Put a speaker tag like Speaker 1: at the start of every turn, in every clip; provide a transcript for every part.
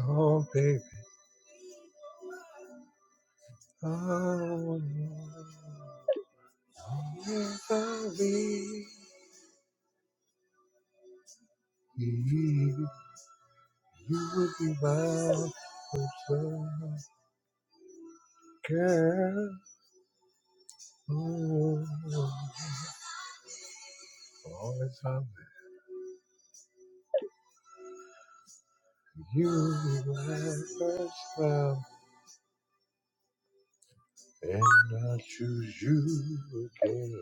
Speaker 1: Oh, baby. Oh, if I leave, you would be my first girl. Oh, oh, if I leave, you would be my first love. And I choose you again.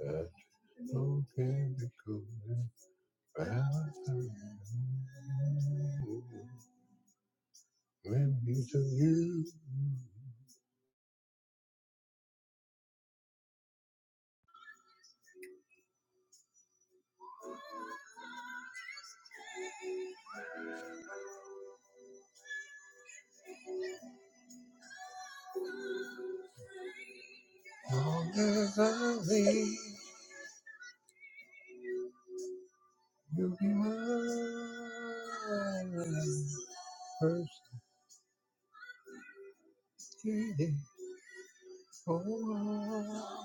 Speaker 1: That's so difficult. Let me to you. Long as I live, you'll be mine. First lady, oh,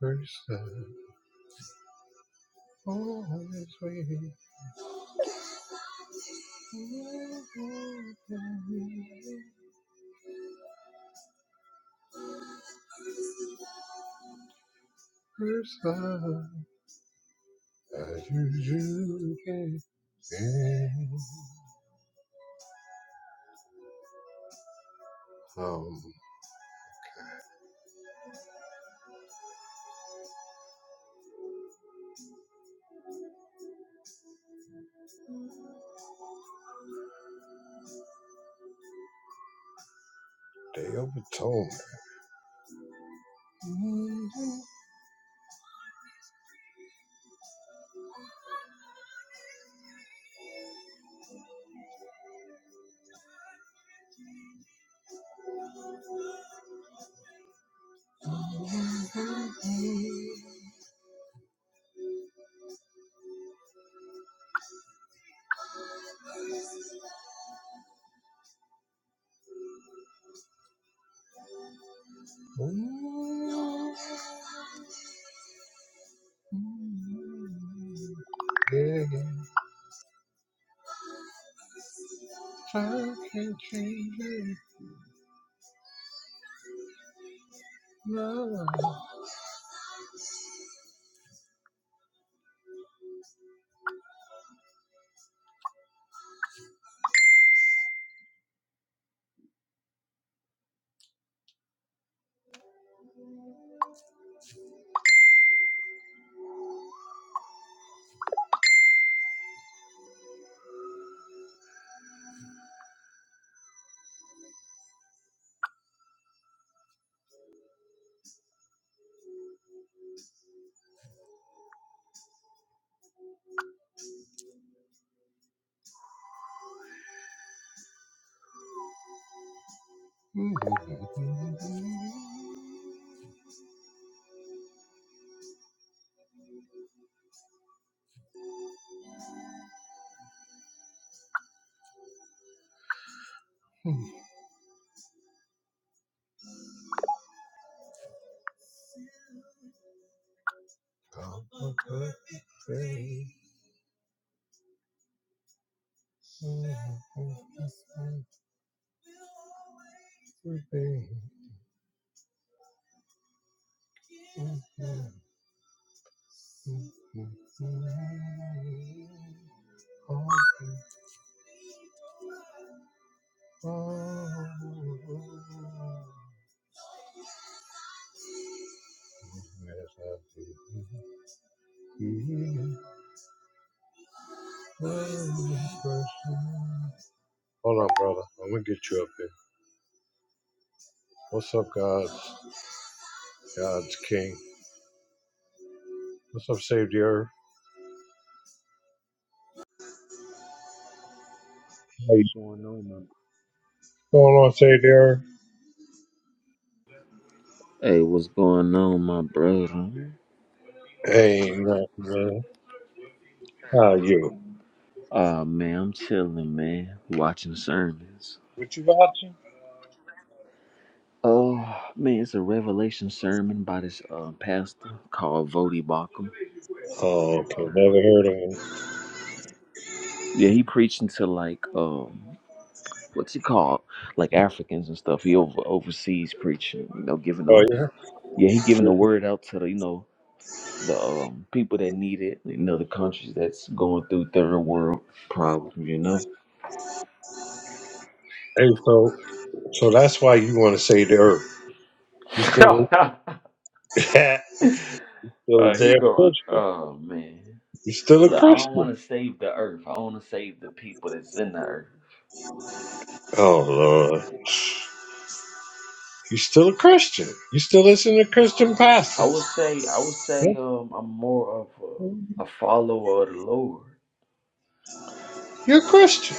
Speaker 1: first love, always waiting first me. First love, as you do, yeah. Um, they overtold Oh, Mm-hmm. Hold on, brother. I'm gonna get you up here. What's up, God's God's King? What's up, Savior? How you
Speaker 2: going on, man?
Speaker 1: going on, Savior?
Speaker 2: Hey, what's going on, my brother?
Speaker 1: Hey, nothing, man. How are you?
Speaker 2: Uh man, I'm chilling, man. Watching sermons.
Speaker 1: What you watching?
Speaker 2: Oh man, it's a revelation sermon by this uh, pastor called Vody Bakum.
Speaker 1: Oh, okay. Never heard of him.
Speaker 2: Yeah, he preaching to like um what's he called? Like Africans and stuff. He over overseas preaching, you know, giving
Speaker 1: Oh
Speaker 2: them
Speaker 1: yeah.
Speaker 2: yeah, he giving the word out to the you know the um, people that need it, you know, the countries that's going through third world problems, you know.
Speaker 1: Hey, so so that's why you want to save the earth. You still still a
Speaker 2: Uh, he
Speaker 1: damn
Speaker 2: going.
Speaker 1: Christian.
Speaker 2: Oh man,
Speaker 1: You still a
Speaker 2: look, I don't
Speaker 1: Christian.
Speaker 2: want to save the earth. I want to save the people that's in the earth.
Speaker 1: Oh Lord. You're still a Christian. You still listen to Christian
Speaker 2: I
Speaker 1: pastors.
Speaker 2: would say, I would
Speaker 1: Yeah,
Speaker 2: say, um, I'm more of a, a follower of the Lord.
Speaker 1: You're a Christian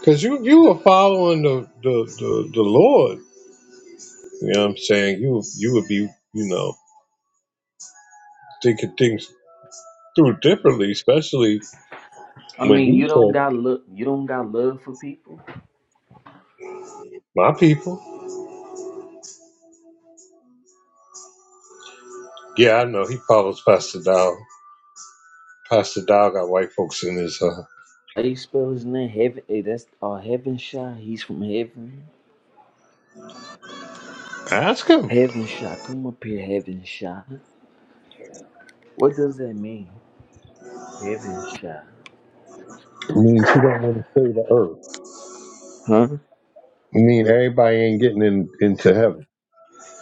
Speaker 1: because you you were following the the, the the Lord. You know what I'm saying? You you would be you know thinking things through differently, especially
Speaker 2: I
Speaker 1: when
Speaker 2: mean, you
Speaker 1: he
Speaker 2: don't
Speaker 1: said,
Speaker 2: got look, you don't got love for people.
Speaker 1: "My people." Yeah, I know he follows Pastor Dow. Pastor Dow got white folks in his. Uh,
Speaker 2: How you spell his name? Heaven. Hey, that's uh, Heaven Shot. He's from heaven.
Speaker 1: ask him.
Speaker 2: Heaven Shot. Come up here, Heaven Shot. What does that mean? Heaven Shot.
Speaker 1: It means he don't want to save the earth.
Speaker 2: Huh?
Speaker 1: It means everybody ain't getting in, into heaven.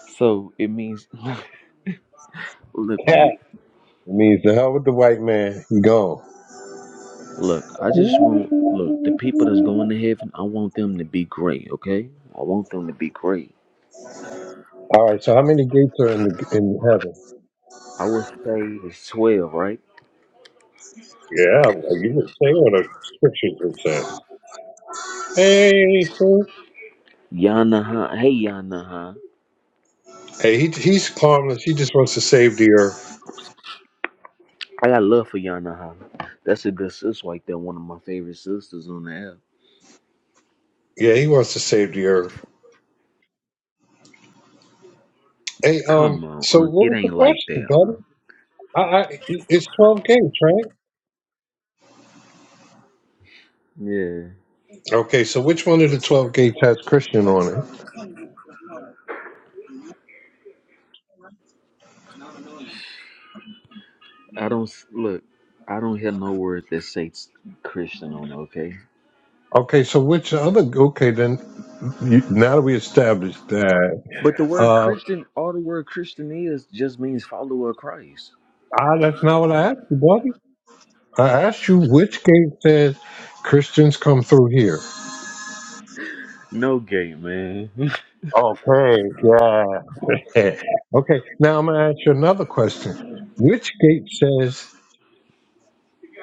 Speaker 2: So it means, look, man.
Speaker 1: It means the hell with the white man. He gone.
Speaker 2: Look, I just want look the people that's going to heaven. I want them to be great, okay? I want them to be great.
Speaker 1: All right. So how many gates are in the, in heaven?
Speaker 2: I would say it's twelve, right?
Speaker 1: Yeah, well, you didn't say what the scriptures would say. Hey, fool.
Speaker 2: Yanaha, hey Yanaha,
Speaker 1: Hey, he, he's harmless. He just wants to save the earth.
Speaker 2: I got love for Yanaha. That's a good sis right there. One of my favorite sisters on the app.
Speaker 1: Yeah, he wants to save the earth. Hey,
Speaker 2: Come
Speaker 1: um,
Speaker 2: on,
Speaker 1: so
Speaker 2: Unc,
Speaker 1: what
Speaker 2: it
Speaker 1: was the
Speaker 2: ain't like
Speaker 1: question,
Speaker 2: that.
Speaker 1: buddy?
Speaker 2: Unc.
Speaker 1: I, I, it's twelve gates, right?
Speaker 2: Yeah,
Speaker 1: Okay, so which one of the twelve gates has Christian on it?
Speaker 2: I don't s- look. I don't hear no words that say s- Christian on it, okay?
Speaker 1: Okay, so which other? Okay, then you, now that we established that,
Speaker 2: But the word
Speaker 1: uh,
Speaker 2: Christian, all the word Christian is just means follower of Christ.
Speaker 1: ah, that's not what I asked you, buddy. I asked you which gate says Christians come through here.
Speaker 2: No gay, man.
Speaker 1: Okay, yeah. okay, now I'm gonna ask you another question. Which gate says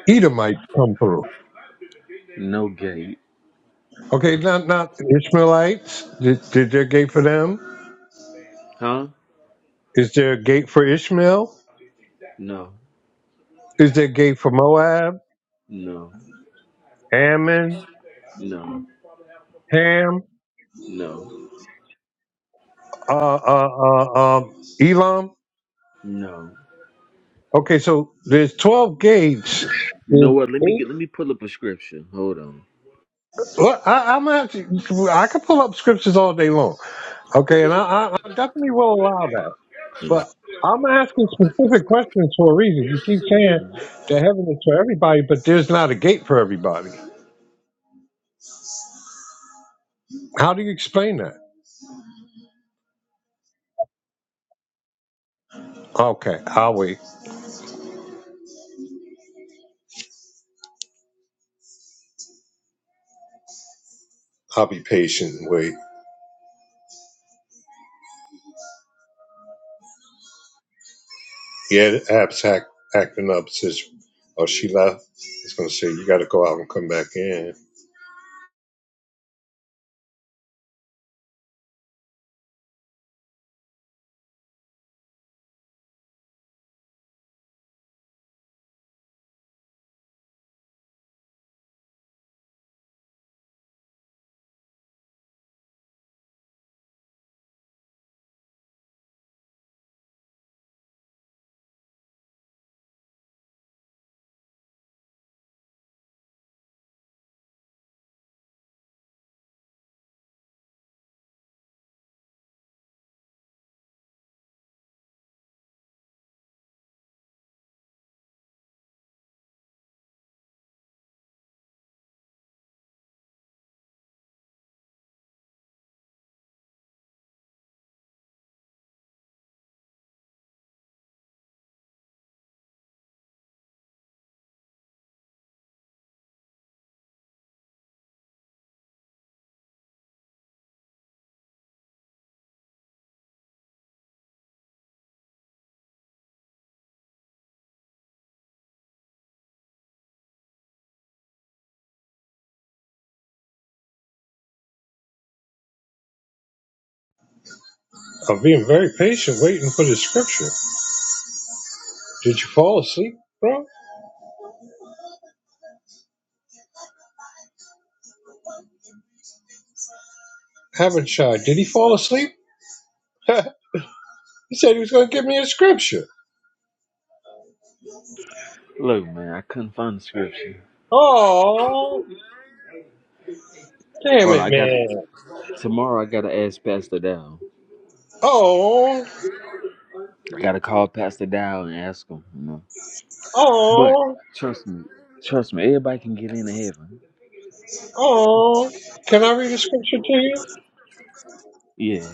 Speaker 1: Edomites come through?
Speaker 2: No gate.
Speaker 1: Okay, not not Ishmaelites. Did, did there a gate for them?
Speaker 2: Huh?
Speaker 1: Is there a gate for Ishmael?
Speaker 2: No.
Speaker 1: Is there a gate for Moab,
Speaker 2: No.
Speaker 1: Ammon,
Speaker 2: No.
Speaker 1: Ham,
Speaker 2: No.
Speaker 1: uh, uh, uh, uh, Elam?
Speaker 2: No.
Speaker 1: Okay, so there's 12 gates.
Speaker 2: You
Speaker 1: There's
Speaker 2: know what? Let me get let me pull up a scripture. Hold on.
Speaker 1: Well, I, I'm actually, I could pull up scriptures all day long, okay, and I, I, I definitely will allow that. But I'm asking specific questions for a reason. You keep saying
Speaker 2: Mhm.
Speaker 1: that heaven is for everybody, but there's not a gate for everybody. How do you explain that? Okay, I'll wait. I'll be patient and wait. Yeah, the app's act, acting up. Says, oh, she left. It's gonna say you got to go out and come back in. I'm being very patient, waiting for the scripture. Did you fall asleep, bro? Haven't shy. Did he fall asleep? He said he was going to give me a scripture.
Speaker 2: Look, man, I couldn't find the scripture.
Speaker 1: Oh, damn
Speaker 2: Hold on,
Speaker 1: it,
Speaker 2: I got
Speaker 1: man.
Speaker 2: tomorrow I gotta ask Pastor Dow.
Speaker 1: Oh,
Speaker 2: I gotta call Pastor Dow and ask him, you know. But
Speaker 1: oh,
Speaker 2: trust me, trust me, everybody can get into heaven.
Speaker 1: oh. Can I read a scripture to you?
Speaker 2: Yeah.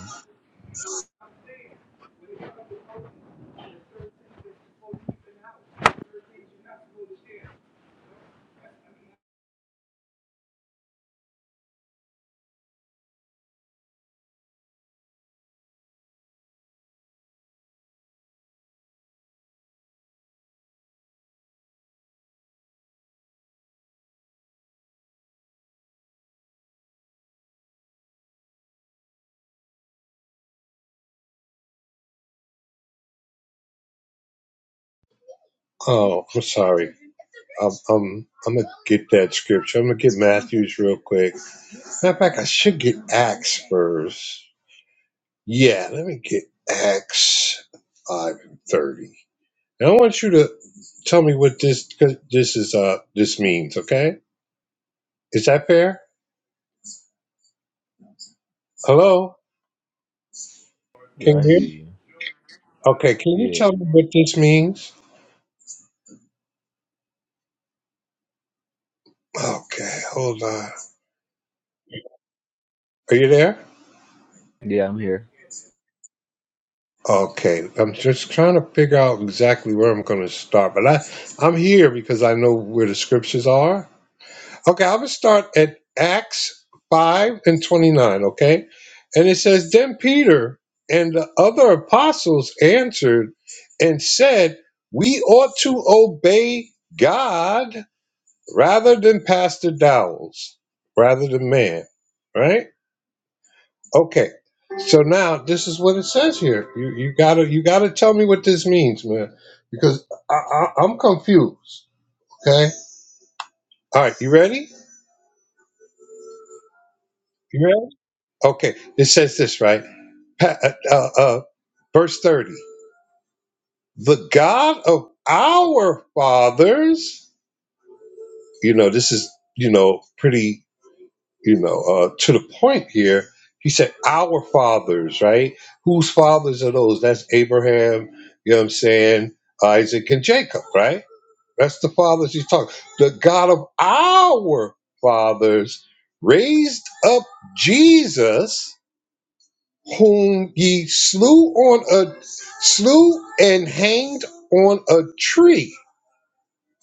Speaker 1: Oh, I'm sorry. I'm, I'm, I'm going to get that scripture. I'm going to get Matthews real quick. Matter of fact, I should get Acts first. Yeah, let me get Acts 5:30. Now, I want you to tell me what this this is uh this means, okay? Is that fair? Hello?
Speaker 2: Yeah,
Speaker 1: Can
Speaker 2: I hear
Speaker 1: you?
Speaker 2: you.
Speaker 1: Okay, can you
Speaker 2: Yeah.
Speaker 1: tell me what this means? Okay, hold on. Are you there?
Speaker 2: Yeah, I'm here.
Speaker 1: Okay, I'm just trying to figure out exactly where I'm going to start, but I I'm here because I know where the scriptures are, Okay, I'm gonna start at Acts five and twenty nine. Okay, and it says, "Then Peter and the other apostles answered and said, We ought to obey God rather than pastor dowels, rather than man." Right? Okay. So now this is what it says here. You you gotta you gotta tell me what this means, man, because I, I, I'm confused. Okay. All right. You ready? You ready? Okay. It says this right. pa- uh, uh, uh, verse 30 the god of our fathers you know this is you know pretty you know uh, to the point here he said our fathers right whose fathers are those that's abraham you know what i'm saying isaac and jacob right that's the fathers he's talking the god of our fathers raised up jesus whom ye slew on a slew and hanged on a tree.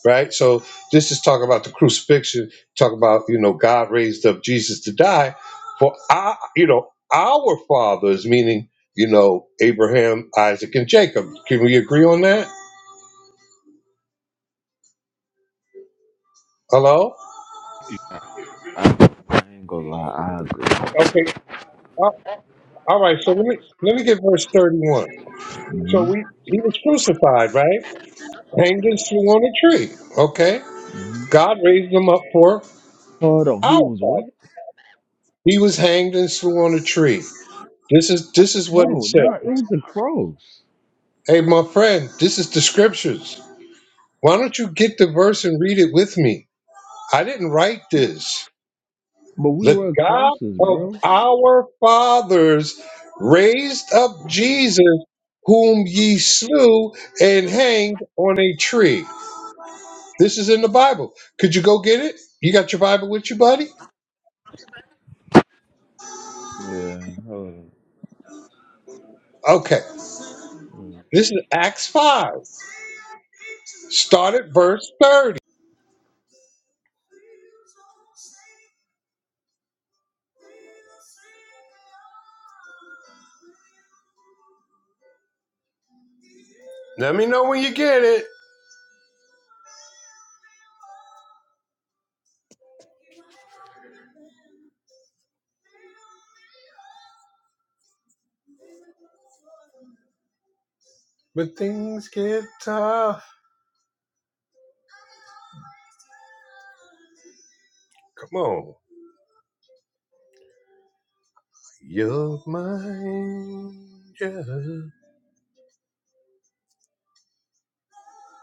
Speaker 1: Right? So this is talking about the crucifixion, talk about, you know, God raised up Jesus to die. For our, you know, our fathers, meaning, you know, Abraham, Isaac, and Jacob. Can we agree on that? Hello?
Speaker 2: I ain't gonna lie, I agree.
Speaker 1: Okay. All all right, so let me let me get verse thirty one. So
Speaker 2: hmm
Speaker 1: we he was crucified, right? Hanged and slew on a tree. Okay.
Speaker 2: hmm
Speaker 1: God raised him up for
Speaker 2: Hold on, he
Speaker 1: Our
Speaker 2: was
Speaker 1: Father.
Speaker 2: what?
Speaker 1: He was hanged and slew on a tree. This is
Speaker 2: I
Speaker 1: this
Speaker 2: th-
Speaker 1: is what
Speaker 2: hold
Speaker 1: it
Speaker 2: on, nah, it
Speaker 1: says.
Speaker 2: was a cross,
Speaker 1: Hey, my friend, this is the scriptures. Why don't you get the verse and read it with me? I didn't write this.
Speaker 2: but we
Speaker 1: The
Speaker 2: were
Speaker 1: God
Speaker 2: crosses,
Speaker 1: of
Speaker 2: bro.
Speaker 1: our fathers raised up Jesus, whom ye slew and hanged on a tree. This is in the Bible. Could you go get it? You got your Bible with you, buddy?
Speaker 2: Yeah, hold on.
Speaker 1: Okay. This is Acts 5. Start at verse 30. Let me know when you get it. But things get tough. Come on. You're mine. Yeah.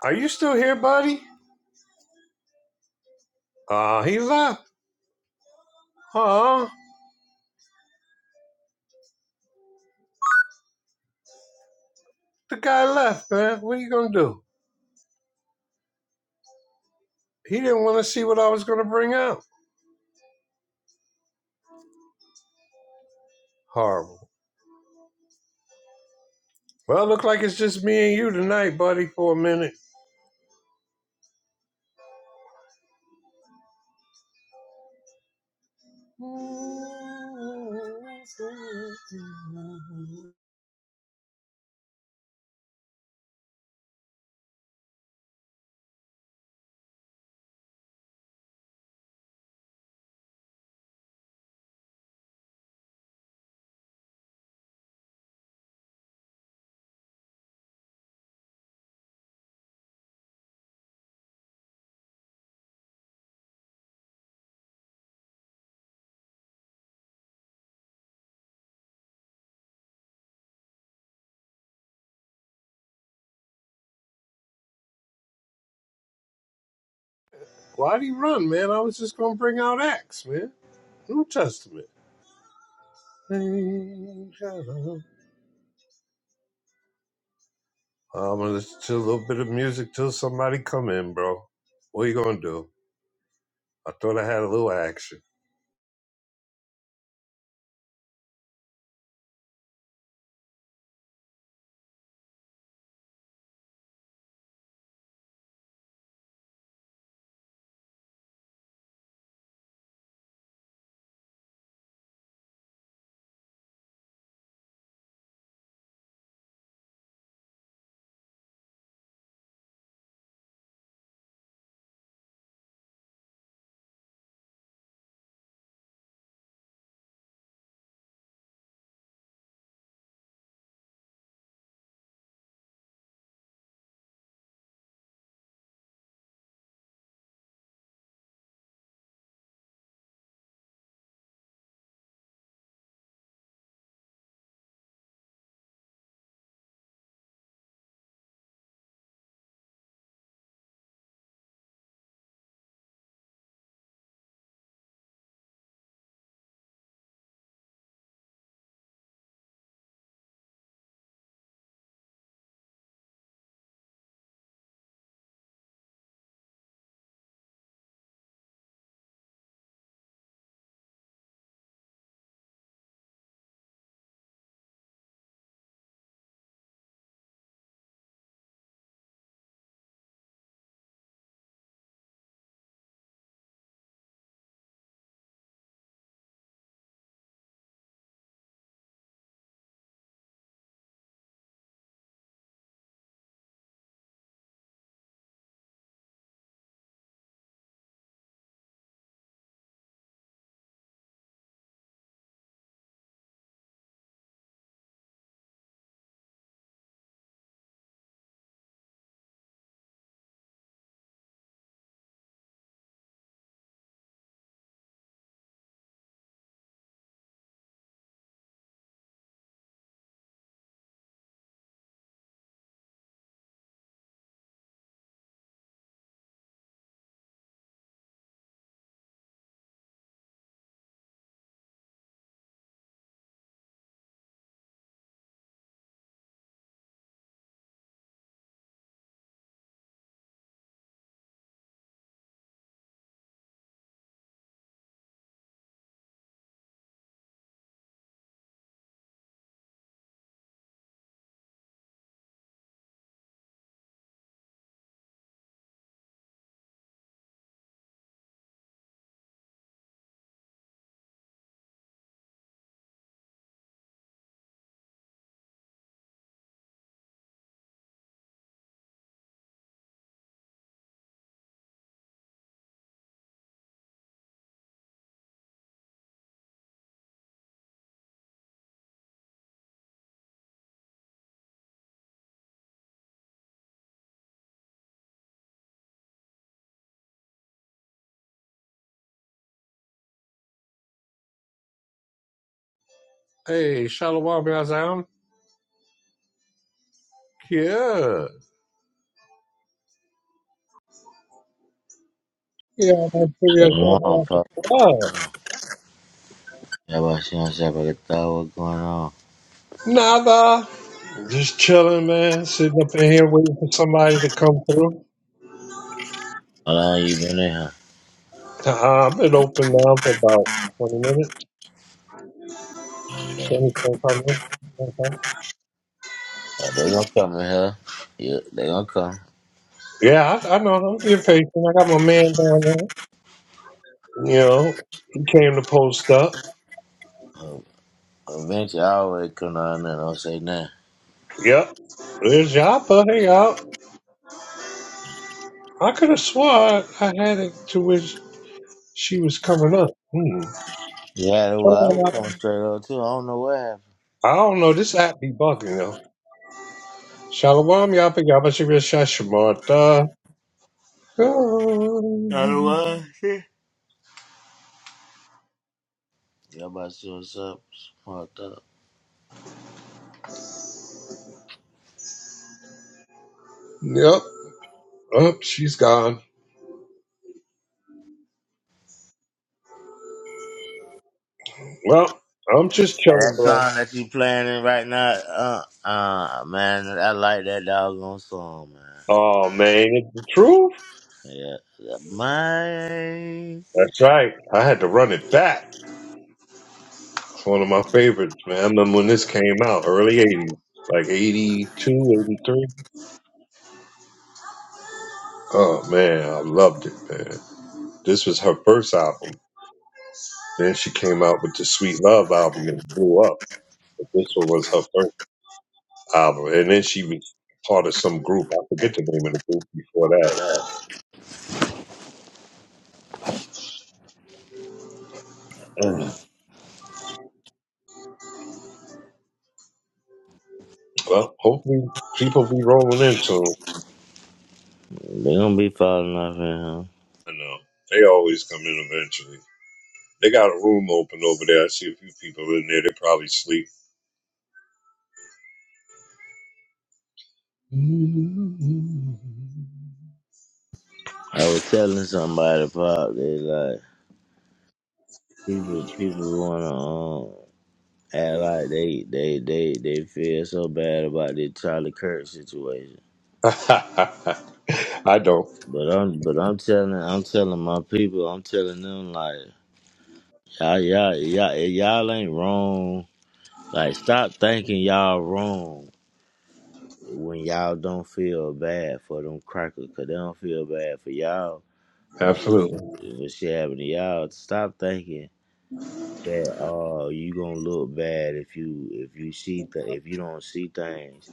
Speaker 1: Are you still here, buddy? Uh, he left. Aw, the guy left, man. What are you gonna do? He didn't want to see what I was gonna bring out. Horrible. Well, look like it's just me and you tonight, buddy, for a minute. Why'd he run, man? I was just gonna bring out Acts, man. New Testament. I'm gonna listen to a little bit of music till somebody come in, bro. What you gonna do? I thought I had a little action. Hey, Shalom Yazam. Yeah. Yeah, I'm serious.
Speaker 3: Going on, Pop?
Speaker 1: Oh,
Speaker 3: Yeah, but she don't say about what's going on.
Speaker 1: Nada. Just chilling, man. Sitting up in here waiting for somebody to come through.
Speaker 3: How long you been in here?
Speaker 1: Uh, I've been open now for about 20 minutes, 20, 25 minutes. Okay.
Speaker 3: Uh, they gonna come in here. Yeah, they gonna come.
Speaker 1: Yeah, I, I know. I'm being patient. I got my man down there. You know, he came to post up.
Speaker 3: Eventually, I always come down there and don't say nothing.
Speaker 1: Yep. There's Joppa. Hey, y'all. I could have swore I had it to which she was coming up. Hmm.
Speaker 3: Yeah, the way I was
Speaker 1: Shalom,
Speaker 3: coming straight up too. I don't know what happened.
Speaker 1: I I don't know. This app be bugging, yo. Shalom, Yapa, Yapa, Shibir, Shashamarta.
Speaker 3: You know what? all about to see what's up. Fucked up.
Speaker 1: Yep. Oh, she's gone. Well, I'm just
Speaker 3: Hey, that
Speaker 1: chilling, bro.
Speaker 3: song that you playing in right now, uh, uh, man, I like that doggone song, man.
Speaker 1: Oh, man. It's the truth.
Speaker 3: Yeah, that- my.
Speaker 1: That's right. I had to run it back. It's one of my favorites, man. I remember when this came out, early 80s, like 82, 83. Oh man, I loved it, man. This was her first album. Then she came out with the Sweet Love album and blew up. But this one was her first album. And then she was part of some group. I forget the name of the group before that.
Speaker 3: Mm,
Speaker 1: Well, hopefully people be rolling in soon.
Speaker 3: They gonna be falling off in here.
Speaker 1: I know. They always come in eventually. They got a room open over there. I see a few people in there. They probably sleep.
Speaker 3: I was telling somebody pop they like people people wanna um act like they they they they feel so bad about this Charlie Kirk situation.
Speaker 1: I don't.
Speaker 3: But I'm but I'm telling I'm telling my people I'm telling them like y'all y'all y'all y'all ain't wrong. Like stop thinking y'all wrong when y'all don't feel bad for them crackers 'cause they don't feel bad for y'all when shit,
Speaker 1: Absolutely.
Speaker 3: when shit happened to y'all. Stop thinking. that uh you gonna look bad if you if you see th- if you don't see things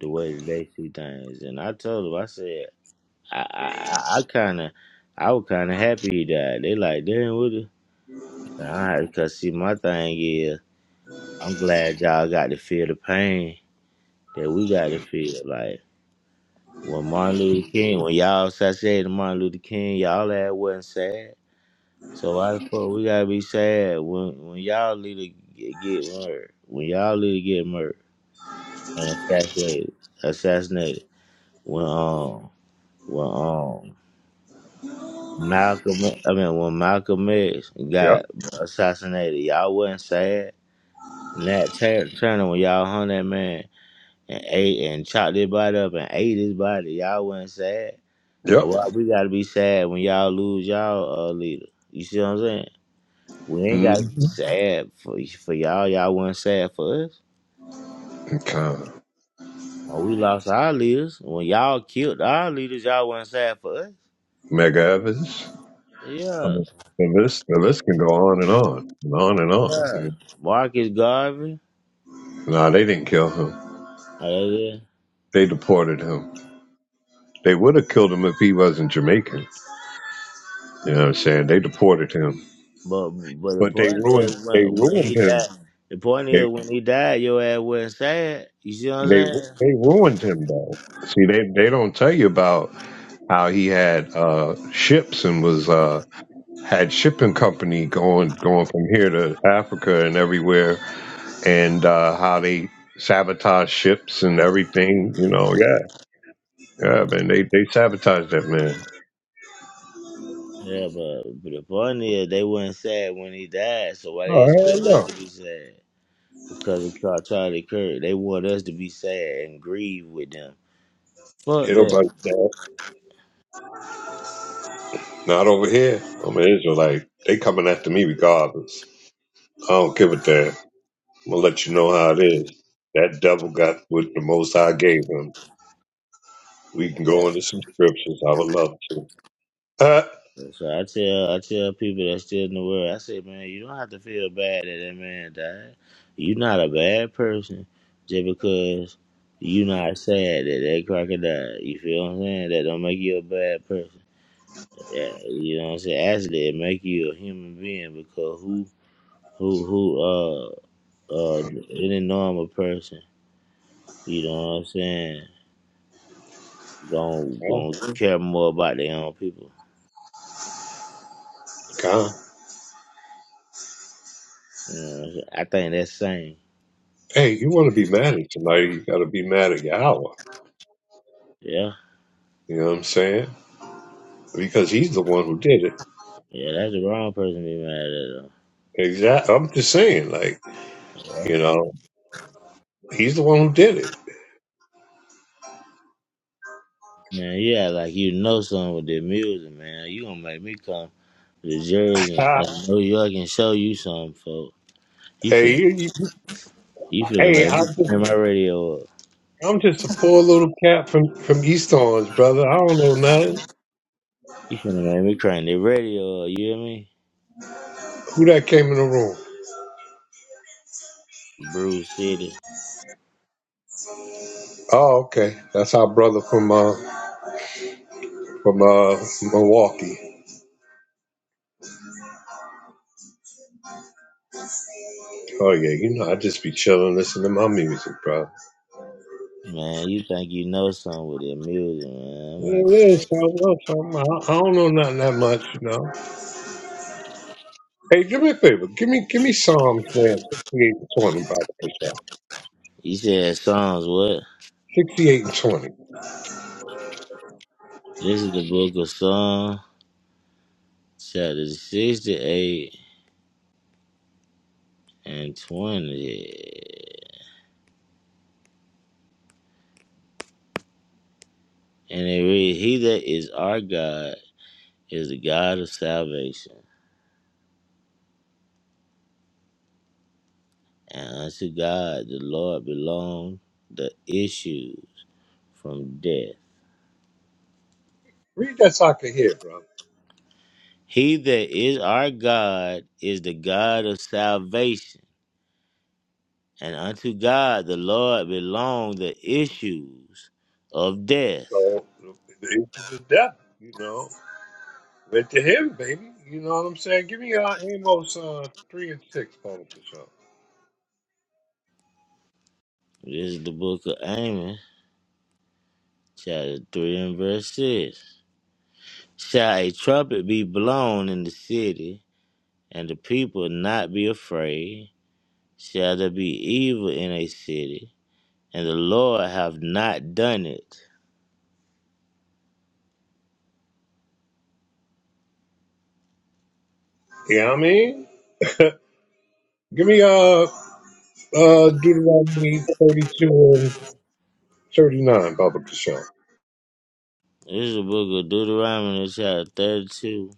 Speaker 3: the way that they see things. And I told them, I said, I I, I kind of I was kind of happy he died. They like, damn, what? The-? Nah, cause see, my thing is, I'm glad y'all got to feel the pain that we got to feel. Like when Martin Luther King, when y'all assassinated Martin Luther King, y'all that wasn't sad. So why the fuck we gotta be sad when when y'all leader get, get murdered, when y'all leader get murdered and assassinated, assassinated, when um when um Malcolm I mean when Malcolm X got
Speaker 1: Yep.
Speaker 3: assassinated, y'all wasn't sad. Nat Tur- Turner when y'all hung that man and ate and chopped his body up and ate his body, y'all wasn't sad. So
Speaker 1: Yep.
Speaker 3: why we gotta be sad when y'all lose y'all uh, leader? You see what I'm saying? We ain't
Speaker 1: hmm
Speaker 3: got to be sad for for y'all. Y'all wasn't sad for us.
Speaker 1: Okay.
Speaker 3: When we lost our leaders, when y'all killed our leaders, y'all wasn't sad for us.
Speaker 1: Mega Evans. I
Speaker 3: Yeah,
Speaker 1: mean, and this and this can go on and on and on and
Speaker 3: yeah.
Speaker 1: on.
Speaker 3: Marcus Garvey.
Speaker 1: No, they didn't kill him.
Speaker 3: Yeah, yeah.
Speaker 1: They deported him. They would have killed him if he wasn't Jamaican. You know what I'm saying? They deported him,
Speaker 3: But but the
Speaker 1: but they
Speaker 3: point
Speaker 1: ruined
Speaker 3: is
Speaker 1: they
Speaker 3: when when
Speaker 1: ruined
Speaker 3: he
Speaker 1: him.
Speaker 3: died. The point
Speaker 1: They
Speaker 3: is when he died, your ass wasn't sad. You see what I'm
Speaker 1: they
Speaker 3: saying?
Speaker 1: they ruined him though. See, they they don't tell you about how he had uh, ships and was uh, had shipping company going going from here to Africa and everywhere, and uh, how they sabotage ships and everything. You know, yeah Yeah, man, they, they sabotaged that man.
Speaker 3: Yeah, but, but the point is they wasn't sad when he died. So why
Speaker 1: Oh
Speaker 3: they
Speaker 1: hell
Speaker 3: expect us
Speaker 1: no.
Speaker 3: to be sad? Because of Char- Charlie Kirk, they want us to be sad and grieve with them. Fuck
Speaker 1: Ain't
Speaker 3: that.
Speaker 1: nobody sad. Not over here. I'm an Israelite. They coming after me regardless. I don't give a damn. I'm gonna let you know how it is. That devil got what the most High gave him. We can
Speaker 3: Yeah.
Speaker 1: go into some scriptures. I would love to. Uh,
Speaker 3: So I tell I tell people that's still in the world, I say, man, you don't have to feel bad that that man died. You're not a bad person just because you not sad that that crocodile. You feel what I'm saying? That don't make you a bad person. Yeah, you know what I'm saying. Actually, it make you a human being because who who who uh uh any normal person, you know what I'm saying, gon'
Speaker 1: oh,
Speaker 3: gon' care more about their own people.
Speaker 1: God.
Speaker 3: You know, what I'm saying? I think that's same.
Speaker 1: Hey, you want to be mad at somebody, you got to be mad at Yahweh.
Speaker 3: Yeah.
Speaker 1: You know what I'm saying? Because he's the one who did it.
Speaker 3: Yeah, that's the wrong person to be mad at
Speaker 1: Exactly. I'm just saying, like,
Speaker 3: though.
Speaker 1: you
Speaker 3: Yeah.
Speaker 1: know, he's the one who did it.
Speaker 3: Man, you act like you know something with the music, man. You gonna make me come to the Jersey and and New York and show you something, folks. You
Speaker 1: hey,
Speaker 3: finna
Speaker 1: you,
Speaker 3: you finna
Speaker 1: Hey,
Speaker 3: make me
Speaker 1: I'm just,
Speaker 3: turn my radio up.
Speaker 1: I'm just a poor little cat from from East Orange, brother. I don't know nothing.
Speaker 3: You finna make me crank the radio up, you hear me?
Speaker 1: Who that came in the room?
Speaker 3: Bruce City.
Speaker 1: Oh, okay. That's our brother from uh from uh Milwaukee. Oh yeah, you know I just be chilling, listening to my music, bro.
Speaker 3: Man, you think you know something with the music, man. I'm gonna
Speaker 1: Yeah,
Speaker 3: have to
Speaker 1: yeah,
Speaker 3: say
Speaker 1: so
Speaker 3: you.
Speaker 1: I, so I, I don't know nothing that much, you know. Hey, do me a favor. Give me give me Psalms, man. Sixty-eight and twenty, by the way, y'all.
Speaker 3: You said songs what?
Speaker 1: Sixty-eight and twenty.
Speaker 3: This is the book of Psalms, chapter sixty eight and twenty. And it reads, He that is our God is the God of salvation. And unto God the Lord belong the issue from death.
Speaker 1: Read that so I can hear, bro.
Speaker 3: He that is our God is the God of salvation. And unto God the Lord belong the issues of death.
Speaker 1: So the angels of death, you know. But to him, baby, you know what I'm saying? Give me uh, Amos uh, 3 and 6, Paul Bishop.
Speaker 3: This is the book of Amos, chapter 3 and verse 6. Shall a trumpet be blown in the city, and the people not be afraid? shall there be evil in a city, and the Lord have not done it.
Speaker 1: You know what I mean? Give me uh, uh, Deuteronomy 32 and 39, Baba Bishop.
Speaker 3: This is the book of Deuteronomy, chapter 32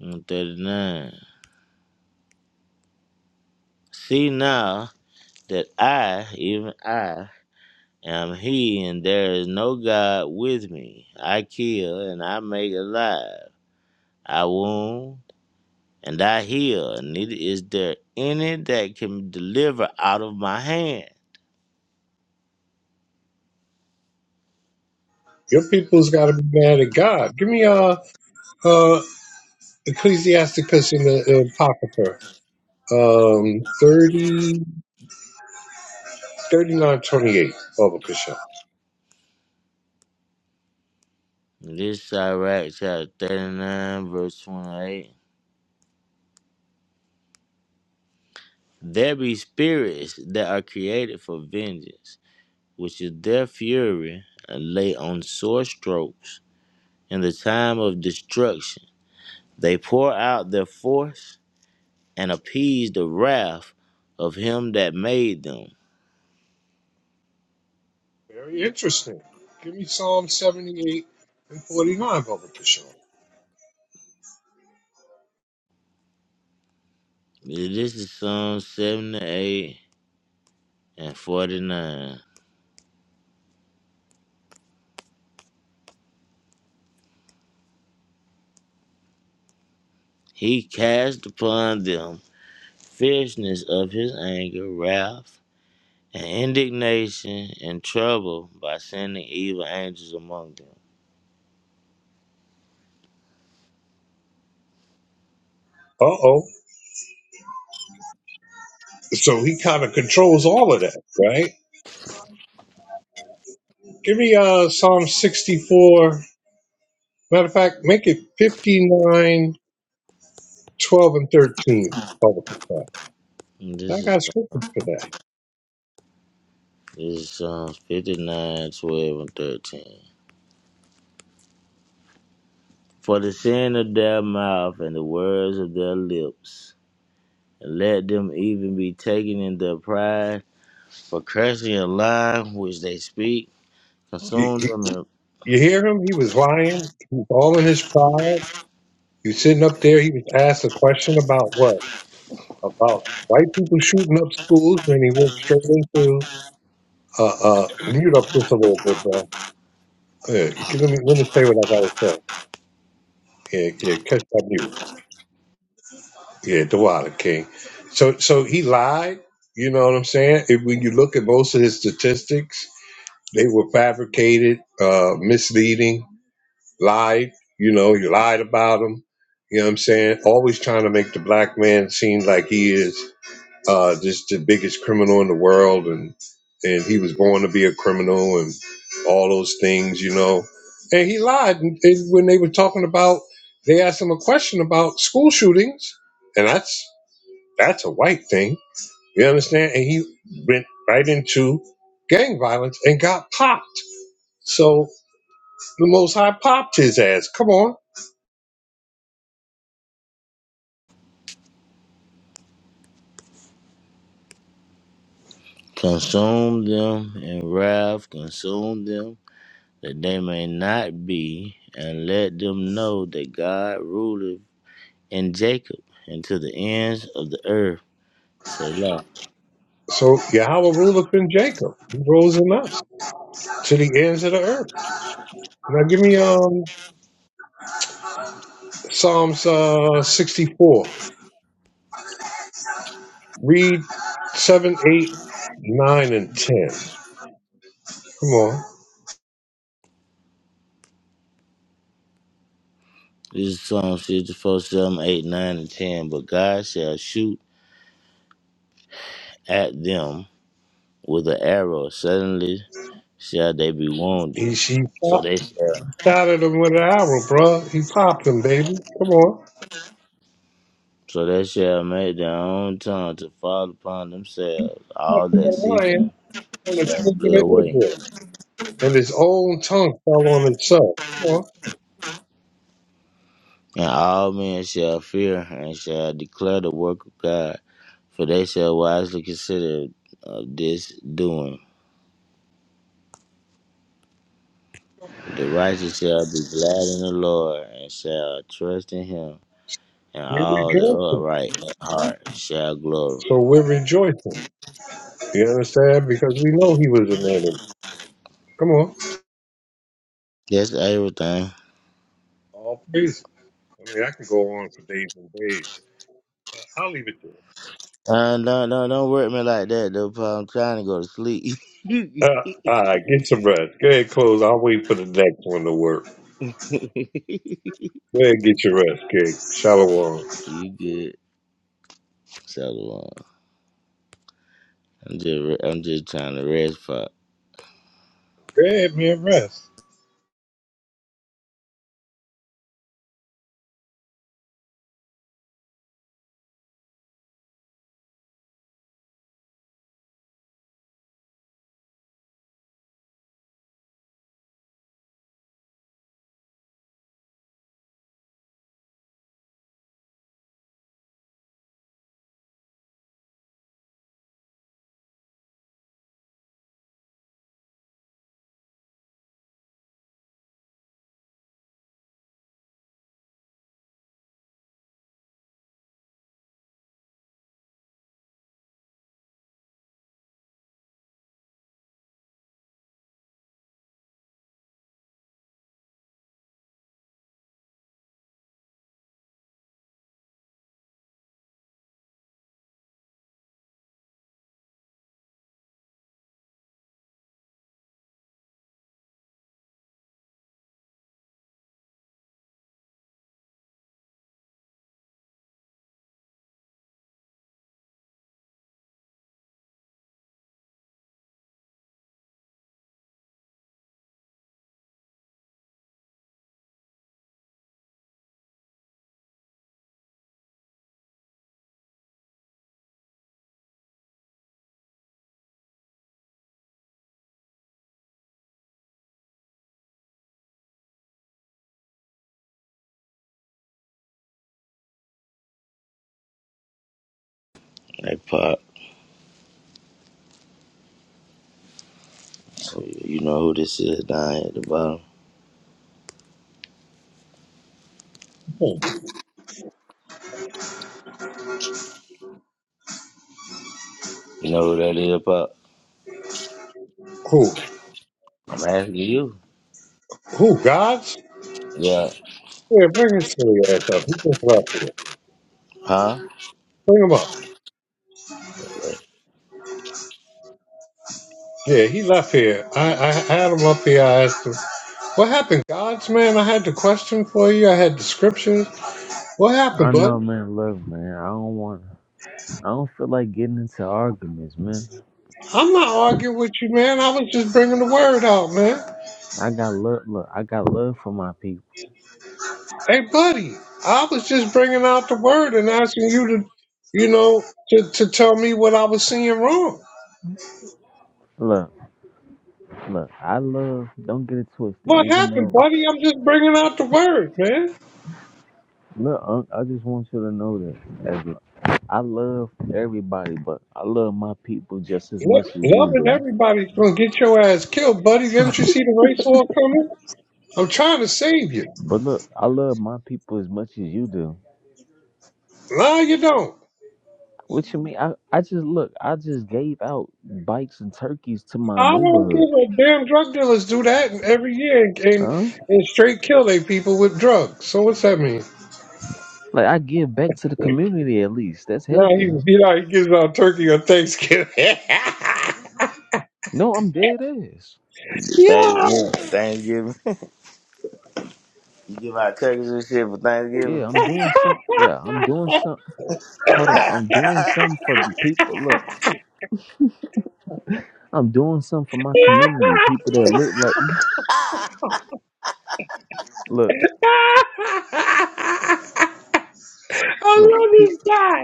Speaker 3: and 39. See now that I, even I, am He, and there is no God with me. I kill, and I make alive. I wound, and I heal. Neither is there any that can deliver out of my hand.
Speaker 1: Your people's got to be mad at God. Give me uh, uh, Ecclesiasticus in the Apocrypha, um, 30, 39, twenty-eight, Baba Bishop.
Speaker 3: This is Iraq chapter 39, verse 28. There be spirits that are created for vengeance, which is their fury and lay on sore strokes. In the time of destruction, they pour out their force and appease the wrath of him that made them.
Speaker 1: Very interesting. Give me Psalm 78 and 49, Baba Bishop.
Speaker 3: This is Psalm 78 and 49. He cast upon them fierceness of his anger, wrath, and indignation, and trouble by sending evil angels among them.
Speaker 1: Uh oh. So he kind of controls all of that, right? Give me uh Psalm 64. Matter of fact, make it 59, 12, and 13. Father Confess.
Speaker 3: And
Speaker 1: I
Speaker 3: this is
Speaker 1: got scripture for that.
Speaker 3: It's Psalms 59:12 and 13. For the sin of their mouth and the words of their lips, and let them even be taken in their pride, for cursing a lie which they speak,
Speaker 1: You,
Speaker 3: consume
Speaker 1: you,
Speaker 3: them in,
Speaker 1: you hear him? He was lying. He was all in his pride. He was sitting up there. He was asked a question about what? About white people shooting up schools, and he went straight into uh, uh, mute up just a little bit, bro. Yeah, give me, let me say what I gotta say. Yeah, yeah, catch that mute. Yeah, Dewada King. So so he lied, you know what I'm saying? If, when you look at most of his statistics, they were fabricated, uh, misleading, lied, you know, you lied about him, you know what I'm saying? Always trying to make the black man seem like he is uh, just the biggest criminal in the world and and he was born to be a criminal and all those things, you know. And he lied and, and when they were talking about they asked him a question about school shootings and that's that's a white thing. You understand? And he went right into gang violence and got popped. So the Most High popped his ass. Come on.
Speaker 3: consume them in wrath, consume them, that they may not be, and let them know that God ruleth in Jacob, and to the ends of the earth. Say
Speaker 1: So Yahweh ruleth in Jacob. He rules in us to the ends of the earth. Now give me um Psalms uh, 64. Read 7, 8, 9, and 10. Come on.
Speaker 3: This is Psalms 54, 7, 8, 9, and 10. But God shall shoot at them with an arrow. Suddenly shall they be
Speaker 1: He,
Speaker 3: wounded.
Speaker 1: she
Speaker 3: So
Speaker 1: popped,
Speaker 3: they shall,
Speaker 1: shot at him with an arrow, bro. He popped him, baby. Come on.
Speaker 3: so they shall make their own tongue to fall upon themselves.
Speaker 1: Stop
Speaker 3: All that see
Speaker 1: lying
Speaker 3: them
Speaker 1: on
Speaker 3: shall flee
Speaker 1: accusing of
Speaker 3: away.
Speaker 1: Israel. and his own tongue fell on itself. Well,
Speaker 3: And all men shall fear and shall declare the work of God. For they shall wisely consider of this doing. The righteous shall be glad in the Lord and shall trust in him. and
Speaker 1: we're
Speaker 3: all the
Speaker 1: rejoicing.
Speaker 3: upright in heart shall glory.
Speaker 1: So we're rejoicing. You understand? Because we know he was an enemy. Come on.
Speaker 3: That's everything.
Speaker 1: All praise. I mean, I can go on for days and days, but I'll leave it to it.
Speaker 3: Uh, no, no, don't work me like that, though. Pa. I'm trying to go to sleep. you
Speaker 1: Uh, all right, get some rest. Go ahead, close. I'll wait for the next one to work. Go ahead, get your rest, kid. Shalom. Go
Speaker 3: good, Solomon? I'm just, re- I'm just trying to rest, Pop.
Speaker 1: ahead, man, rest.
Speaker 3: Hey, Pop, you know who this is down here at the bottom?
Speaker 1: Who?
Speaker 3: You know who that is, Pop?
Speaker 1: Who?
Speaker 3: I'm asking you.
Speaker 1: Who? Gods?
Speaker 3: Yeah,
Speaker 1: Yeah, bring his silly ass up. He just left here.
Speaker 3: huh?
Speaker 1: Bring him up. Yeah, he left here. I, I had him up here. I asked him. What happened, gods, man? I had the question for you. I had the scriptures. What
Speaker 2: I
Speaker 1: happened, buddy?
Speaker 2: know, man. Look, man, I don't want. I don't feel like getting into arguments, man.
Speaker 1: I'm not arguing with you, man. I was just bringing the word out, man.
Speaker 2: I got love. Look, I got love for my people.
Speaker 1: Hey, buddy, I was just bringing out the word and asking you to, you know, to, to tell me what I was seeing wrong.
Speaker 2: Look, look, I love. Don't get it twisted.
Speaker 1: What
Speaker 2: Even though,
Speaker 1: happened, buddy? I'm just bringing out the word, man.
Speaker 2: look, Unc, I just want you to know that as I love everybody, but I love my people just as much
Speaker 1: Lo-
Speaker 2: as you
Speaker 1: Loving
Speaker 2: do.
Speaker 1: everybody's gonna get your ass killed, buddy. Didn't you see the race war coming? I'm trying to save you.
Speaker 2: But look, I love my people as much as you do.
Speaker 1: No, you don't.
Speaker 2: What you mean? I, I just look. I just gave out bikes and turkeys to my
Speaker 1: I don't
Speaker 2: neighborhood.
Speaker 1: give a damn drug dealers do that every year and, and,
Speaker 2: Huh?
Speaker 1: and straight kill they people with drugs. So what's that mean?
Speaker 2: Like I give back to the community at least. That's
Speaker 1: Now he,
Speaker 2: helping.
Speaker 1: he like gives out turkey on Thanksgiving.
Speaker 2: No, I'm dead ass.
Speaker 3: Thanksgiving,
Speaker 1: Yo!
Speaker 3: Thanksgiving. You give out cookies and shit for Thanksgiving.
Speaker 2: Yeah, I'm doing some. Yeah, I'm doing some. Hold on, I'm doing something for people. Look, I'm doing something for my community. People that look like, look,
Speaker 1: I
Speaker 2: look,
Speaker 1: love
Speaker 2: pe-
Speaker 1: this guy.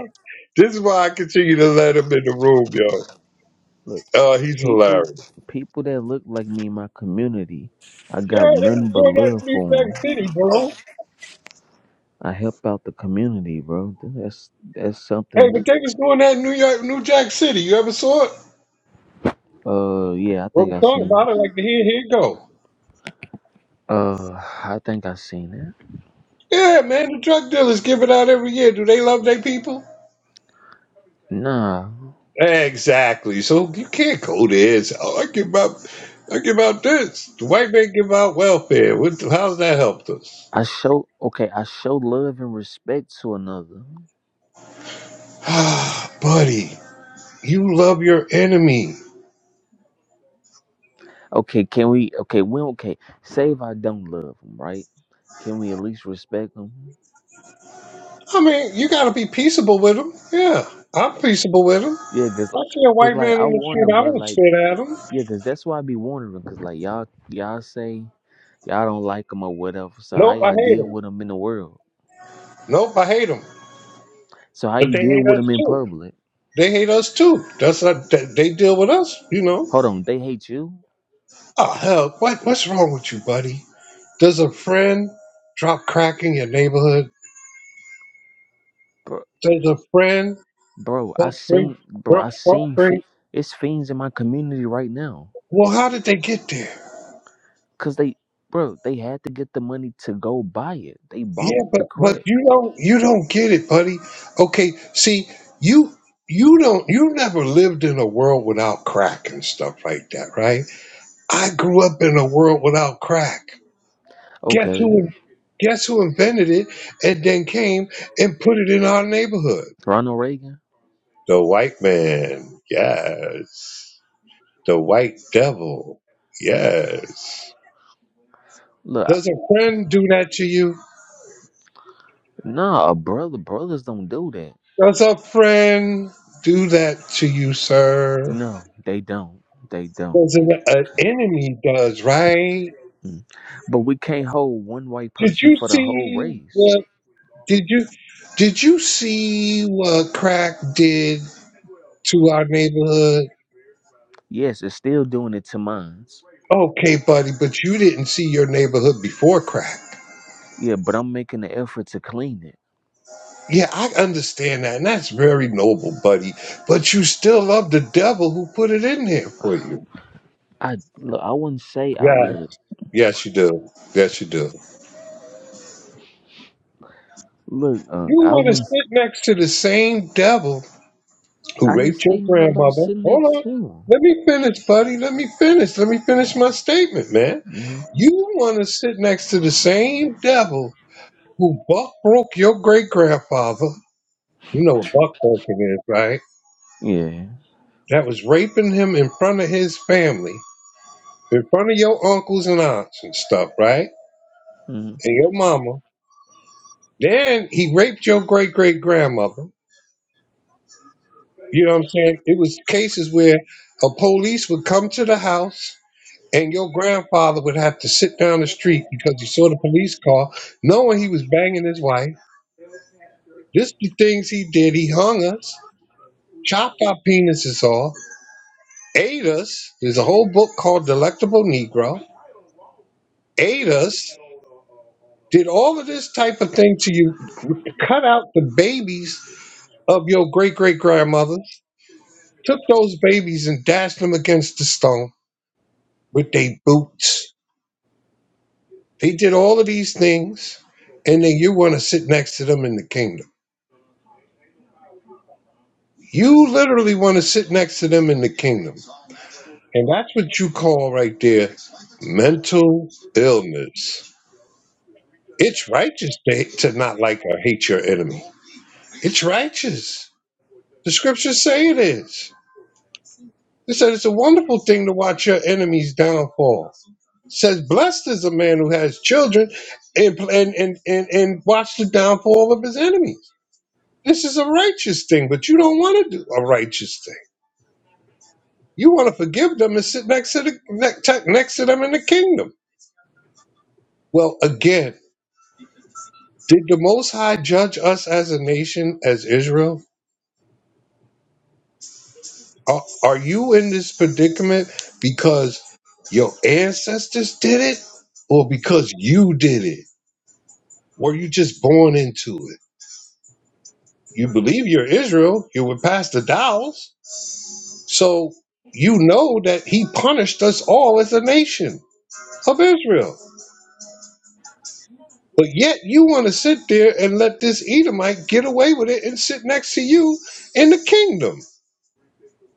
Speaker 1: This is why I continue to let him in the room, yo.
Speaker 2: look,
Speaker 1: Uh, he's
Speaker 2: people,
Speaker 1: hilarious.
Speaker 2: people that look like me in my community. I
Speaker 1: Yeah,
Speaker 2: got
Speaker 1: they was
Speaker 2: nothing but
Speaker 1: doing that
Speaker 2: love
Speaker 1: in New
Speaker 2: for 'em.
Speaker 1: Jack City, bro.
Speaker 2: I help out the community, bro. That's that's
Speaker 1: Hey,
Speaker 2: something.
Speaker 1: but they was doing that in New York, New Jack City. You ever saw it?
Speaker 2: Uh, yeah, I
Speaker 1: Wrote
Speaker 2: think
Speaker 1: a
Speaker 2: I
Speaker 1: song
Speaker 2: seen.
Speaker 1: about it, like here, here it go.
Speaker 2: Uh, I think I seen it.
Speaker 1: Yeah, man, the drug dealers give it out every year. Do they love their people?
Speaker 2: Nah,
Speaker 1: Exactly. So you can't go there. And say, oh, I give out, I give out this. The white man give out welfare. What, how's that helped us?
Speaker 2: I show. Okay, I show love and respect to another.
Speaker 1: Ah, buddy, you love your enemy.
Speaker 2: Okay, can we? Okay, we okay. Say if I don't love them, right? Can we at least respect them?
Speaker 1: I mean, you got to be peaceable with him. Yeah, I'm peaceable with him. If
Speaker 2: Yeah, cause
Speaker 1: I
Speaker 2: like,
Speaker 1: see a
Speaker 2: cause
Speaker 1: white
Speaker 2: like
Speaker 1: man
Speaker 2: I
Speaker 1: in the
Speaker 2: wonder,
Speaker 1: street, I
Speaker 2: bro.
Speaker 1: don't
Speaker 2: Like,
Speaker 1: spit at him.
Speaker 2: yeah, cause that's why I be wondering. Cause like y'all, y'all say y'all don't like them or whatever. So how
Speaker 1: Nope, I
Speaker 2: y'all
Speaker 1: hate
Speaker 2: deal
Speaker 1: him.
Speaker 2: with them in the world?
Speaker 1: Nope, I hate him.
Speaker 2: So how
Speaker 1: But
Speaker 2: you
Speaker 1: they
Speaker 2: deal
Speaker 1: hate
Speaker 2: with
Speaker 1: us
Speaker 2: them in
Speaker 1: too.
Speaker 2: public?
Speaker 1: They hate us too. That's not, they they deal with us, you know.
Speaker 2: Hold on, they hate you,
Speaker 1: Oh hell, what what's wrong with you, buddy? Does a friend drop crack in your neighborhood?
Speaker 2: bro.
Speaker 1: Does a friend
Speaker 2: Bro, I
Speaker 1: buck bring
Speaker 2: seen, bro,
Speaker 1: buck
Speaker 2: I
Speaker 1: buck
Speaker 2: seen.
Speaker 1: bring?
Speaker 2: Fi- it's fiends in my community right now,
Speaker 1: Well, how did they get there?
Speaker 2: cause they, bro, they had to get the money to go buy it. They bought
Speaker 1: Yeah, but
Speaker 2: the
Speaker 1: but
Speaker 2: crack.
Speaker 1: you don't you don't get it, buddy. Okay, see you you don't you never lived in a world without crack and stuff like that, right? I grew up in a world without crack. Guess
Speaker 2: Okay,
Speaker 1: who? Guess who invented it and then came and put it in our neighborhood?
Speaker 2: Ronald Reagan.
Speaker 1: The white man, yes. The white devil, yes.
Speaker 2: Look, I-
Speaker 1: Does a friend do that to you?
Speaker 2: nah, brother, brothers don't do that.
Speaker 1: Does a friend do that to you, sir?
Speaker 2: No, they don't. They don't.
Speaker 1: Does an, an enemy does right?
Speaker 2: Mm. But we can't hold one white
Speaker 1: Did
Speaker 2: person
Speaker 1: you
Speaker 2: for the whole
Speaker 1: see
Speaker 2: race.
Speaker 1: what? Did you did you see what crack did to our neighborhood?
Speaker 2: Yes, it's still doing it to mines.
Speaker 1: Okay, buddy, but you didn't see your neighborhood before crack.
Speaker 2: Yeah, but I'm making the effort to clean it.
Speaker 1: Yeah, I understand that, and that's very noble, buddy. But you still love the devil who put it in there for you.
Speaker 2: I look, I wouldn't say I
Speaker 1: Yeah.
Speaker 2: love it.
Speaker 1: Yes, you do. Yes, you do.
Speaker 2: Look, uh,
Speaker 1: You
Speaker 2: I
Speaker 1: want to
Speaker 2: was
Speaker 1: sit next to the same devil
Speaker 2: I
Speaker 1: who
Speaker 2: didn't
Speaker 1: raped your
Speaker 2: say nothing about
Speaker 1: grandmother.
Speaker 2: sitting
Speaker 1: Hold
Speaker 2: next
Speaker 1: on.
Speaker 2: to him.
Speaker 1: Let me finish, buddy. Let me finish. Let me finish my statement, man.
Speaker 2: hmm
Speaker 1: You want to sit next to the same devil who buck broke your great grandfather. You know what buck broken is, right?
Speaker 2: Yeah.
Speaker 1: That was raping him in front of his family in front of your uncles and aunts and stuff, right? And your mama. Then he raped your great great grandmother. You know what I'm saying? It was cases where a police would come to the house and your grandfather would have to sit down the street because he saw the police car, knowing he was banging his wife. This the things he did. He hung us, chopped our penises off, ate us. There's a whole book called Delectable Negro. Ate us, did all of this type of thing to you, cut out the babies of your great great grandmothers took those babies and dashed them against the stone with their boots. They did all of these things, and then you want to sit next to them in the kingdom. You literally want to sit next to them in the kingdom. And that's what you call right there mental illness. It's righteous to, to not like or hate your enemy. It's righteous. The scriptures say it is. It said it's a wonderful thing to watch your enemy's downfall. says, "Blessed is a man who has children, and and and and, and watch the downfall of his enemies." This is a righteous thing, but you don't want to do a righteous thing. You want to forgive them and sit next to the next next to them in the kingdom. Well, again, did the Most High judge us as a nation, as Israel? Are, are you in this predicament because your ancestors did it, or because you did it? Were you just born into it? you believe you're Israel, you would pass the dowels. So you know that he punished us all as a nation of Israel. But yet you want to sit there and let this Edomite get away with it and sit next to you in the kingdom.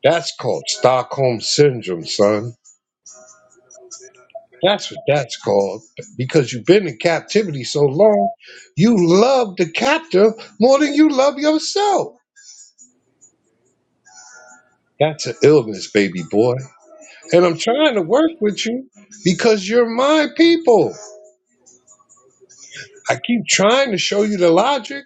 Speaker 1: That's called Stockholm Syndrome, son. That's what that's called. Because you've been in captivity so long, you love the captor more than you love yourself. That's an illness, baby boy. and I'm trying to work with you because you're my people. I keep trying to show you the logic.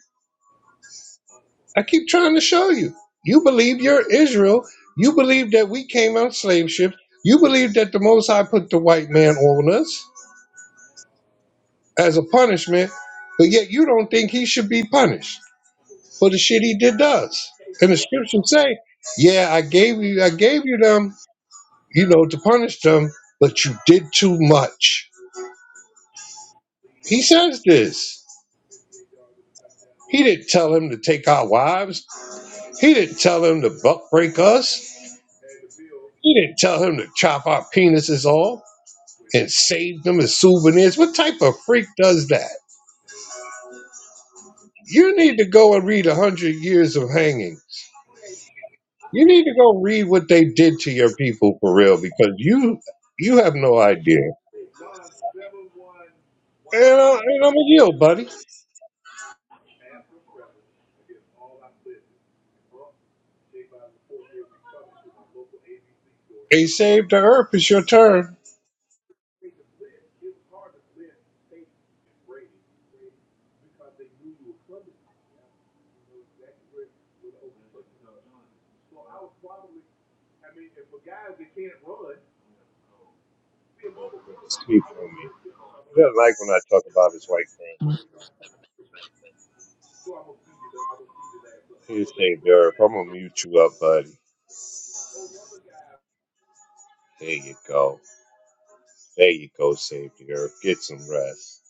Speaker 1: I keep trying to show you. You believe you're Israel. You believe that we came out of slave ships. You believe that the Most High put the white man on us as a punishment, but yet you don't think he should be punished for the shit he did to us. And the scriptures say, "Yeah, I gave you, I gave you them, you know, to punish them, but you did too much." He says this. He didn't tell him to take our wives. He didn't tell him to buck break us. He didn't tell him to chop our penises off and save them as souvenirs. What type of freak does that? You need to go and read a hundred years of hangings. You need to go read what they did to your people for real, because you you have no idea. And, I, and I'm a yield, buddy. They saved the earth. It's your turn. Don't put the sleep on me. He doesn't like when I talk about his white friend. He saved the earth. I'm gonna mute you up, buddy. There you go. There you go, Savior. Get some rest.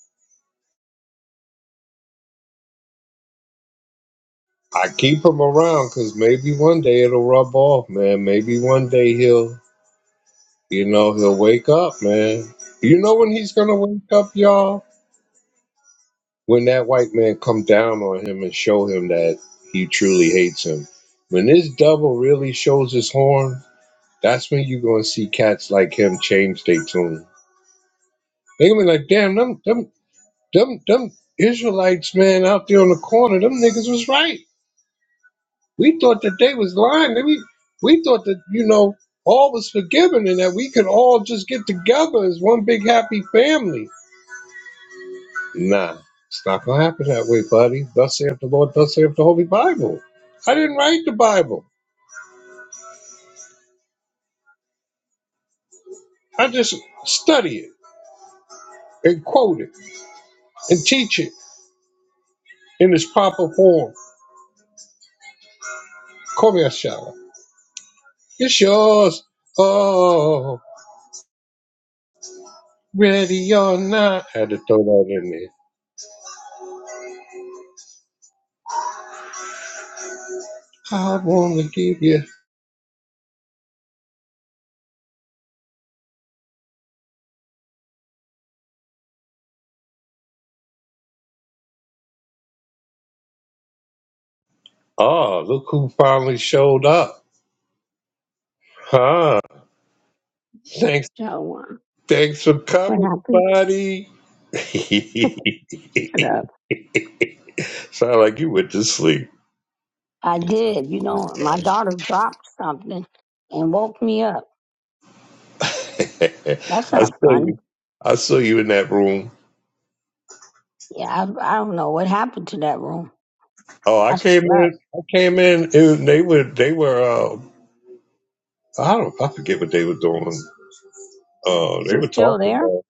Speaker 1: I keep him around because maybe one day it'll rub off, man. Maybe one day he'll, you know, he'll wake up, man. You know when he's gonna wake up, y'all? When that white man come down on him and show him that he truly hates him. When this devil really shows his horn, that's when you gonna see cats like him change their tune. They gonna be like, damn, them, them, them, them Israelites, man, out there on the corner, them niggas was right We thought that they was lying. We we thought that you know all was forgiven and that we could all just get together as one big happy family. Nah, it's not gonna happen that way, buddy. Thus saith the Lord. Thus saith the Holy Bible. I didn't write the Bible. I just study it and quote it and teach it in its proper form. Come here, a It's yours. Oh, ready or not. Had to throw that in there. I wanna give you. Oh, look who finally showed up. Huh. Thanks.
Speaker 4: So uh,
Speaker 1: Thanks for
Speaker 4: what
Speaker 1: coming,
Speaker 4: happened?
Speaker 1: buddy.
Speaker 4: Get up.
Speaker 1: Sound like you went to sleep.
Speaker 4: I did. You know, my daughter dropped something and woke me up.
Speaker 1: I
Speaker 4: That's
Speaker 1: saw
Speaker 4: not fun.
Speaker 1: you. I saw you in that room.
Speaker 4: Yeah, I, I don't know what happened to that room.
Speaker 1: Oh, I
Speaker 4: I
Speaker 1: came
Speaker 4: slept.
Speaker 1: in. I came in. And they were. They were. Uh, I don't. I forget what they were doing. Uh,
Speaker 4: Is
Speaker 1: they
Speaker 4: it
Speaker 1: were
Speaker 4: still
Speaker 1: talking.
Speaker 4: there?
Speaker 1: About,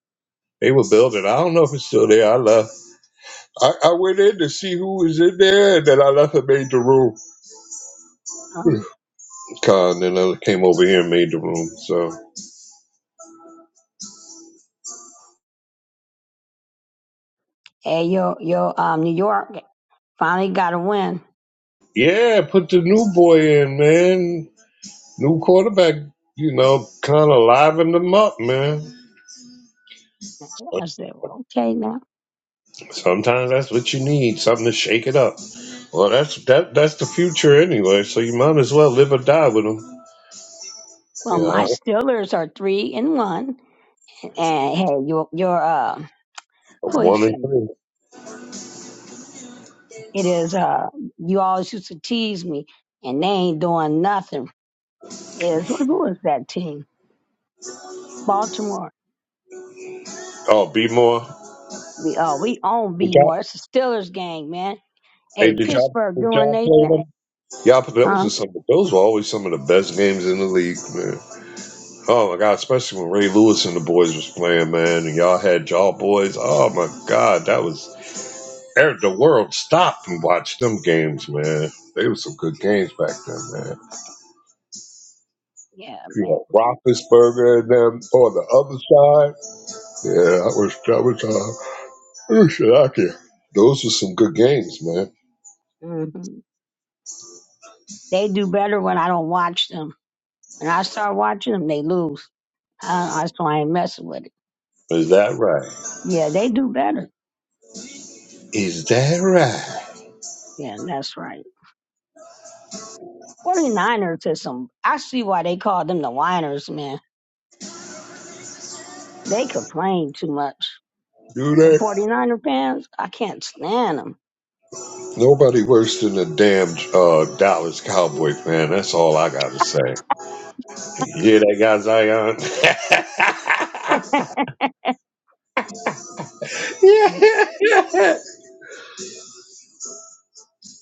Speaker 1: they were building. I don't know if it's still there. I left. I, I went in to see who was in there, and then I left and made the room.
Speaker 4: Um,
Speaker 1: Con, and then I came over here and made the room. So.
Speaker 4: hey, your your um, New York finally got a win.
Speaker 1: Yeah, put the new boy in, man. New quarterback, you know, kind of liven them up, man.
Speaker 4: I said, well, okay now.
Speaker 1: Sometimes that's what you need, something to shake it up. Well, that's that that's the future anyway, so you might as well live or die with them.
Speaker 4: Well, my
Speaker 1: Yeah,
Speaker 4: Steelers are three and one, and hey, your your uh, who
Speaker 1: one
Speaker 4: is it?
Speaker 1: and three.
Speaker 4: It is uh, you always used to tease me, and they ain't doing nothing. Yes, who who is that team? Baltimore.
Speaker 1: Oh, be more.
Speaker 4: We oh we own
Speaker 1: Did y'all,
Speaker 4: Bmore. It's the Steelers gang, man.
Speaker 1: hey,
Speaker 4: Hey,
Speaker 1: did y'all,
Speaker 4: Pittsburgh
Speaker 1: did
Speaker 4: doing
Speaker 1: y'all
Speaker 4: they
Speaker 1: play
Speaker 4: thing,
Speaker 1: them? Yeah, but those
Speaker 4: huh?
Speaker 1: are some. Those were always some of the best games in the league, man. Oh my God, especially when Ray Lewis and the boys was playing, man, and y'all had y'all boys. Oh my God, that was er- the world stopped and watched them games, man. They were some good games back then, man.
Speaker 4: Yeah,
Speaker 1: You
Speaker 4: man.
Speaker 1: know, Roethlisberger and them on the other side. Yeah, I wish that was uh, oh shit, I can. Those were some good games, man.
Speaker 4: hmm They do better when I don't watch them. When I start watching them, they lose. I, I so I ain't messing with it.
Speaker 1: Is that right?
Speaker 4: Yeah, they do better.
Speaker 1: Is that right?
Speaker 4: Yeah, that's right. 49ers is some. I see why they call them the whiners, man. They complain too much.
Speaker 1: Do
Speaker 4: The
Speaker 1: they?
Speaker 4: 49er fans, I can't stand them.
Speaker 1: Nobody worse than the damn uh, Dallas Cowboys, man. That's all I gotta say. Yeah, they got Zion.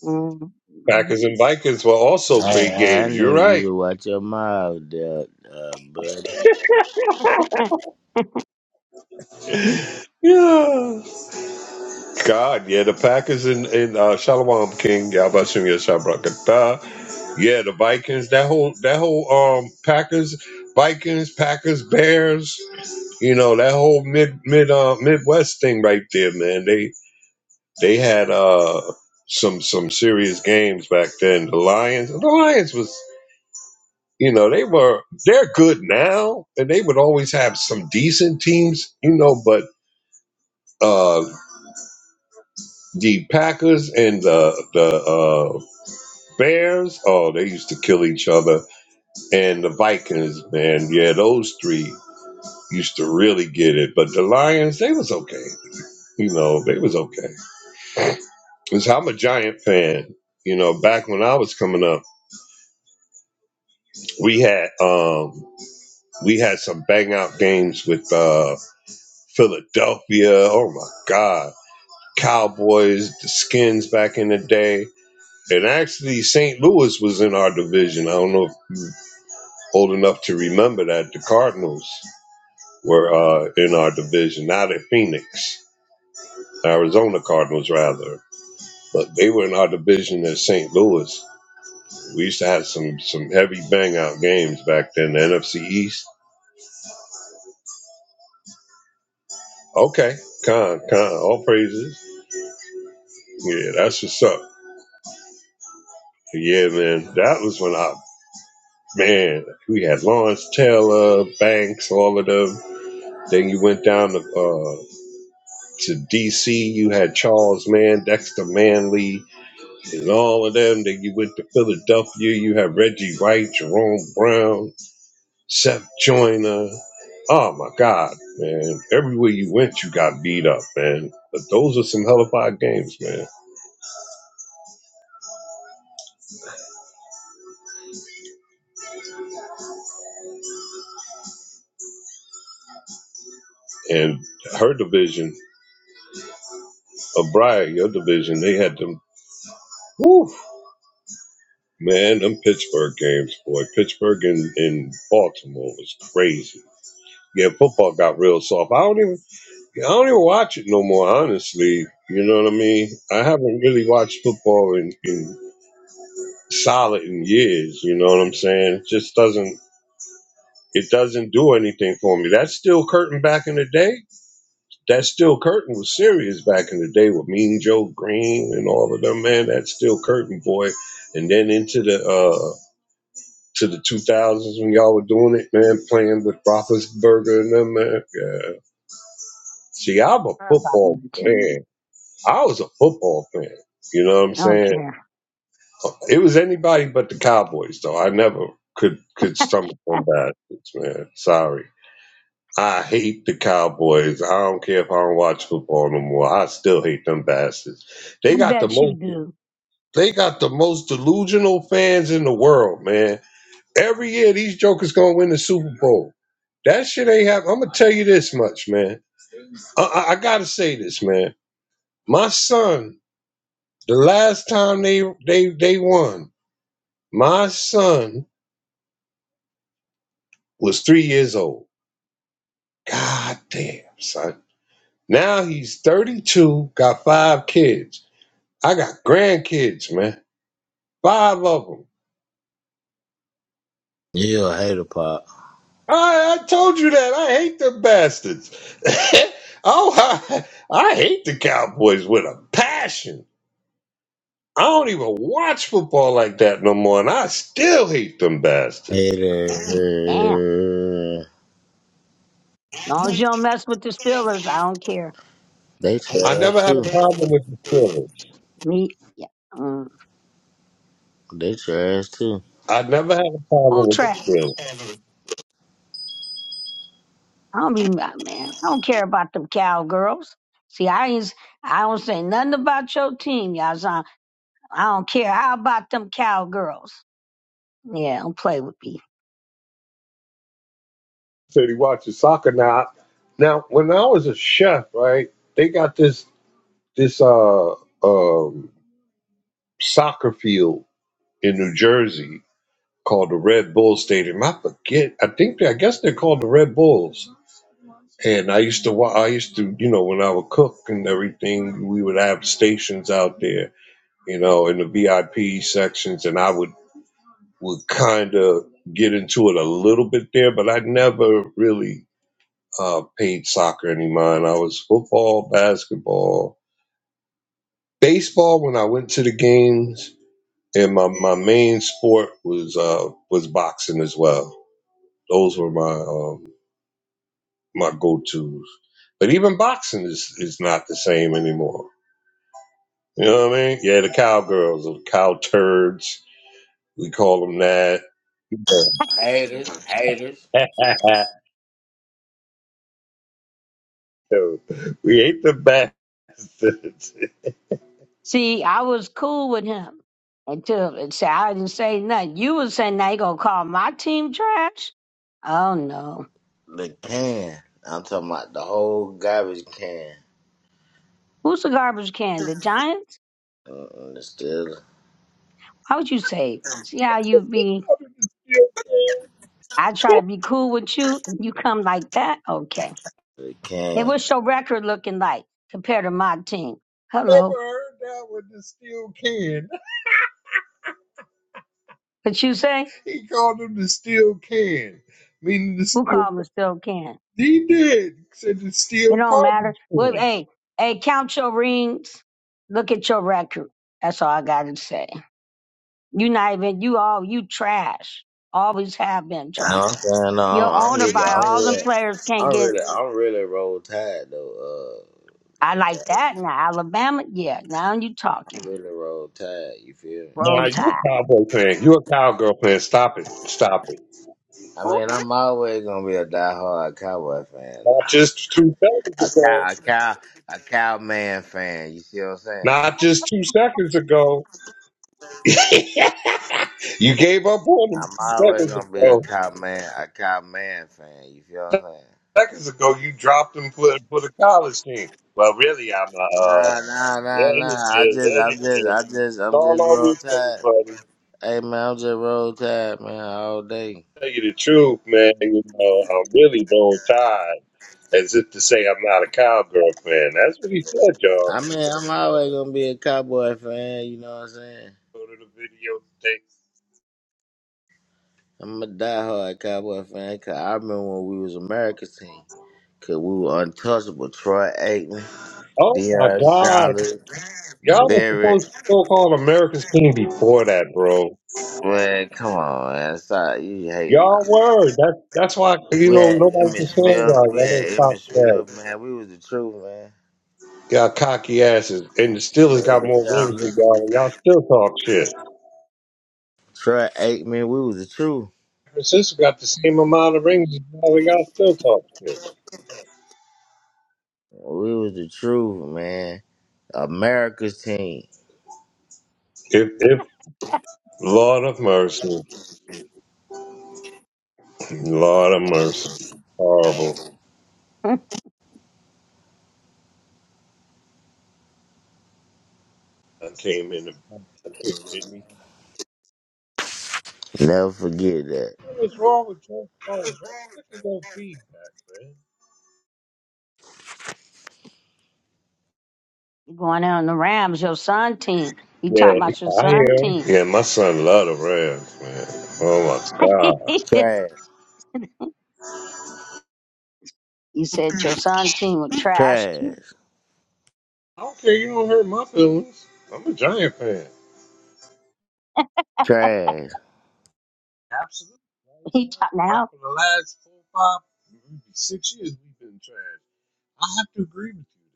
Speaker 4: mm
Speaker 1: Packers and Vikings were also
Speaker 3: Hey,
Speaker 1: great
Speaker 3: I
Speaker 1: games. You're
Speaker 3: need
Speaker 1: right.
Speaker 3: you to watch your mouth, there, uh, buddy.
Speaker 1: Yeah. God, yeah, the Packers and, and uh Shalom King, Yabashim Yashabrakata. Yeah, the Vikings, that whole that whole um Packers, Vikings, Packers, Bears, you know, that whole mid mid uh Midwest thing right there, man. They they had uh some some serious games back then. The Lions the Lions was you know, they were they're good now and they would always have some decent teams, you know, but uh. the Packers and the the uh, Bears. Oh, they used to kill each other. And the Vikings, man, yeah, those three used to really get it. But the Lions, they was okay. You know, they was okay. 'Cause I'm a Giant fan. You know, back when I was coming up, we had um we had some bang out games with uh Philadelphia. Oh my God. Cowboys, the Skins back in the day. And actually, St. Louis was in our division. I don't know if old enough to remember that the Cardinals were uh, in our division, Now they're Phoenix, Arizona Cardinals rather, but they were in our division at St. Louis. We used to have some some heavy bang out games back then. The NFC East. Okay, con con all praises. Yeah, that's what's up. Yeah, man, that was when I man we had Lawrence Taylor, Banks, all of them. Then you went down to uh, to DC. You had Charles Mann, Dexter Manley and all of them that you went to Philadelphia. You had Reggie White, Jerome Brown, Seth Joyner. Oh my God, man. Everywhere you went, you got beat up, man. But those are some hellified games, man. And her division, of your division, they had them. Woo, man, them Pittsburgh games, boy. Pittsburgh and, and Baltimore was crazy. Yeah, football got real soft. I don't even I don't even watch it no more, honestly. You know what I mean? I haven't really watched football in, in solid in years, you know what I'm saying? It just doesn't it doesn't do anything for me. That Steel curtain back in the day. That Steel curtain was serious back in the day with Mean Joe Green and all of them, man. that Steel curtain boy. And then into the uh to the two thousands when y'all were doing it, man, playing with Roethlisberger and them, man. Yeah. See, I'm a
Speaker 4: her about
Speaker 1: football
Speaker 4: my
Speaker 1: fan.
Speaker 4: team.
Speaker 1: I was a football fan. You know what I'm
Speaker 4: I don't
Speaker 1: saying?
Speaker 4: care.
Speaker 1: It was anybody but the Cowboys, though. I never could could
Speaker 4: I
Speaker 1: stomach them bastards, man. Sorry. I hate the Cowboys. I don't care if I don't watch football no more. I still hate them bastards. They got the
Speaker 4: bet you
Speaker 1: most
Speaker 4: do.
Speaker 1: they got the most delusional fans in the world, man. Every year these jokers gonna win the Super Bowl. That shit ain't happen. I'm gonna tell you this much, man. I, I I gotta say this, man. My son The last time they they they won, my son was three years old. God damn, son. Now he's 32, got five kids. I got grandkids, man. Five of them.
Speaker 3: You a hater, pop.
Speaker 1: I, I told you that. I hate them bastards. oh, I, I hate the Cowboys with a passion. I don't even watch football like that no more, and I still hate them bastards.
Speaker 3: Haters,
Speaker 4: Damn. long as you don't mess with the Steelers, I don't care.
Speaker 3: They
Speaker 1: I
Speaker 3: trash
Speaker 1: never had a
Speaker 3: too.
Speaker 1: problem with the Steelers.
Speaker 4: Me, yeah. Mm.
Speaker 3: They trash too.
Speaker 1: I never had a problem
Speaker 4: Who
Speaker 1: with
Speaker 4: trapped?
Speaker 1: the Steelers.
Speaker 4: I don't be mad, man. I don't care about them cowgirls. See, I ain't, I don't say nothing about your team, y'all. son. I don't care. How about them cowgirls? Yeah, don't play with me.
Speaker 1: said he watches soccer now. Now, when I was a chef, right, they got this this uh um soccer field in New Jersey called the Red Bull Stadium. I forget. I think they, I guess they're called the Red Bulls. And I used to wa- I used to you know when I would cook and everything, we would have stations out there, you know, in the VIP sections, and I would would kind of get into it a little bit there, but I never really uh, paid soccer any mind. I was football, basketball, baseball. When I went to the games, and my, my main sport was uh, was boxing as well. Those were my um, my go tos. But even boxing is is not the same anymore. You know what I mean? Yeah, the cowgirls or the cow turds. We call them that.
Speaker 3: Haters, haters.
Speaker 1: No, we ain't the bastards. Steel
Speaker 4: See, I was cool with him until and say I didn't say nothing. You was saying now you gonna call my team trash? Oh no.
Speaker 3: The can. I'm talking about the whole garbage can.
Speaker 4: Who's the garbage can? The Giants?
Speaker 3: Mm-mm, the still
Speaker 4: How would you say? See how you be?
Speaker 1: can.
Speaker 4: I try to be cool with you. and You come like that? Okay.
Speaker 3: the
Speaker 4: And
Speaker 3: can.
Speaker 4: what's your record looking like compared to my team? Hello.
Speaker 1: Never heard that one. The steel can.
Speaker 4: What you say?
Speaker 1: He called him the steel can, meaning the
Speaker 4: Who
Speaker 1: steel.
Speaker 4: called me still can?
Speaker 1: He did said the
Speaker 4: It
Speaker 1: steel
Speaker 4: don't matter.
Speaker 1: garbage
Speaker 4: Well,
Speaker 1: can.
Speaker 4: hey, hey, count your rings. Look at your record. That's all I gotta say. You not even you all you trash. Always have been
Speaker 3: No, I'm
Speaker 4: trash.
Speaker 3: saying no.
Speaker 4: Your
Speaker 3: I'm, I'm
Speaker 4: owner
Speaker 3: really,
Speaker 4: by
Speaker 3: I'm
Speaker 4: all them
Speaker 3: really,
Speaker 4: players can't
Speaker 3: I'm
Speaker 4: get
Speaker 3: really, I'm really roll tide though.
Speaker 4: I
Speaker 3: Uh,
Speaker 4: like that. Now, Alabama, yeah, now you
Speaker 3: I'm
Speaker 4: talking.
Speaker 3: really roll tide. You feel me?
Speaker 1: Nah,
Speaker 4: Roll
Speaker 1: you
Speaker 4: Tide.
Speaker 1: a cowboy fan. You a cowgirl fan. Stop it. Stop it.
Speaker 3: I
Speaker 4: Ooh,
Speaker 3: mean, I'm always gonna be a diehard Cowboy fan,
Speaker 1: Not
Speaker 3: though.
Speaker 1: just two seconds
Speaker 3: a cow,
Speaker 1: ago.
Speaker 3: a cow, a cowman fan. You see what I'm saying?
Speaker 1: Not just two seconds ago. you gave up on him
Speaker 3: I'm
Speaker 1: two
Speaker 3: always
Speaker 1: seconds
Speaker 3: gonna be a
Speaker 1: ago.
Speaker 3: cowman, a cowman fan. You feel what I'm
Speaker 1: Seconds ago, you dropped him for for the college team. Well, really, I'm a.
Speaker 3: saying?
Speaker 1: Uh,
Speaker 3: Nah, nah,
Speaker 1: yeah,
Speaker 3: nah,
Speaker 1: you
Speaker 3: nah. I
Speaker 1: did. Yeah,
Speaker 3: just, I'm
Speaker 1: you
Speaker 3: just,
Speaker 1: did.
Speaker 3: I just,
Speaker 1: It's
Speaker 3: I'm
Speaker 1: all
Speaker 3: just
Speaker 1: on
Speaker 3: roll
Speaker 1: replay,
Speaker 3: tide.
Speaker 1: buddy.
Speaker 3: Hey man, I'm just roll tide, man, all day.
Speaker 1: tell you the truth, man, you know, I'm really don't tired, as if to say I'm not a cowgirl fan. That's what he said, y'all.
Speaker 3: I mean, I'm always gonna be a Cowboy fan. You know what I'm saying?
Speaker 1: Go to the video tape.
Speaker 3: I'm a diehard Cowboy fan. Cause I remember when we was America's team. Cause we were untouchable. Troy Aikman.
Speaker 1: Oh my
Speaker 3: DR
Speaker 1: God,
Speaker 3: sounded
Speaker 1: y'all were
Speaker 3: Barrett,
Speaker 1: supposed to so-called America's team before that, bro.
Speaker 3: man, come on man, stop you hating now.
Speaker 1: Y'all were. That's that's why you
Speaker 3: We
Speaker 1: know
Speaker 3: had
Speaker 1: nobody can
Speaker 3: Emmett
Speaker 1: stand
Speaker 3: Smith,
Speaker 1: y'all.
Speaker 3: we had Emmett
Speaker 1: Y'all little cocky
Speaker 3: Smith, man, we was the truth, man.
Speaker 1: ass. Y'all cocky asses, and the Steelers got
Speaker 3: Barrett,
Speaker 1: more rings than
Speaker 3: Sanders,
Speaker 1: y'all. and Y'all still talk shit.
Speaker 3: Troy Aikman, we was the truth.
Speaker 1: Francisco got the same amount of rings as y'all. and Y'all still talk shit.
Speaker 3: We was the truth, man. America's team.
Speaker 1: If if. Lord of mercy. Lord of mercy. Horrible. I came in and kicked me.
Speaker 3: Never forget that.
Speaker 1: What's wrong with your phone? I'm sick of your feedback,
Speaker 4: you going on the Rams, your son team. You talking
Speaker 1: man.
Speaker 4: about your
Speaker 1: Yeah, I
Speaker 4: son
Speaker 1: am.
Speaker 4: team.
Speaker 1: Yeah, my son love the Rams, man. Oh my God.
Speaker 4: you
Speaker 3: Trash.
Speaker 4: said your son team was trash,
Speaker 3: Trash.
Speaker 4: too.
Speaker 1: I don't care. You don't hurt my feelings. I'm a Giant fan.
Speaker 3: Trash.
Speaker 1: Absolutely. Right,
Speaker 4: He
Speaker 1: now,
Speaker 4: talk
Speaker 1: right
Speaker 4: now.
Speaker 1: for the last four, five, maybe six years, we've been trash. I have to agree with you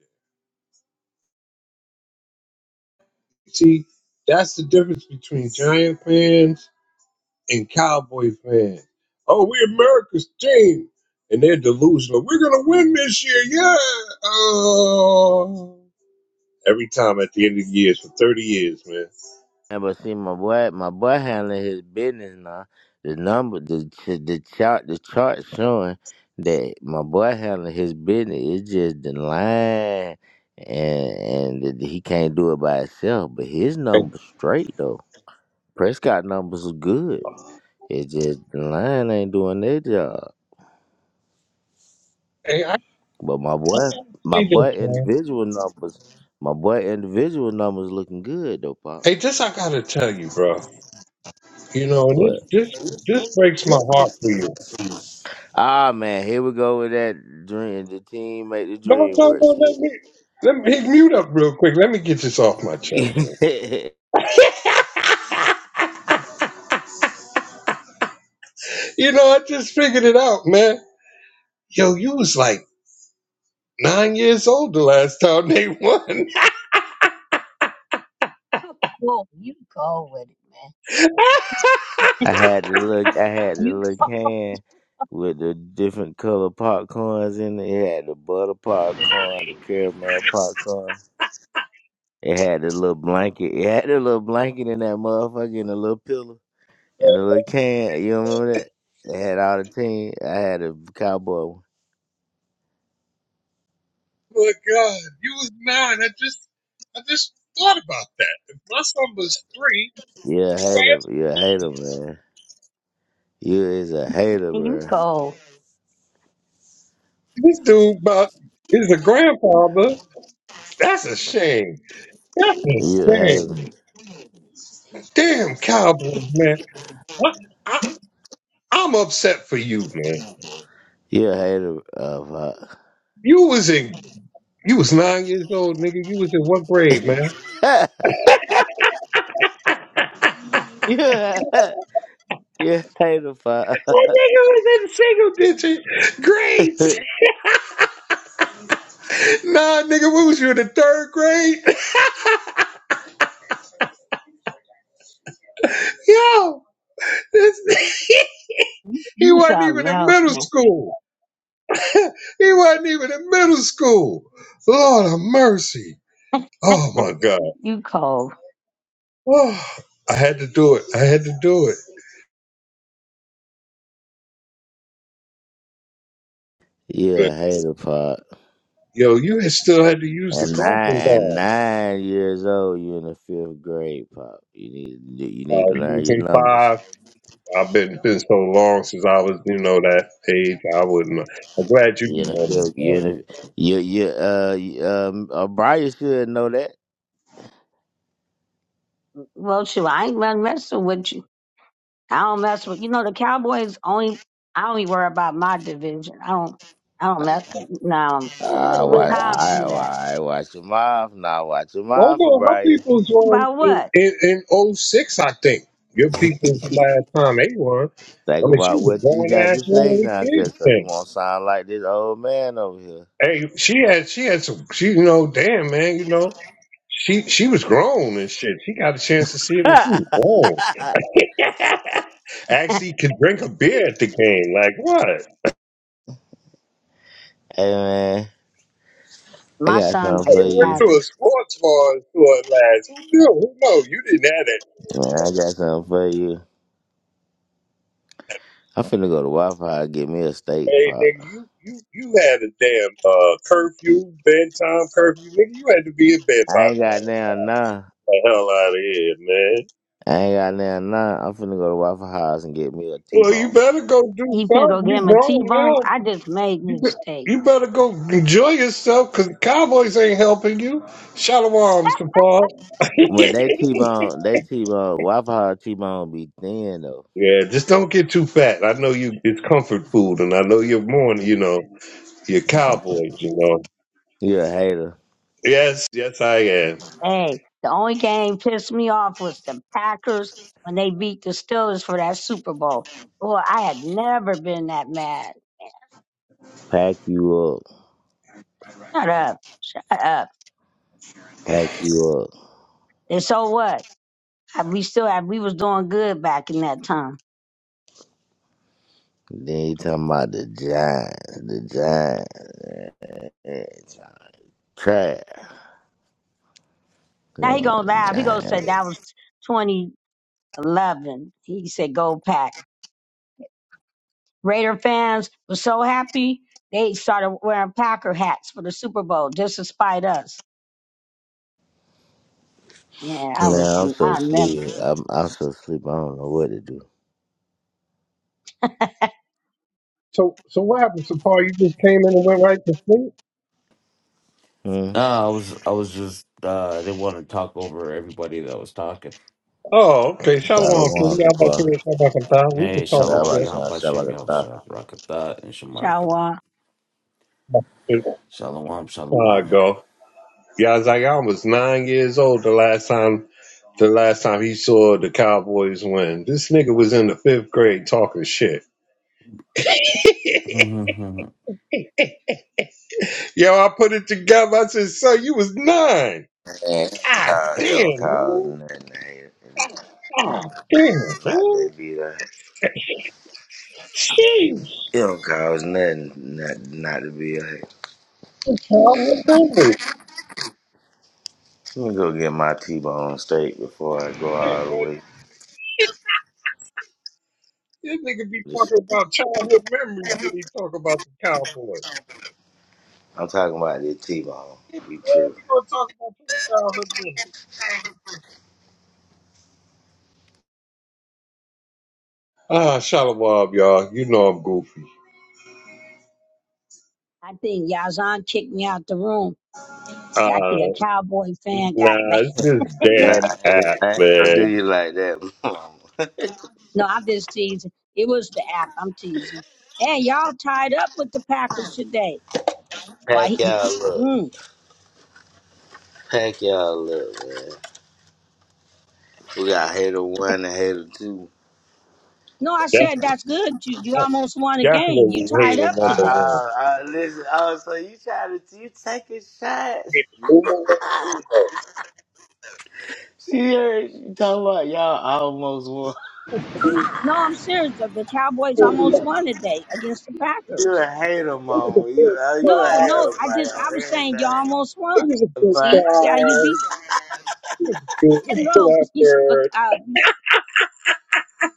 Speaker 1: there. See, that's the difference between Giant fans and Cowboy fans. Oh, we're America's team. And they're delusional. We're going to win this year. Yeah. Oh. Every time at the end of the years for 30 years, man.
Speaker 3: Yeah, but see, my boy, my boy handling his business now. The number, the ch- the chart, the chart showing that my boy handling his business. It's just the line, and and that he can't do it by himself. But his
Speaker 1: Hey,
Speaker 3: numbers straight though. Prescott numbers is good. It's just the line ain't doing their job.
Speaker 1: hey, I, I got
Speaker 3: But my boy,
Speaker 1: to
Speaker 3: my
Speaker 1: say this,
Speaker 3: boy,
Speaker 1: man.
Speaker 3: individual numbers, my boy, individual numbers looking good though, pop.
Speaker 1: Hey, this I got to tell you, bro. You know, and
Speaker 3: What?
Speaker 1: this, this, this breaks my heart for you.
Speaker 3: Ah man, here we go with that dream. The team make the
Speaker 1: No,
Speaker 3: dream
Speaker 1: no,
Speaker 3: work
Speaker 1: no,
Speaker 3: shit.
Speaker 1: let me. Let me hit mute up real quick. Let me get this off my chest. Man. You know, I just figured it out, man. Yo, you was like nine years old the last time they won.
Speaker 4: Cool. You cold with it, man.
Speaker 3: I had to look. I had the
Speaker 4: You
Speaker 3: little
Speaker 4: cold.
Speaker 3: can with the different color popcorns in it. It had the butter popcorn, the caramel popcorn. It had the little blanket. It had the little blanket in that motherfucker and the little pillow and the little can. You remember that? It had all the team. I had a cowboy one.
Speaker 1: my God, you was nine. I just, I just thought about that. If my son was three,
Speaker 3: You a hater. You a hater, man. You is a hater, bro.
Speaker 4: You cold.
Speaker 1: this dude about is a grandfather. That's a shame. That's a
Speaker 3: You a hater.
Speaker 1: shame. Damn Cowboys, man. I, I, I'm upset for you, man.
Speaker 3: You're a hater, uh,
Speaker 1: You was in, you was nine years old, nigga. You was in what grade, man?
Speaker 3: Pop. You're a, you're a hater, Pop.
Speaker 1: That nigga was in single digit grades. Nah, nigga, we was you in the third grade. Yo, this,
Speaker 4: You,
Speaker 1: he
Speaker 4: you
Speaker 1: wasn't
Speaker 4: something
Speaker 1: even in
Speaker 4: else,
Speaker 1: middle
Speaker 4: man.
Speaker 1: school. He wasn't even in middle school. Lord of mercy. Oh my God.
Speaker 4: You cold.
Speaker 1: Oh, I had to do it. I had to do it.
Speaker 3: You're
Speaker 1: Good.
Speaker 3: a hater, Pop.
Speaker 1: Yo, you had still had to use the
Speaker 3: And nine
Speaker 1: crossing
Speaker 3: and
Speaker 1: guard.
Speaker 3: nine years old, you're in the fifth grade, Pop. You need you need
Speaker 1: Uh,
Speaker 3: to
Speaker 1: you
Speaker 3: learn
Speaker 1: was
Speaker 3: your
Speaker 1: in
Speaker 3: numbers.
Speaker 1: five. I've been been so long since I was, you know, that age. I wouldn't. I'm glad you
Speaker 3: You're in the
Speaker 1: remember
Speaker 3: fifth. You're
Speaker 1: that.
Speaker 3: in the, you you uh you, um uh, Brian should know that.
Speaker 4: Well, shoot, I ain't gonna mess with you. I don't mess with you know the Cowboys only I only worry about my division. I don't I don't mess no
Speaker 1: You know,
Speaker 3: I
Speaker 1: well,
Speaker 3: watch
Speaker 1: her-
Speaker 4: Macabre
Speaker 3: I,
Speaker 4: do that.
Speaker 3: I watch your mouth now. Watch your
Speaker 1: Hold
Speaker 3: mouth for
Speaker 1: on, her
Speaker 3: Brian.
Speaker 1: people joined
Speaker 4: About
Speaker 1: in,
Speaker 4: what?
Speaker 1: in, in oh 06, I think. Your people's the
Speaker 3: Think
Speaker 1: last time they won. I mean, she
Speaker 3: about
Speaker 1: was a
Speaker 3: what you
Speaker 1: grown
Speaker 3: got
Speaker 1: ass
Speaker 3: to
Speaker 1: woman
Speaker 3: say
Speaker 1: with
Speaker 3: now,
Speaker 1: kids
Speaker 3: cause so
Speaker 1: then.
Speaker 3: you won't sound like this old man over here.
Speaker 1: Hey, she had she had some she you know, damn man, you know. She she was grown and shit. She got a chance to see it
Speaker 3: hey
Speaker 1: when she was grown. Actually could drink a beer at the game. Like what?
Speaker 3: man, I
Speaker 4: my
Speaker 3: got
Speaker 4: son
Speaker 3: something
Speaker 4: likes
Speaker 1: Could
Speaker 3: for
Speaker 4: the
Speaker 1: have went
Speaker 3: you.
Speaker 1: to a
Speaker 4: Packers.
Speaker 1: sports bar and saw it last. Who knew? Who know? You didn't have that.
Speaker 3: Hey, Man, I got something for you. I'm finna go to Waffle House and get me a steak
Speaker 1: Hey
Speaker 3: pop.
Speaker 1: nigga, you you you had a damn uh curfew, bedtime curfew, nigga. You had to be in bed
Speaker 3: I
Speaker 1: by
Speaker 3: ain't got
Speaker 1: now.
Speaker 3: damn none.
Speaker 1: The hell out of here, man.
Speaker 3: I ain't got damn none. I'm finna go to Waffle House and get me a
Speaker 1: Well, you
Speaker 3: T-bone.
Speaker 1: better go do
Speaker 4: You can go
Speaker 1: something.
Speaker 4: get
Speaker 1: You
Speaker 4: him a T
Speaker 1: grown
Speaker 4: bone.
Speaker 1: now.
Speaker 4: I just made a
Speaker 1: You, be-
Speaker 4: mistake.
Speaker 1: you better go enjoy yourself because the Cowboys ain't helping you. Shalom, Mr. Paul.
Speaker 3: But they T-bone, they T-bone, Waffle House T-bone be thin though.
Speaker 1: yeah, just don't get too fat. I know you. It's comfort food, and I know you're born. You know, you're Cowboys. You know.
Speaker 3: You a hater.
Speaker 1: Yes, yes, I am.
Speaker 4: hey, the only game pissed me off was the Packers when they beat the Steelers for that Super Bowl. Boy, I had never been that mad.
Speaker 3: Pack you up.
Speaker 4: Shut up. Shut up.
Speaker 3: Pack you up.
Speaker 4: And so what? I- We still had, we was doing good back in that time.
Speaker 3: Then you talking about the Giants. The Giants. Yeah, Giants. Trash. Come
Speaker 4: Now he
Speaker 3: on,
Speaker 4: gonna laugh. He gonna say
Speaker 3: Giants.
Speaker 4: that was 2011. He said go pack. Raider fans were so happy they started wearing Packer hats for the Super Bowl just to spite us. Yeah, I
Speaker 3: Man,
Speaker 4: was.
Speaker 3: I'm so
Speaker 4: I'll never
Speaker 3: sleepy.
Speaker 4: forget.
Speaker 3: I'm, I'm so sleepy. I don't know what to do.
Speaker 1: So, so what happened, Sir Paul? You just came in and went right to sleep.
Speaker 3: Hmm.
Speaker 5: No, I was I was just uh I didn't want to talk over everybody that was talking.
Speaker 1: Oh, okay. Shalom, King.
Speaker 3: Shalom,
Speaker 1: Y'all back
Speaker 3: Super.
Speaker 1: here. Shabbat Shabbat. We
Speaker 5: Hey,
Speaker 1: just
Speaker 3: Yeah, I'm
Speaker 1: talking
Speaker 5: Shalom,
Speaker 3: about
Speaker 1: shit.
Speaker 3: to say about
Speaker 5: Yahabashim,
Speaker 3: the
Speaker 5: Yahusha, Rakatat, and Shamartha.
Speaker 4: Chawa.
Speaker 5: Shalom,
Speaker 1: There I
Speaker 5: Shalom.
Speaker 1: go. Yeah, I was like, I was nine years old the last time the last time he saw the Cowboys win. This nigga was in the fifth grade talking shit. Yo, I put it together. I said, son, you was nine.
Speaker 3: Man,
Speaker 1: God
Speaker 3: call, it
Speaker 1: damn,
Speaker 3: don't cause
Speaker 1: man.
Speaker 3: nothing to hate.
Speaker 1: God damn,
Speaker 3: Not
Speaker 1: man.
Speaker 3: to be there.
Speaker 1: Jeez.
Speaker 3: it don't cause nothing not, not to be there.
Speaker 1: That's Childhood memory.
Speaker 3: Let me go get my T-bone steak before I go
Speaker 1: Hey,
Speaker 3: all the
Speaker 1: man,
Speaker 3: way.
Speaker 1: This nigga be
Speaker 3: Just,
Speaker 1: talking about childhood memories when he talk about the Cowboys.
Speaker 3: I'm talking about this T-bone.
Speaker 1: Hey, man,
Speaker 3: You tripping.
Speaker 1: We gonna talk about your childhood memories. Ah, shalom, y'all. You know I'm goofy.
Speaker 4: I think Yazan kicked me out the room. I
Speaker 1: Ah.
Speaker 4: think a Cowboy fan got mad.
Speaker 1: Nah, it's this
Speaker 3: Nah,
Speaker 1: damn
Speaker 3: I ain't,
Speaker 1: app,
Speaker 3: I ain't gonna
Speaker 1: man.
Speaker 3: do you like that. mama.
Speaker 4: No, I'm just teasing. It was the app. I'm teasing. And y'all tied up with the Packers today. Why
Speaker 3: Pack
Speaker 4: he didn't?
Speaker 3: y'all up.
Speaker 4: Mm.
Speaker 3: Pack y'all up, man. We got hater one and hater two.
Speaker 4: No, I
Speaker 1: Def-
Speaker 4: said that's good. You you almost won a game. You
Speaker 1: Definitely
Speaker 4: tied
Speaker 3: Uh,
Speaker 1: hated
Speaker 4: up
Speaker 1: number
Speaker 4: today.
Speaker 1: one.
Speaker 3: uh, uh, listen, oh, so you trying to you taking shots?
Speaker 1: It
Speaker 3: She heard you talking about y'all almost won.
Speaker 4: No, I'm serious. The, the Cowboys almost won today against the
Speaker 3: You a
Speaker 4: Packers.
Speaker 3: hater,
Speaker 1: was a
Speaker 3: mama. You
Speaker 1: good
Speaker 3: uh, you a
Speaker 4: No,
Speaker 3: hater
Speaker 1: try.
Speaker 4: no, I
Speaker 3: about
Speaker 4: just I
Speaker 3: y'all
Speaker 4: was saying you
Speaker 3: everything.
Speaker 4: almost
Speaker 1: It
Speaker 4: won.
Speaker 1: was a good
Speaker 3: But
Speaker 4: See, see how you
Speaker 1: try.
Speaker 4: beat?
Speaker 1: It was good. It was
Speaker 4: And
Speaker 1: a good
Speaker 4: no, you s- look,
Speaker 1: effort.
Speaker 4: uh, you s-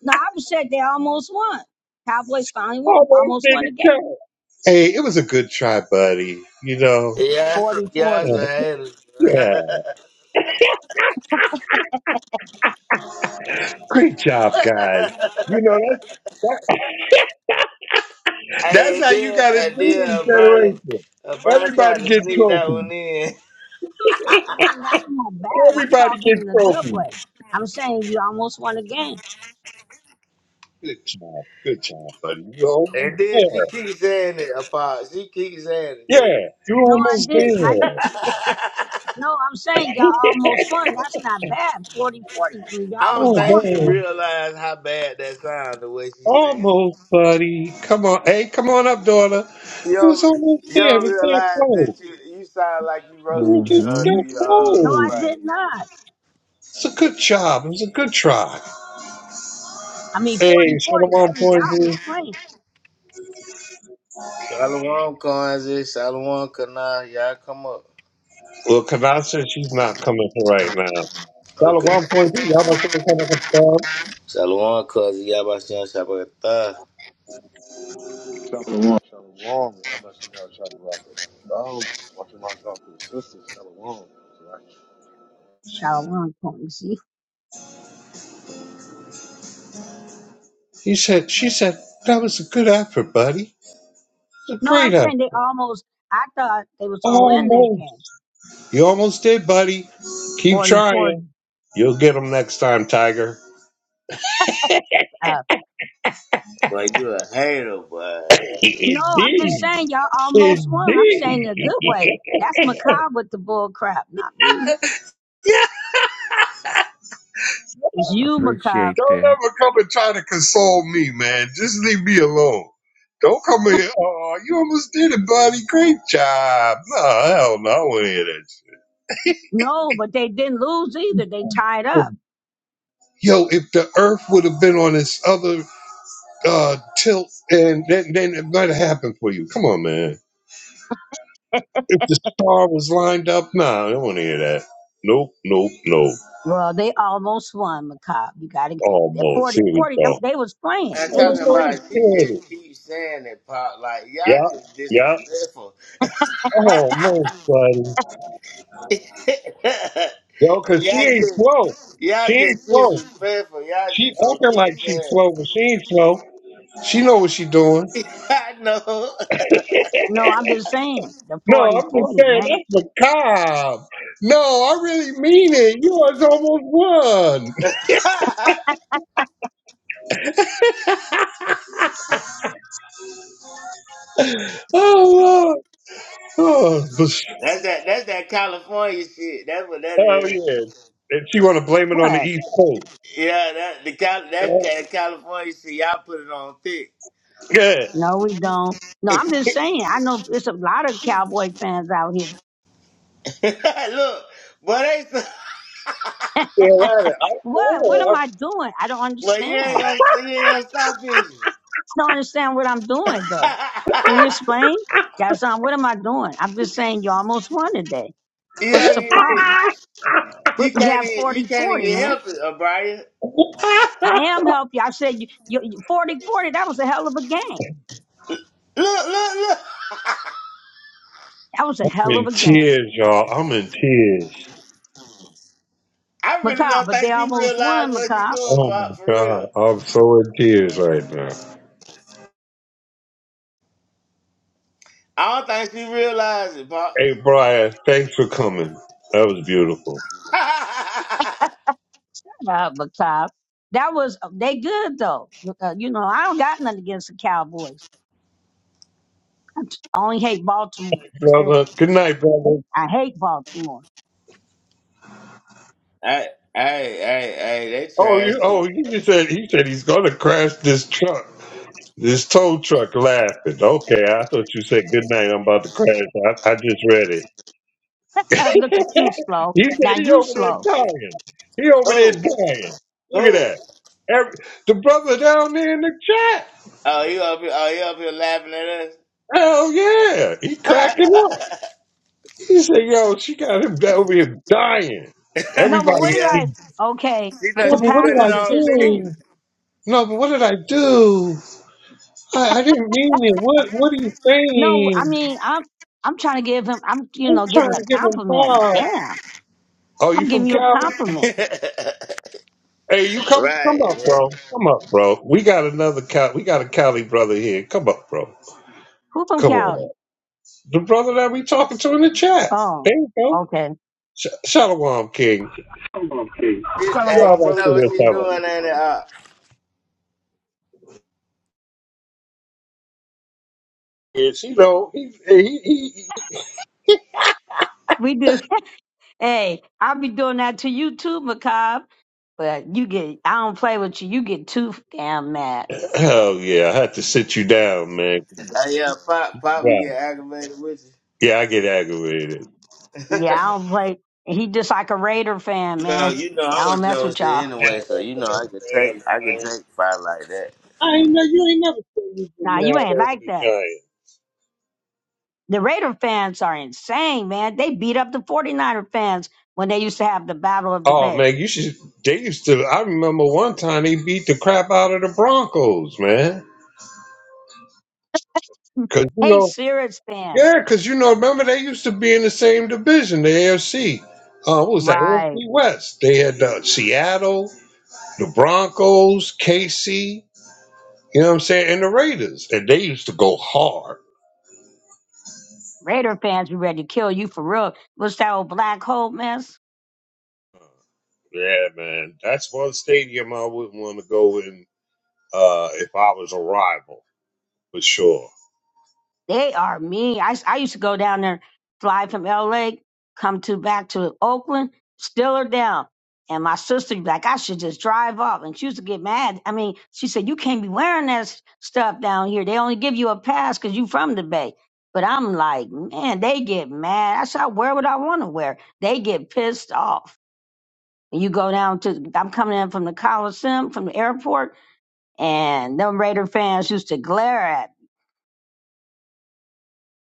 Speaker 4: no, I was saying they almost won. Cowboys finally won,
Speaker 1: Almost
Speaker 4: almost won the
Speaker 1: didn't
Speaker 4: game,
Speaker 1: count. Hey, it was a good try, buddy. You know.
Speaker 3: yeah, that's a-
Speaker 4: Forty,
Speaker 3: yeah,
Speaker 4: forty.
Speaker 3: that's a
Speaker 1: Yeah.
Speaker 3: hater.
Speaker 1: Great job, guys. You know that's that,
Speaker 3: hey,
Speaker 1: that's
Speaker 3: and
Speaker 1: how you
Speaker 3: then
Speaker 1: got to do
Speaker 3: and then
Speaker 1: this
Speaker 3: uh, Brian,
Speaker 1: generation.
Speaker 3: uh, Brian tried
Speaker 1: Everybody
Speaker 3: to
Speaker 1: get
Speaker 3: sneak that
Speaker 1: trophies.
Speaker 3: one in,
Speaker 4: And that's not bad. I'm
Speaker 1: Everybody
Speaker 4: talking
Speaker 1: get
Speaker 4: in a good
Speaker 1: trophies.
Speaker 4: way. I'm saying you almost won a game.
Speaker 1: Good job. Good job, buddy. You're almost
Speaker 3: and then she
Speaker 1: there.
Speaker 3: keeps saying it. Apart, she keeps saying it too.
Speaker 1: Yeah, you're
Speaker 4: No, I
Speaker 1: almost
Speaker 4: didn't. I
Speaker 1: there.
Speaker 4: didn't. no, I'm saying y'all almost won. That's not bad. Forty, forty. I mean,
Speaker 3: I
Speaker 4: y'all were
Speaker 3: don't think
Speaker 4: going
Speaker 3: she
Speaker 4: for it.
Speaker 1: Almost.
Speaker 3: realized how bad that sound the way she sang it.
Speaker 1: Almost, buddy. Come on. Hey, come on up, daughter.
Speaker 3: You
Speaker 1: It was
Speaker 3: don't,
Speaker 1: almost
Speaker 3: you
Speaker 1: there. It
Speaker 3: don't
Speaker 1: was that
Speaker 3: realize that
Speaker 1: close.
Speaker 3: you you sound like you
Speaker 1: It was
Speaker 3: roasting me,
Speaker 1: just
Speaker 3: uh,
Speaker 2: Mm-hmm.
Speaker 3: do
Speaker 1: that
Speaker 3: you, uh,
Speaker 4: No, I
Speaker 1: close.
Speaker 3: right?
Speaker 4: did not.
Speaker 1: It's a good job. It was a good try.
Speaker 4: I mean,
Speaker 1: Hey,
Speaker 4: 40 40.
Speaker 1: Shalom
Speaker 4: That means y'all was
Speaker 1: Pointy.
Speaker 4: playing.
Speaker 3: Shalom, Kwanzaa, Shalom, Kana, y'all come up.
Speaker 1: Well, Kadasha, she's not coming for right now.
Speaker 3: Okay.
Speaker 1: Shalom Pointy, y'all like to come up with
Speaker 3: Shalom, Kazi, Yabashan, Shabakata.
Speaker 6: Shalom, shalom. Abba Shem Yahweh Shabbat. Um, watching my God for the sisters. Shalom. Right.
Speaker 4: Shalom, point, see?
Speaker 1: He said, she said, that was a good effort, buddy. It's a
Speaker 4: No,
Speaker 1: great
Speaker 4: I'm
Speaker 1: effort.
Speaker 4: saying they almost, I thought they was going to win
Speaker 1: Almost.
Speaker 4: that game
Speaker 1: You almost did, buddy. Keep
Speaker 4: 40 40.
Speaker 1: trying. You'll get them next time, Tiger.
Speaker 4: Uh,
Speaker 3: Boy, you a hater, boy.
Speaker 4: no, I'm just
Speaker 1: Indeed.
Speaker 4: saying y'all almost won. I'm saying in
Speaker 1: Indeed.
Speaker 4: a good way. That's macabre with the bull crap, not me. It's
Speaker 2: I
Speaker 4: you, macabre.
Speaker 2: appreciate
Speaker 1: Don't
Speaker 2: that.
Speaker 1: ever come and try to console me, man. Just leave me alone. Don't come in. Oh, you almost did it, buddy. Great job. No, hell no. I don't want to hear that
Speaker 4: No, but they didn't lose either. They tied
Speaker 1: shit.
Speaker 4: up.
Speaker 1: Yo, if the earth would have been on this other uh, tilt, and then, then it might have happened for you. Come on, man. If the star was lined up, nah, I don't want to hear that. Nope, nope, nope.
Speaker 4: well, they almost won, macabre. You got to at
Speaker 1: Almost.
Speaker 4: 40
Speaker 1: Here we
Speaker 4: 40.
Speaker 1: go.
Speaker 4: They was playing.
Speaker 3: I'm
Speaker 4: They
Speaker 3: talking
Speaker 4: was
Speaker 3: about
Speaker 1: Almost
Speaker 4: playing.
Speaker 1: hit
Speaker 3: she
Speaker 1: it.
Speaker 3: just keeps saying it, Pop. Like, y'all
Speaker 1: Yeah,
Speaker 3: just
Speaker 1: yeah.
Speaker 3: disrespectful.
Speaker 1: Almost, buddy.
Speaker 3: y'all
Speaker 1: Yo, cause she ain't slow.
Speaker 3: just,
Speaker 1: She
Speaker 3: y'all
Speaker 1: ain't
Speaker 3: just
Speaker 1: slow.
Speaker 3: disrespectful. Y'all
Speaker 1: She
Speaker 3: just gonna
Speaker 1: acting
Speaker 3: keep
Speaker 1: like she's
Speaker 3: saying
Speaker 1: slow, but she ain't slow. She know what she doing.
Speaker 3: I know.
Speaker 4: No, I'm just saying the
Speaker 1: No,
Speaker 4: forty
Speaker 1: I'm just
Speaker 4: forty 40.
Speaker 1: saying
Speaker 4: Dang.
Speaker 1: that's macabre. No, I really mean it. You was almost won.
Speaker 3: that's
Speaker 1: Oh, Lord. oh, but-
Speaker 3: that. That's that California shit. That's what that
Speaker 1: oh
Speaker 3: is.
Speaker 1: yeah. And she want to blame it on the
Speaker 4: What?
Speaker 1: East Coast.
Speaker 3: Yeah, that the Cal. That's
Speaker 1: Yeah.
Speaker 3: that California shit. Y'all put it on thick.
Speaker 1: Good.
Speaker 4: No, we don't. No, I'm just saying. I know it's a lot of cowboy fans out here.
Speaker 3: Look, but they. so-
Speaker 1: Yeah, right. I,
Speaker 4: What? What am
Speaker 1: oh,
Speaker 4: I doing? I don't
Speaker 3: Well,
Speaker 4: understand.
Speaker 3: you ain't gonna.
Speaker 4: I
Speaker 3: You ain't gonna stop it.
Speaker 4: don't understand what I'm doing though. Can you explain? Yeah, son, what am I doing? I'm just saying you almost won today.
Speaker 3: you know,
Speaker 4: What's the
Speaker 3: you,
Speaker 4: problem? What,
Speaker 3: you
Speaker 4: you
Speaker 3: can't
Speaker 4: have
Speaker 3: even. You can't
Speaker 4: 40-40,
Speaker 3: even
Speaker 4: man.
Speaker 3: help it, O'Brien.
Speaker 1: I-
Speaker 4: I am helping you. I said you, you, you 40-40, that was a hell of a game.
Speaker 3: Look! Look! Look!
Speaker 4: That was a hell of
Speaker 1: in
Speaker 4: a game.
Speaker 1: tears, y'all. I'm in tears.
Speaker 3: I really
Speaker 4: Macabre,
Speaker 3: don't
Speaker 4: but they
Speaker 3: think she
Speaker 4: almost
Speaker 3: realized
Speaker 4: won,
Speaker 3: what she
Speaker 4: Macabre.
Speaker 3: doing,
Speaker 1: Oh
Speaker 3: Pop.
Speaker 1: my
Speaker 3: For
Speaker 1: god,
Speaker 3: real,
Speaker 1: I'm so in tears right now.
Speaker 3: I don't think she realized it, Pop.
Speaker 1: Hey, Brian, thanks for coming. That was beautiful,
Speaker 4: Uh, macabre. That was, they good though. Uh, you know, I don't got nothing against the Cowboys. I only hate Baltimore. That's it.
Speaker 1: brother. Good night, brother.
Speaker 4: I hate Baltimore.
Speaker 3: Hey, hey, hey, hey, they
Speaker 1: Oh, you.
Speaker 3: trash too.
Speaker 1: Oh, you just said he said he's gonna crash this truck, this tow truck. Laughing. Okay, I thought you said good night. I'm about to crash. I, I just read it.
Speaker 4: Look at you, slow.
Speaker 1: he said
Speaker 4: Now
Speaker 1: he
Speaker 4: you
Speaker 1: over
Speaker 4: slow.
Speaker 1: there dying. He over there
Speaker 3: Who?
Speaker 1: dying. Look at
Speaker 3: Who?
Speaker 1: that. Every, the brother down there in the chat.
Speaker 3: oh, you up here? Oh, you up here laughing at
Speaker 1: Hell yeah. He cracked him up.
Speaker 3: us?
Speaker 1: He said, yo, she got him over here dying.
Speaker 4: No, but
Speaker 1: Everybody
Speaker 4: what did
Speaker 3: yeah,
Speaker 1: see.
Speaker 4: I? Okay,
Speaker 3: she know
Speaker 4: but
Speaker 1: No,
Speaker 4: the
Speaker 1: but
Speaker 3: she
Speaker 1: what
Speaker 3: putting it
Speaker 1: did
Speaker 4: Packers
Speaker 1: I
Speaker 4: is
Speaker 3: on
Speaker 4: his team.
Speaker 1: do? No, but what did I do? I, I didn't mean it. What what are you
Speaker 4: No, I
Speaker 1: saying?
Speaker 4: mean I'm I'm trying to give him. I'm you
Speaker 1: I'm
Speaker 4: know giving
Speaker 1: trying
Speaker 4: a
Speaker 1: to give him
Speaker 4: compliment.
Speaker 1: five.
Speaker 4: Damn,
Speaker 1: Oh, you
Speaker 4: I'm
Speaker 1: from
Speaker 4: giving you a
Speaker 1: Cali?
Speaker 3: thick.
Speaker 4: compliment.
Speaker 1: Hey, you come come
Speaker 3: right,
Speaker 1: up,
Speaker 3: man.
Speaker 1: bro. Come up, bro. We got another Cali. We got a Cali brother here. Come up, bro.
Speaker 4: Who from
Speaker 1: Come on up.
Speaker 4: Cali?
Speaker 1: The brother that we talking to in the chat.
Speaker 4: Oh,
Speaker 1: There you go.
Speaker 4: okay.
Speaker 1: Sh- Shalom King.
Speaker 7: Okay.
Speaker 3: She, hey,
Speaker 1: Yeah,
Speaker 7: Shalom,
Speaker 3: she
Speaker 1: all
Speaker 7: brother.
Speaker 1: about
Speaker 3: know
Speaker 1: to
Speaker 3: what she
Speaker 7: Shalom.
Speaker 1: yourself
Speaker 7: All
Speaker 3: doing, ain't it? Uh,
Speaker 1: Yes, you know, he, he, he, he-
Speaker 4: We do. hey, I'll be doing that to you too, Macabre. But you get. I don't play with you. You get too damn mad.
Speaker 1: oh yeah, I have to sit you down, man.
Speaker 3: uh, yeah, pop, pop, would
Speaker 1: Yeah,
Speaker 3: get aggravated with
Speaker 1: yeah, I get aggravated.
Speaker 3: you.
Speaker 4: Yeah, I don't play. He just like a Raider fan,
Speaker 3: you know,
Speaker 4: man.
Speaker 3: you know,
Speaker 4: I
Speaker 3: I'm
Speaker 4: don't
Speaker 3: a
Speaker 4: mess with
Speaker 3: joker
Speaker 4: y'all.
Speaker 1: Mad
Speaker 3: anyway, so
Speaker 1: over
Speaker 3: you
Speaker 1: the
Speaker 3: know I can take,
Speaker 1: damn
Speaker 3: I can
Speaker 1: Giants.
Speaker 3: take fight like that.
Speaker 1: I ain't know you ain't never seen me get
Speaker 4: Nah, you
Speaker 1: mad
Speaker 4: ain't
Speaker 1: over
Speaker 4: like
Speaker 1: the
Speaker 4: that.
Speaker 1: Giants.
Speaker 4: The Raider fans are insane, man. They beat up the 49er fans when they used to have the Battle of the
Speaker 1: Oh
Speaker 4: Bay.
Speaker 1: man, you should. They used to. I remember one time they beat the crap out of the Broncos, man. Cause you
Speaker 4: Hey,
Speaker 1: know,
Speaker 4: Sirius fans.
Speaker 1: yeah, cause you know, remember they used to be in the same division, the AFC. Uh, what was that?
Speaker 4: Right.
Speaker 1: AFC West. They had uh, Seattle, the Broncos, KC. You know what I'm saying? And the Raiders, and they used to go hard.
Speaker 4: Raider fans, be ready to kill you for real. What's that old black hole mess?
Speaker 1: Yeah, man, that's one stadium I wouldn't want to go in uh, if I was a rival for sure.
Speaker 4: They are mean. I, s- I used to go down there, fly from LA, come to back to Oakland, still are down. And my sister would be like, I should just drive off. And she used to get mad. I mean, she said, You can't be wearing that s- stuff down here. They only give you a pass because you from the Bay. But I'm like, man, they get mad. I said, I wear what I want to wear. They get pissed off. And you go down to, I'm coming in from the Coliseum, from the airport, and them Raider fans used to glare at me.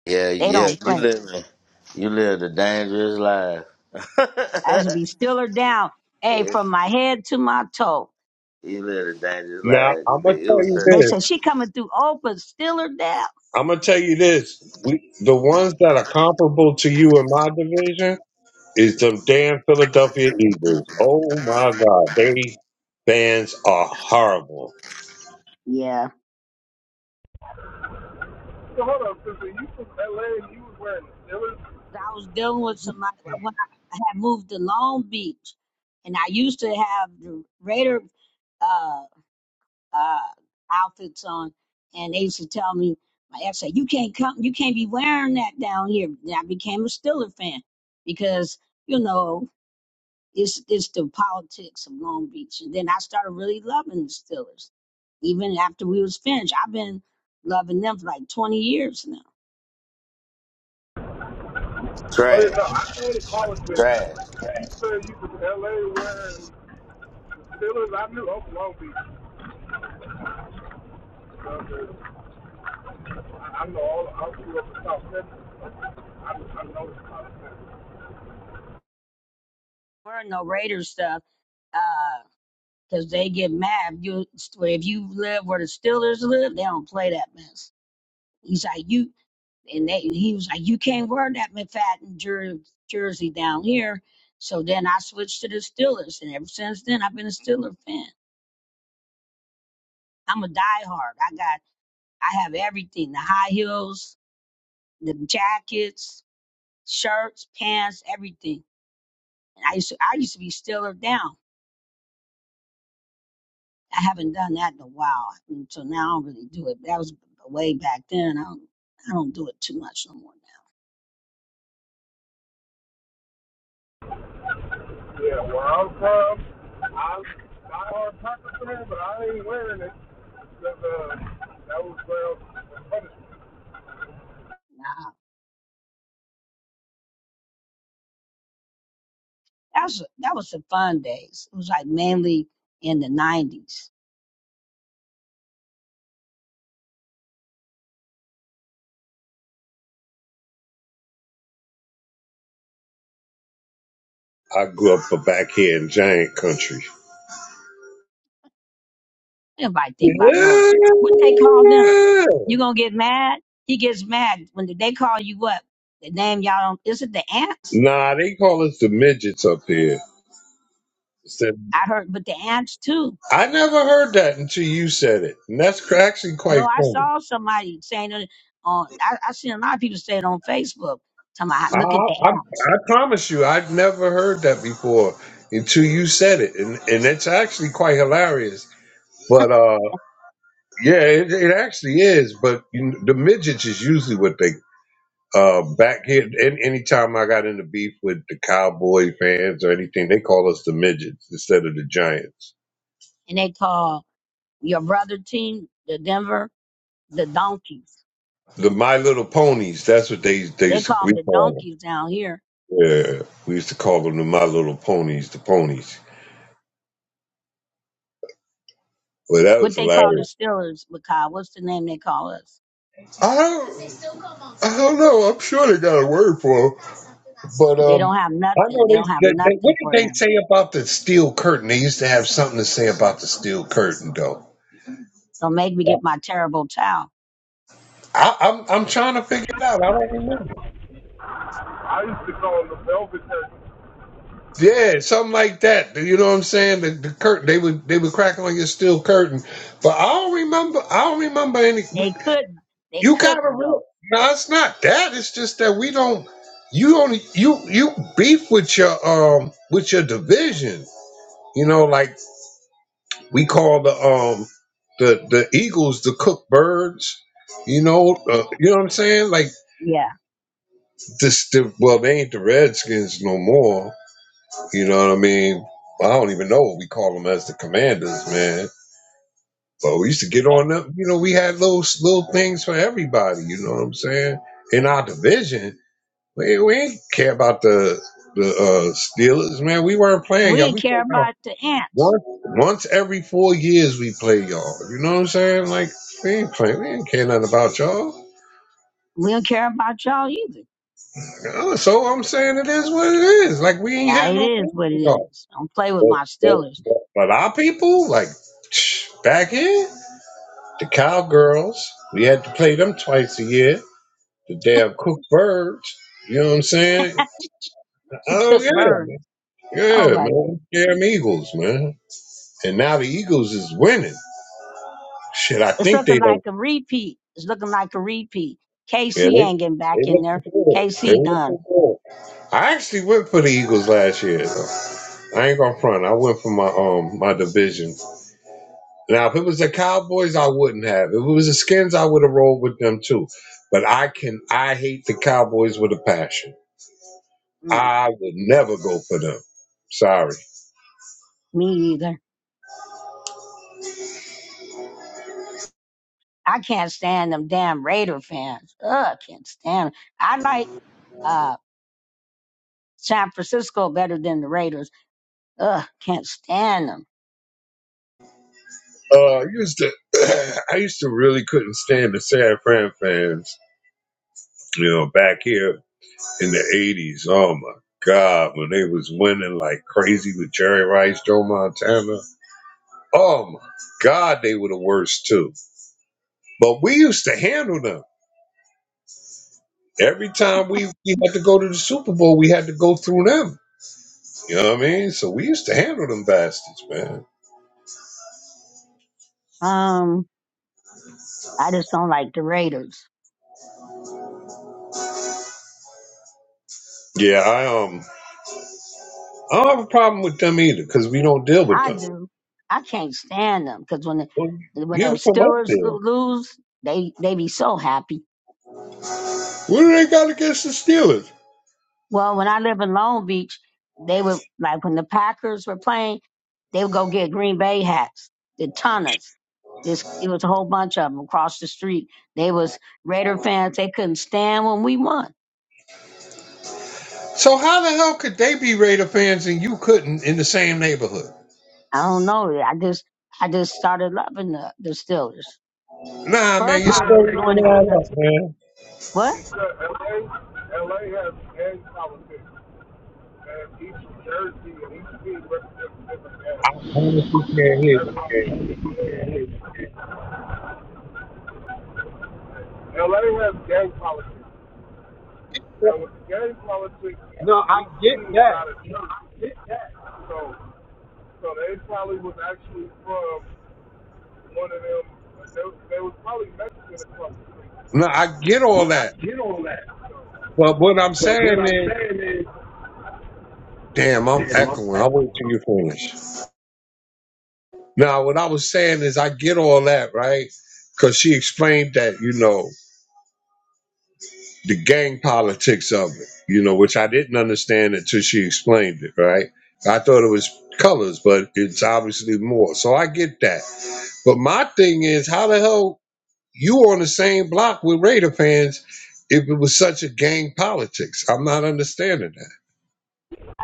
Speaker 3: Yeah,
Speaker 4: They
Speaker 3: yeah,
Speaker 4: don't
Speaker 3: you
Speaker 4: play.
Speaker 3: living, you live a dangerous
Speaker 4: I
Speaker 3: life.
Speaker 4: should be still her down, hey,
Speaker 3: Yeah,
Speaker 4: from my head to my toe.
Speaker 3: You live a dangerous
Speaker 1: Now
Speaker 3: life.
Speaker 1: I'm
Speaker 3: 'cause
Speaker 1: gonna
Speaker 3: It
Speaker 1: tell
Speaker 3: was
Speaker 1: you
Speaker 3: trash.
Speaker 4: They
Speaker 1: this.
Speaker 4: said she coming through old, but still her down.
Speaker 1: I'm gonna tell you this. We the ones that are comparable to you in my division is them damn Philadelphia Eagles. Oh my God, they fans are horrible.
Speaker 4: Yeah,
Speaker 7: So hold on, sister. You from LA and you was wearing the Steelers?
Speaker 4: I was dealing with somebody when I had moved to Long Beach, and I used to have the Raider uh, uh, outfits on, and they used to tell me, my ex said, "You can't come, you can't be wearing that down here." And I became a Stiller fan because you know It's it's the politics of Long Beach. And then I started really loving the Steelers. Even after we was finished. I've been loving them for like twenty years now.
Speaker 7: Oh, yeah,
Speaker 3: Trash.
Speaker 7: no, I had a college with you.
Speaker 3: Trash.
Speaker 7: said you from LA wearing Steelers. I knew up Long Beach. Okay. I, I know all. I grew up in South Texas. I know.
Speaker 4: We're no Raiders stuff, because they get mad. If you if you live where the Steelers live, they don't play that mess. He's like you and they he was like, You can't wear that McFadden jer- jersey down here. So then I switched to the Steelers and ever since then I've been a Steeler fan. I'm a diehard. I got I have everything. The high heels. the jackets, shirts, pants, everything. And I used to, I used to be stiller down. I haven't done that in a while, until now I don't really do it. That was way back then. I don't, I don't do it too much no more
Speaker 7: Yeah, where I'm from. I'm not hard Packers fan, but I ain't wearing it because uh, that was well.
Speaker 4: now. Nah, that was that was the fun days. It was like mainly in the nineties.
Speaker 1: I grew up back here in giant country.
Speaker 4: Everybody think about no
Speaker 1: Yeah.
Speaker 4: what they call them. You gonna get mad? He gets mad when they call you what? The name y'all don't. Is it the ants?
Speaker 1: Nah, they call us the midgets up here. Said,
Speaker 4: I heard, but the ants too
Speaker 1: I never heard that until you said it, and that's cr- actually
Speaker 4: No,
Speaker 1: quite
Speaker 4: I
Speaker 1: funny.
Speaker 4: saw somebody saying it on. I, I seen a lot of people say it on Facebook. Talking about
Speaker 1: I,
Speaker 4: look at the
Speaker 1: I,
Speaker 4: apps,
Speaker 1: I promise you, I've never heard that before until you said it, and and it's actually quite hilarious. But uh, yeah, it, it actually is. But you know, the midgets is usually what they uh back here. And anytime I got into beef with the cowboy fans or anything, they call us the midgets instead of the giants.
Speaker 4: and they call your brother team, the Denver, the Donkeys.
Speaker 1: The My Little Ponies. That's what they they
Speaker 4: They
Speaker 1: used to-
Speaker 4: call
Speaker 1: we
Speaker 4: them the
Speaker 1: call 'em.
Speaker 4: Donkeys down here.
Speaker 1: Yeah, we used to call them the My Little Ponies, the ponies. Well, that
Speaker 4: What
Speaker 1: was
Speaker 4: they call the
Speaker 1: hilarious.
Speaker 4: Steelers, because what's the name they call us?
Speaker 1: I don't, I don't know. I'm sure they got a word for 'em. but
Speaker 4: They
Speaker 1: um,
Speaker 4: don't have
Speaker 1: I
Speaker 4: nothing.
Speaker 1: know
Speaker 4: They
Speaker 1: they,
Speaker 4: don't have
Speaker 1: they, they. What
Speaker 4: nothing for
Speaker 1: did they
Speaker 4: them.
Speaker 1: say about the steel curtain? They used to have something to say about the steel curtain, though.
Speaker 4: Don't make me get my terrible towel.
Speaker 1: I, I'm, I'm trying to figure it out. I don't remember.
Speaker 7: I used to call them the Velvet Turkeys.
Speaker 1: Yeah, something like that. You know what I'm saying? The, the curtain they would they would crack on your steel curtain, but I don't remember. I don't remember any.
Speaker 4: They couldn't. They
Speaker 1: You gotta
Speaker 4: couldn't
Speaker 1: real.
Speaker 4: though.
Speaker 1: No, it's not that. It's just that we don't. You only you you beef with your um with your division. You know, like we call the um the the Eagles the cook birds. You know, uh, you know what I'm saying? Like
Speaker 4: Yeah.
Speaker 1: this, the, well, they ain't the Redskins no more. You know what I mean? I don't even know what we call them as the Commanders, man. But we used to get on them. You know, we had little little things for everybody. You know what I'm saying? In our division, We, we ain't care about the the uh, Steelers, man. We weren't
Speaker 4: And
Speaker 1: playing
Speaker 4: we
Speaker 1: y'all.
Speaker 4: didn't
Speaker 1: We
Speaker 4: care
Speaker 1: played y'all
Speaker 4: about the ants.
Speaker 1: once once every four years. We play y'all. You know what I'm saying? Like we ain't playing. We ain't care nothing about y'all.
Speaker 4: We don't care about y'all either.
Speaker 1: Uh, So I'm saying it is what it is. Like we ain't
Speaker 4: Yeah,
Speaker 1: had
Speaker 4: it
Speaker 1: no fun
Speaker 4: is what it
Speaker 1: with y'all.
Speaker 4: is. Don't play with
Speaker 1: But,
Speaker 4: my
Speaker 1: but,
Speaker 4: Steelers.
Speaker 1: but, but our people, like back in the cowgirls, we had to play them twice a year. The damn cook birds. You know what I'm saying?
Speaker 4: The
Speaker 1: Oh
Speaker 4: cook
Speaker 1: yeah,
Speaker 4: bird. Oh
Speaker 1: yeah,
Speaker 4: my
Speaker 1: man.
Speaker 4: goodness.
Speaker 1: Damn Eagles, man. and now the Eagles is winning. Shit, I
Speaker 4: It's
Speaker 1: think they
Speaker 4: looking like
Speaker 1: don't.
Speaker 4: a repeat. It's looking like a repeat.
Speaker 1: Yeah,
Speaker 4: KC
Speaker 1: they
Speaker 4: ain't getting
Speaker 1: they
Speaker 4: back in there.
Speaker 1: looking good. They
Speaker 4: KC done.
Speaker 1: looking good. I actually went for the Eagles last year. Though. I ain't gonna front. I went for my um my division. Now, if it was the Cowboys, I wouldn't have. If it was the Skins, I would have rolled with them too. But I can. I hate the Cowboys with a passion.
Speaker 4: Mm,
Speaker 1: I would never go for them. Sorry.
Speaker 4: me either. I can't stand them damn Raider fans. Ugh, can't stand 'em. I like uh San Francisco better than the Raiders. Ugh, can't stand them.
Speaker 1: Uh, I used to. I used to really couldn't stand the San Fran fans. You know, back here in the eighties. Oh my God, when they was winning like crazy with Jerry Rice, Joe Montana. Oh my God, they were the worst too. But we used to handle them. Every time we, we had to go to the Super Bowl, we had to go through them. You know what I mean? So we used to handle them bastards, man.
Speaker 4: Um, I just don't like the Raiders.
Speaker 1: Yeah, I um I don't have a problem with them either, because we don't deal with
Speaker 4: I
Speaker 1: them.
Speaker 4: do. I can't stand them because when
Speaker 1: Well,
Speaker 4: the, when the
Speaker 1: you from up
Speaker 4: Steelers
Speaker 1: there.
Speaker 4: lo- lose, they they be so happy.
Speaker 1: What do they got against the Steelers?
Speaker 4: Well, when I live in Long Beach, they would like when the Packers were playing, they would go get Green Bay hats, the tunnels. This it was a whole bunch of them across the street. They was Raider fans. They couldn't stand when we won.
Speaker 1: So how the hell could they be Raider fans and you couldn't in the same neighborhood?
Speaker 4: I don't know. I just I just started loving the the Steelers.
Speaker 1: Nah, man,
Speaker 4: First,
Speaker 1: you
Speaker 4: I was
Speaker 7: Nah,
Speaker 1: story
Speaker 4: just doing
Speaker 1: don't
Speaker 4: it
Speaker 7: man.
Speaker 1: add up,
Speaker 4: because
Speaker 1: man.
Speaker 4: what?
Speaker 7: because LA, LA has gay politics, and each jersey and each team represents a different
Speaker 1: I
Speaker 7: gay.
Speaker 1: honestly can't hear
Speaker 7: That's
Speaker 1: you,
Speaker 7: why
Speaker 1: man.
Speaker 7: LA has gay politics, and with gay politics,
Speaker 1: No, I
Speaker 7: each
Speaker 1: get
Speaker 7: team is
Speaker 1: that.
Speaker 7: not a jersey. So, so they probably was actually from one of them. They, they was probably Mexican across the
Speaker 1: No, I get all
Speaker 7: street
Speaker 1: that. But what I'm
Speaker 7: but what
Speaker 1: saying
Speaker 7: I'm
Speaker 1: is,
Speaker 7: saying is,
Speaker 1: damn, I'm echoing. I'll wait till you finish. Now, what I was saying is, I get all that, right? Because she explained that, you know, the gang politics of it, you know, which I didn't understand until she explained it, right? I thought it was colors, but it's obviously more. So I get that. But my thing is, how the hell? you on the same block with Raider fans if it was such a gang politics. I'm not understanding that.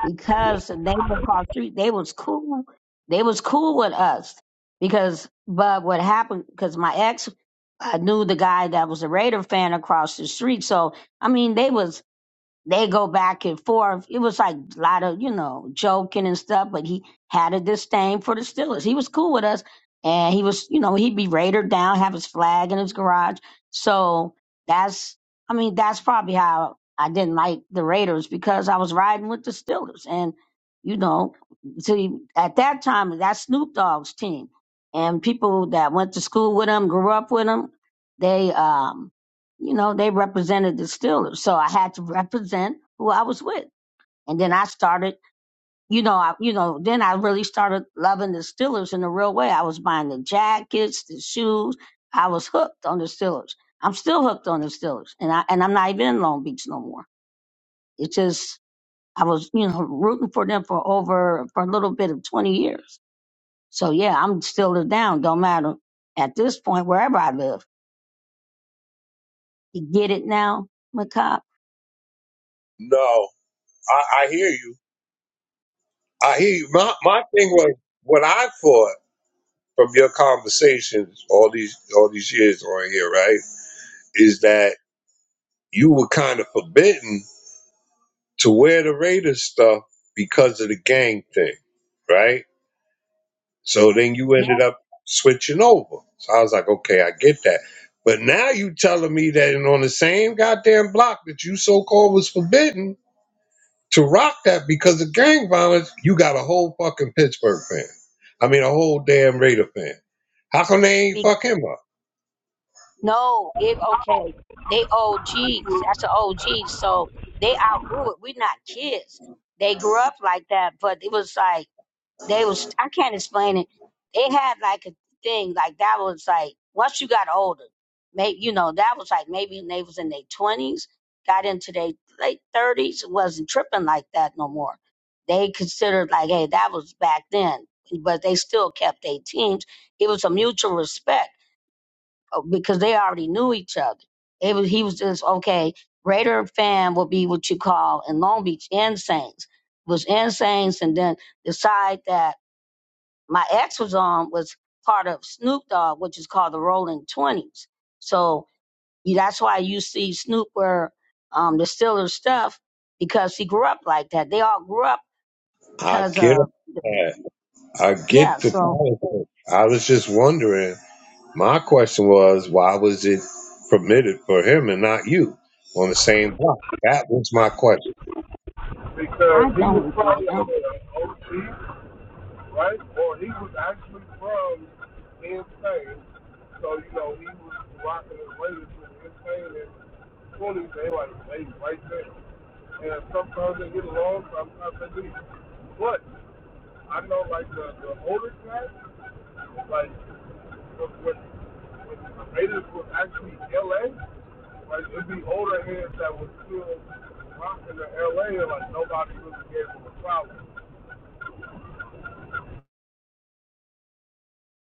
Speaker 4: because the neighbor across the street they was cool they was cool with us because but what happened because my ex i knew the guy that was a raider fan across the street so i mean they was they go back and forth. It was like a lot of, you know, joking and stuff, but he had a disdain for the Steelers. He was cool with us and he was, you know, he'd be Raider down, have his flag in his garage. So that's, I mean, that's probably how I didn't like the Raiders because I was riding with the Steelers. And, you know, see, at that time, that's Snoop Dogg's team. And people that went to school with him, grew up with him, they, um, you know, they represented the Steelers. So I had to represent who I was with. And then I started, you know, I, you know, then I really started loving the Steelers in a real way. I was buying the jackets, the shoes. I was hooked on the Steelers. I'm still hooked on the Steelers. And I, and I'm not even in Long Beach no more. It's just, I was, you know, rooting for them for over, for a little bit of 20 years. So yeah, I'm Steelers down. Don't matter at this point, wherever I live. You get it now, Macabre?
Speaker 1: No, I, I hear you. I hear you. My my thing was what I thought from your conversations all these all these years on here, right? Is that you were kind of forbidden to wear the Raiders stuff because of the gang thing, right? So then
Speaker 4: Um,
Speaker 1: you
Speaker 4: Yeah.
Speaker 1: ended up switching over. So I was like, okay, I get that. But now you telling me that and on the same goddamn block that you so called was forbidden to rock that because of gang violence, you got a whole fucking Pittsburgh fan. I mean, a whole damn Raider fan. How come they ain't fuck him up?
Speaker 4: No, it okay. They OGs. That's an OG. So they outgrew it. We're not kids. They grew up like that, but it was like they was I can't explain it. They had like a thing, like that was like once you got older, maybe you know, that was like maybe when they was in their twenties, got into their late thirties, wasn't tripping like that no more. They considered like, hey, that was back then. But they still kept their teams. It was a mutual respect Oh, because they already knew each other. It was he was just okay. Raider fan would be what you call in Long Beach Insanes. Was Insanes, and then the side that my ex was on was part of Snoop Dogg, which is called the Rolling Twenties. So you, that's why you see Snoop wear um, the Steelers stuff because he grew up like that. They all grew up
Speaker 1: I
Speaker 4: because
Speaker 1: get
Speaker 4: of
Speaker 1: that. I
Speaker 4: yeah.
Speaker 1: get the
Speaker 4: So
Speaker 1: politics. I was just wondering. My question was, why was it permitted for him and not you on the same block? That was my question.
Speaker 7: because
Speaker 4: I
Speaker 7: he was
Speaker 4: don't even
Speaker 7: probably
Speaker 4: know.
Speaker 7: an OG. right? Or he was actually from insane. So, you know, he was rocking his latest with insane and twenties, they were like they right there. And sometimes they get along, sometimes they do. But I know like the, the older guy, like when when the Raiders was actually LA, like it'd be older heads that was still rocking the LA and like nobody really gave them a problem.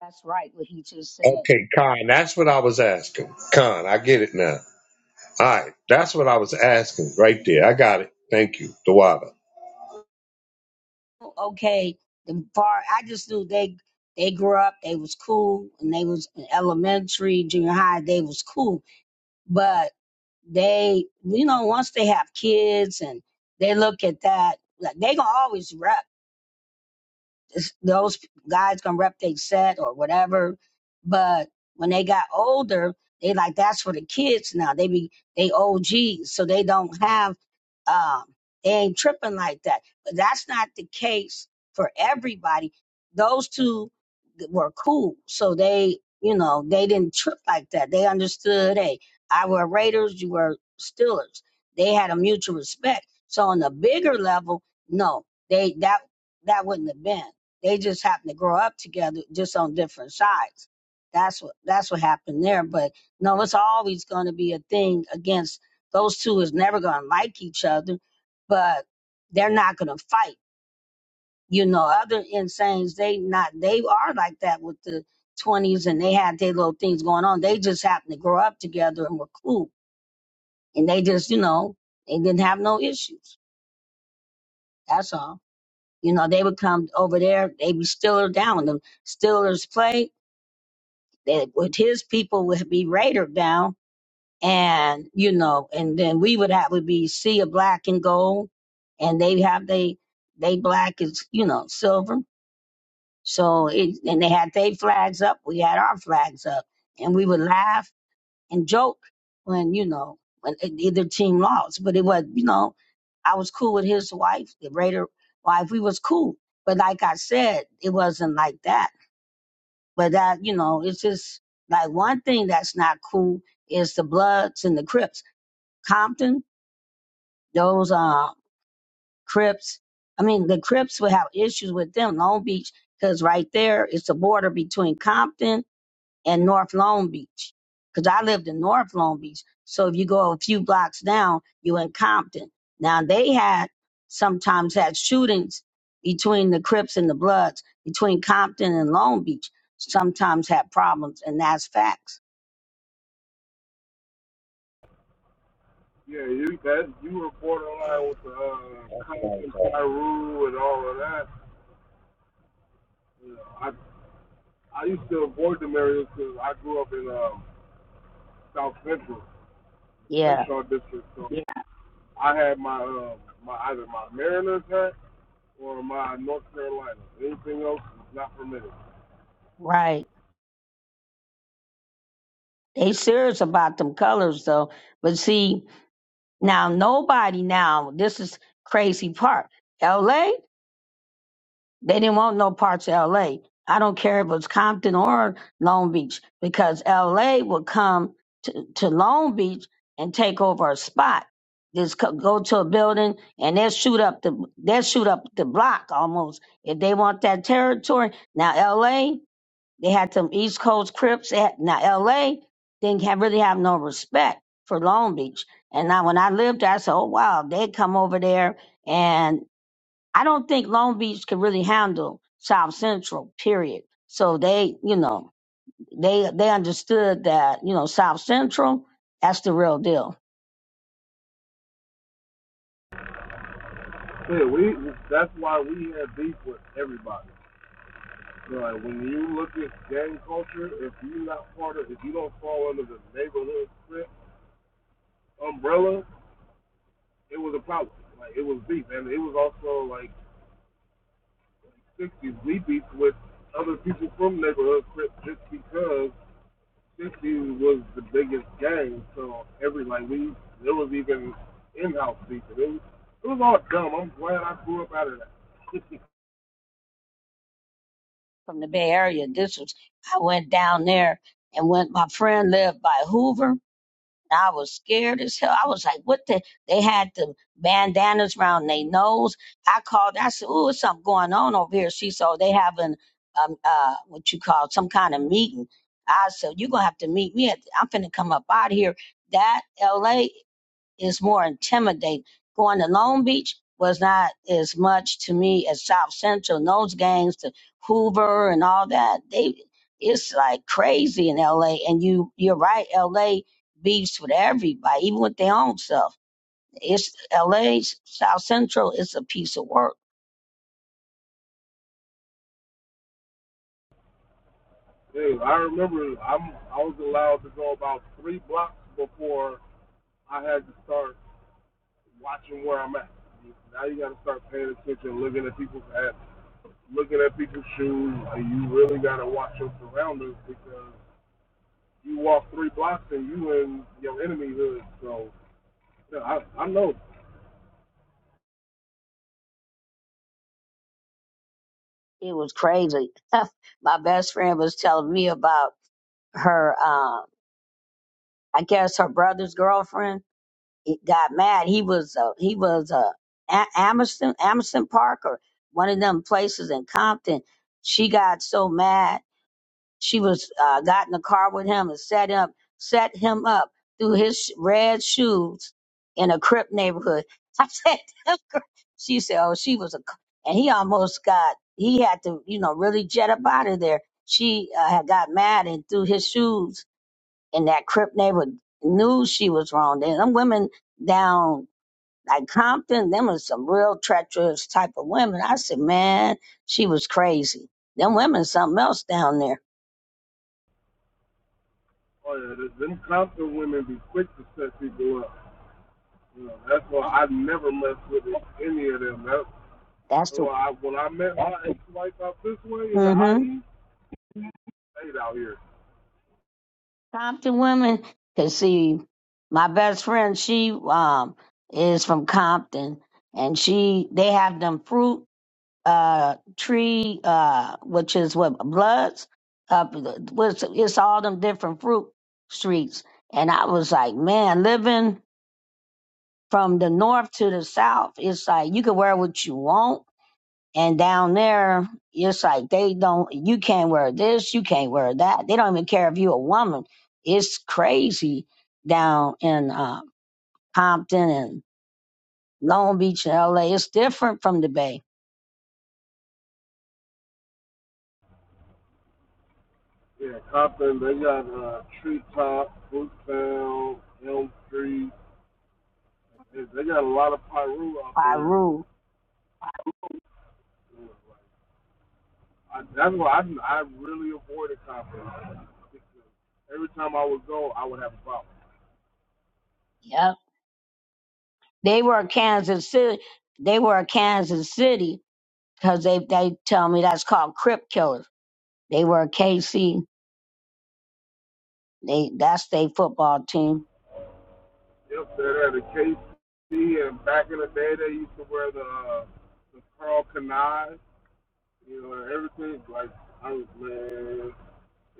Speaker 4: That's right what he just said.
Speaker 1: Okay, Khan, that's what I was asking. Khan, I get it now. All right, that's what I was asking right there. I got it. Thank you, Dawada.
Speaker 4: okay, the bar I just knew they they grew up, they was cool, and they was in elementary, junior high, they was cool. But they, you know, once they have kids and they look at that, like they gonna always rap. It's- Those guys gonna rep they set or whatever. But when they got older, they like that's for the kids now. They be they OGs, so they don't have um they ain't tripping like that. But that's not the case for everybody. Those two were cool, so they you know they didn't trip like that. They understood. Hey, I were Raiders, you were Steelers. They had a mutual respect. So on the bigger level, no, they that that wouldn't have been. They just happened to grow up together, just on different sides. That's what that's what happened there. But no, it's always going to be a thing against those two. Is never going to like each other, but they're not going to fight. You know, other insanes they not they are like that with the twenties, and they had their little things going on. They just happened to grow up together and were cool, and they just you know they didn't have no issues. That's all. You know, they would come over there. They be Steeler down. The Steelers play. that with his people would be Raider down and you know and then we would have would be sea of black and gold and they have they they black is you know silver so it and they had their flags up we had our flags up and we would laugh and joke when you know when either team lost but it was you know i was cool with his wife the raider wife we was cool but like i said it wasn't like that but that, you know, it's just like one thing that's not cool is the Bloods and the Crips. Compton, those uh, Crips, I mean, the Crips would have issues with them, Long Beach, because right there is the border between Compton and North Long Beach. Cause I lived in North Long Beach. So if you go a few blocks down, you in Compton. Now they had sometimes had shootings between the Crips and the Bloods, between Compton and Long Beach, sometimes had problems and that's facts.
Speaker 7: Yeah, you that you were
Speaker 1: Khan,
Speaker 7: borderline with the uh,
Speaker 1: that's what I
Speaker 7: constant
Speaker 1: was
Speaker 7: Cairo and all of that. You know, I I used to avoid them areas because I grew up in um, South Central
Speaker 4: Yeah,
Speaker 7: Crenshaw district, so Yeah. I had my um, my either my Mariners hat or my North Carolina. Anything else is not permitted.
Speaker 4: right. They serious about them colors though. But see, now nobody now, this is crazy part. LA? They didn't want no parts of LA. I don't care if it was Compton or Long Beach because LA would come to, to Long Beach and take over a spot. Just co- go to a building and they'll shoot up the they'll shoot up the block almost if they want that territory. Now LA, they had some East Coast Crips. They had, now LA didn't have, really have no respect for Long Beach. And now when I lived there, I said, "Oh wow, they come over there." I don't think Long Beach can really handle South Central, period. So they, you know, they they understood that, you know, South Central, that's the real deal.
Speaker 7: Yeah, we that's why we have beef with everybody. So, like when you look at gang culture, if you're not part of, if you don't fall under the neighborhood umbrella, it was a problem. Like it was deep, and it was also like 60s we beef with other people from neighborhood Crips just because 60s was the biggest gang. So every like we there was even in-house beef. It was it was all dumb. I'm glad I grew up out of that.
Speaker 4: From the Bay Area, this was I went down there and went my friend lived by Hoover And I was scared as hell. I was like, what the? They had the bandanas around their nose. I called, I said, ooh, it's something going on over here. She said, "Oh, they having um, uh, what you call some kind of meeting. I said, you're going to have to meet me. At, I'm finna come up out of here. That LA is more intimidating. Going to Long Beach was not as much to me as South Central and those gangs to Hoover and all that. They it's like crazy in LA and you you're right, LA beefs with everybody, even with their own self. It's LA 's South Central, it's a piece of work.
Speaker 7: yeah, I remember I'm I was allowed to go about three blocks before I had to start watching where I'm at. Now you got to start paying attention, looking at people's ass looking at people's shoes, and you really got to watch your surroundings because you walk three blocks and you in your enemy hood. So yeah, I I know
Speaker 4: It was crazy. My best friend was telling me about her uh I guess her brother's girlfriend he got mad. He was uh, he was uh, a- Amerson Amerson Park or one of them places in Compton. She got so mad she was uh, got in the car with him and set up set him up through his sh- red shoes in a Crip neighborhood. I said, "Them girl-" she said, oh, she was a c-" and he almost got he had to you know really jet up out of there. She uh, had got mad and threw his shoes in that Crip neighborhood. Knew she was wrong. Then them women down like Compton, them was some real treacherous type of women. I said, man, she was crazy. Them women, something else down there.
Speaker 7: oh yeah, th- them Compton women be quick to set people up. You know, that's why I never mess with it, any of them. That's
Speaker 4: That's the
Speaker 7: why I, when I met my ex-wife out this way in the
Speaker 4: mm-hmm.
Speaker 7: IE, stayed out here.
Speaker 4: Compton women. Cause see, my best friend, she um is from Compton, and she they have them fruit uh tree uh which is what bloods up what's it's all them different fruit streets. And I was like, man, living. from the north to the south, it's like you can wear what you want. And down there, it's like they don't, you can't wear this, you can't wear that. They don't even care if you're a woman. It's crazy down in uh, Compton and Long Beach and LA. It's different from the Bay.
Speaker 7: Yeah, Compton, they got uh, Treetop, Brooktown, Elm Street. They got a lot of Pyru out there.
Speaker 4: Piru.
Speaker 7: I, that's why I, I really avoided conferences. Every time I would go, I would have a problem.
Speaker 4: Yep. They were Kansas City. They were Kansas City because they, they tell me that's called Crip Killers. They were KC. They, that's their football team
Speaker 7: Yep, they're at the KC, and back in the day, they used to wear the uh, the Carl Canai, you know, everything. Like, I was, man,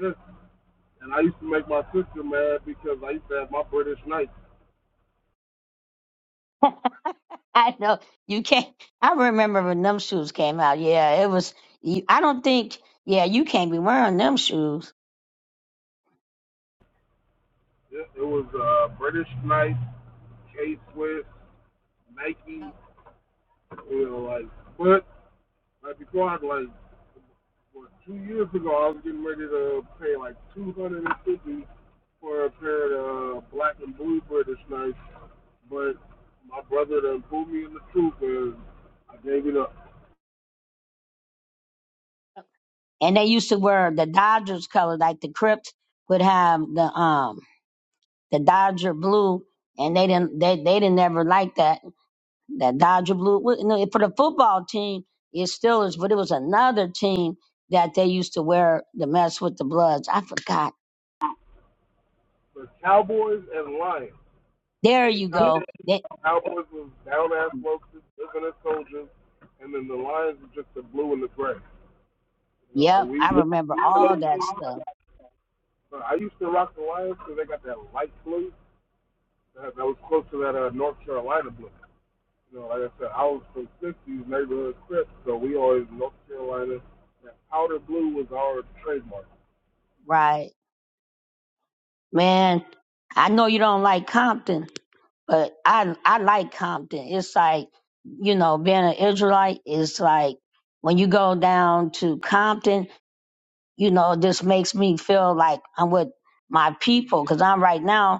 Speaker 7: yes. And I used to make my sister mad because I used to have my British Knights.
Speaker 4: I know you can't. I remember when them shoes came out. Yeah, it was. you- I don't think. Yeah, you can't be wearing them shoes.
Speaker 7: It, it was uh, British Knights, K Swiss, Nike, you know, like, but, like, before I, like, what, two years ago, I was getting ready to pay like $250 for a pair of uh, black and blue British Knights, but my brother done pulled me in the truth and I gave it up.
Speaker 4: And they used to wear the Dodgers color, like the Crips would have the um the Dodger blue, and they didn't they they didn't ever like that that Dodger blue. Well, You know, for the football team, it still is, but it was another team that they used to wear to mess with the Bloods. I forgot.
Speaker 7: The Cowboys and Lions. So
Speaker 4: There
Speaker 7: the
Speaker 4: you
Speaker 7: Cow-
Speaker 4: go. They,
Speaker 7: Cowboys was down ass folks, living as soldiers, and then the Lions were just the blue and the gray. You know, like
Speaker 4: yep,
Speaker 7: we.
Speaker 4: I remember
Speaker 7: yeah.
Speaker 4: all
Speaker 7: we
Speaker 4: that stuff.
Speaker 7: I used to rock the Lions because they got that light blue that, that was close to that uh, North Carolina blue. You know, like I said, I was from 60s neighborhood Crips, so we always in North Carolina. And outer blue was our trademark
Speaker 4: Right. Man, I know you don't like Compton, but I I like Compton. It's like, you know, being an Israelite is like when you go down to Compton, you know, this makes me feel like I'm with my people because I'm right now.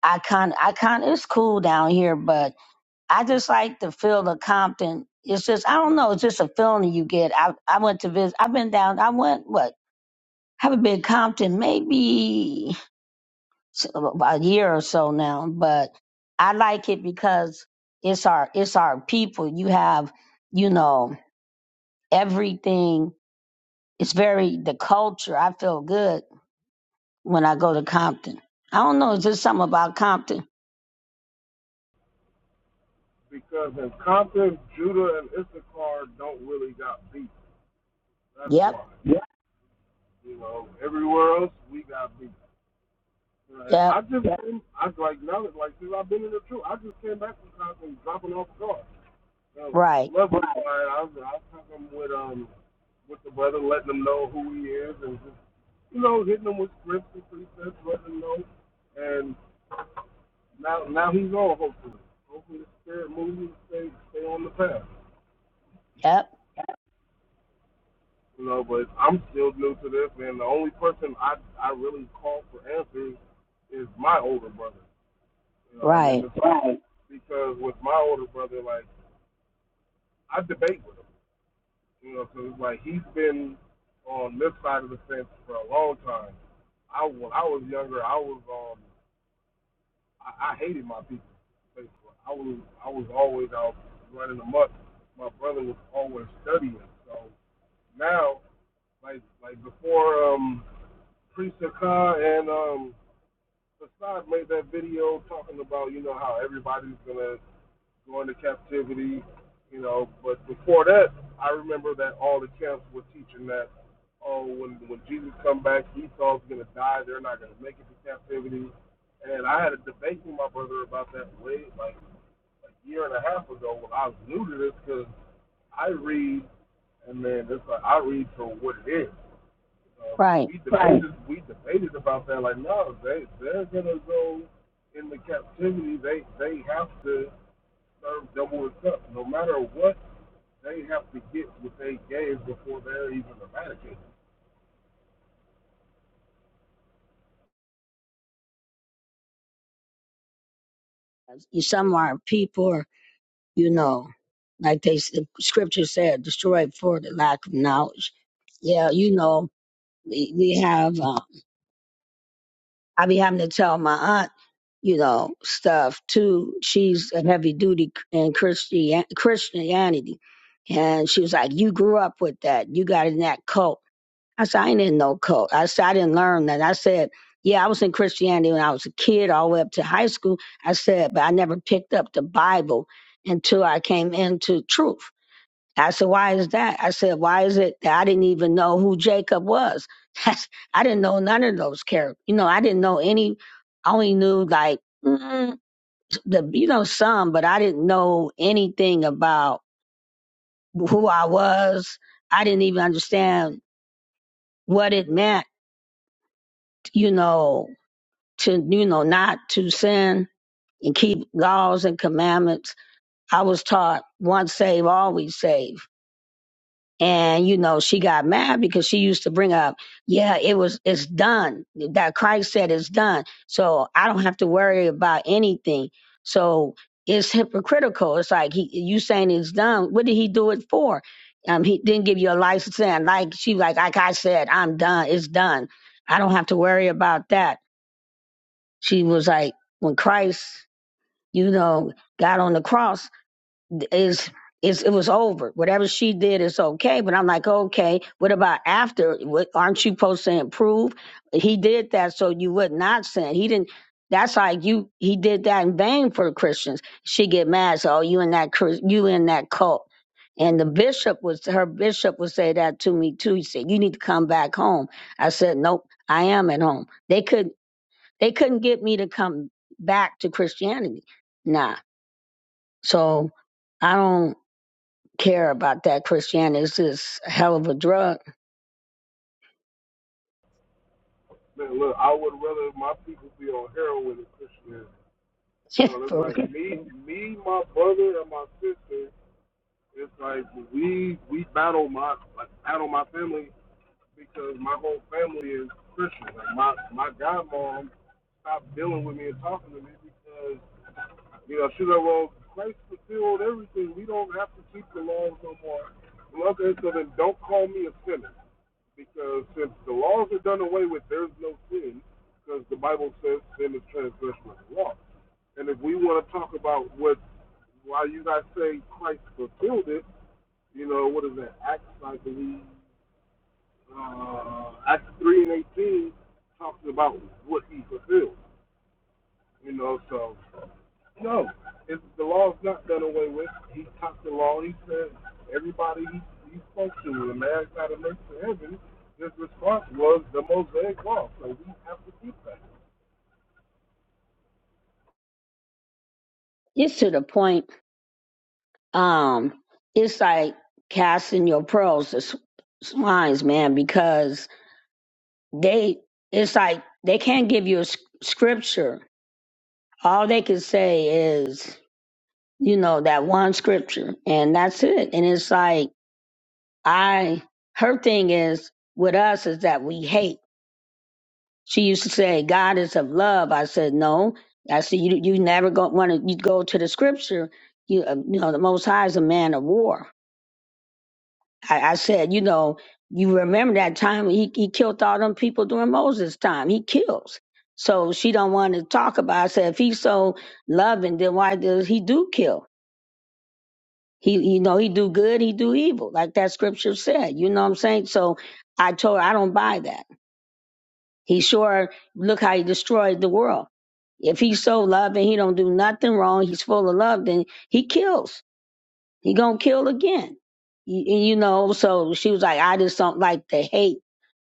Speaker 4: I kind I kind it's cool down here, but I just like the feel of Compton. It's just I don't know. It's just a feeling you get. I I went to visit. I've been down. I went what haven't been Compton maybe s- a year or so now, but I like it because it's our it's our people. You have, you know, everything. It's very the culture. I feel good when I go to Compton. I don't know, is there something about Compton?
Speaker 7: because in Compton, Judah, and Issachar don't really got beat. That's
Speaker 4: Yep,
Speaker 7: why. Yeah. You know, everywhere else we got beat. And
Speaker 4: yep,
Speaker 7: I just, came, I like now that like since I've been in the truth, I just came back from Compton dropping off cars. So
Speaker 4: right,
Speaker 7: love it. I was, I was talking with um with the brother, letting them know who he is, and just you know hitting them with scripts and precepts, letting them know. And Now, now he's on. Hopefully, hopefully the spirit moves you to stay, stay on the path.
Speaker 4: yep,
Speaker 7: You know, but I'm still new to this, and the only person I I really call for answers is my older brother. You know, and then
Speaker 4: right,
Speaker 7: it's like Right. because with my older brother, like I debate with him. You know, because like he's been on this side of the fence for a long time. I when I was younger, I was um. I, I hated my people. I was I was always out running amok. My brother was always studying. So now, like like before, um, Priest Khan and um, Assad made that video talking about you know how everybody's gonna go into captivity, you know. But before that, I remember that all the camps were teaching that. Oh, when when Jesus come back, Esau's gonna die. They're not gonna make it to captivity. And I had a debate with my brother about that way, like a year and a half ago when I was new to this because I read and man, it's like I read for what it is. Um,
Speaker 4: right.
Speaker 7: we Right. debated right. we debated about that. Like no, they they're gonna go into captivity. They they have to serve double and up. No matter what, they have to get what they gave before they're even eradicated.
Speaker 4: You- Some are people, are, you know, like they s- the scripture said, destroyed for the lack of knowledge. Yeah, you know, we, we have. Uh, I be having to tell my aunt. you know, stuff too. She's a heavy duty in Christian Christianity, and she was like, "You grew up with that. You got in that cult." I said, "I ain't in no cult." I said, "I didn't learn that." I said, "Yeah, I was in Christianity when I was a kid, all the way up to high school." I said, "But I never picked up the Bible until I came into truth." I said, why is that? I said, why is it that I didn't even know who Jacob was? That's, I didn't know none of those characters. You know, I didn't know any, I only knew like, mm, the, you know, some, but I didn't know anything about who I was. I didn't even understand what it meant, you know, to, you know, not to sin and keep laws and commandments. I was taught once saved, always saved and you know she got mad because she used to bring up yeah it was it's done that christ said it's done so i don't have to worry about anything so it's hypocritical it's like he, you saying it's done what did he do it for um he didn't give you a license and like she like like i said i'm done it's done i don't have to worry about that she was like when christ you know got on the cross is is it was over. Whatever she did is okay. But I'm like, okay, what about after? What, aren't you supposed to improve? He did that so you would not sin. He didn't. That's like you. He did that in vain for Christians. She get mad. So oh, you in that Chris- you in that cult. And the bishop was her bishop would say that to me too. He said, "You need to come back home." I said, "Nope, I am at home." They could they couldn't get me to come back to Christianity. Nah. So I don't care about that Christianity. is just a hell of a drug.
Speaker 7: Man, look, I would rather my people be on heroin than Christianity. You know, it's
Speaker 4: For
Speaker 7: like me, me, my brother, and my sister It's like we we battle my like battle my family because my whole family is Christian. Like my my godmom stopped dealing with me and talking to me because you know she said, well Christ fulfilled everything. We don't have to keep the laws no more. Well, okay, so then don't call me a sinner because since the laws are done away with, there's no sin because the Bible says sin is transgression of the law. And if we want to talk about what why you guys say Christ fulfilled it you know, what is that? Acts, I believe, uh, Acts 3 and 18 talks about what he fulfilled. You know, so, no, if the law's not done away with, he taught the law. He said everybody he, he spoke to, the man's not a make to heaven, his response was the Mosaic law. So we have to keep that.
Speaker 4: it's to the point. Um, it's like casting your pearls to s- swines, man, because they. It's like they can't give you a s- scripture. All they can say is, you know, that one scripture, and that's it. And it's like I. Her thing is with us is that we hate. She used to say, God is of love. I said, no. I said, you, you never go, want to, you go to the scripture. You, uh, you know, the Most High is a man of war. I, I said, you know, you remember that time when he, he killed all them people during Moses' time. He kills. So she don't want to talk about. it. I said, if he's so loving, then why does he do kill? He, you know, he do good, he do evil, like that scripture said. You know what I'm saying? So I told her I don't buy that. He sure look how he destroyed the world. If he's so loving, he don't do nothing wrong. He's full of love, then he kills. He gonna kill again. You, you know. So she was like, I just don't like the hate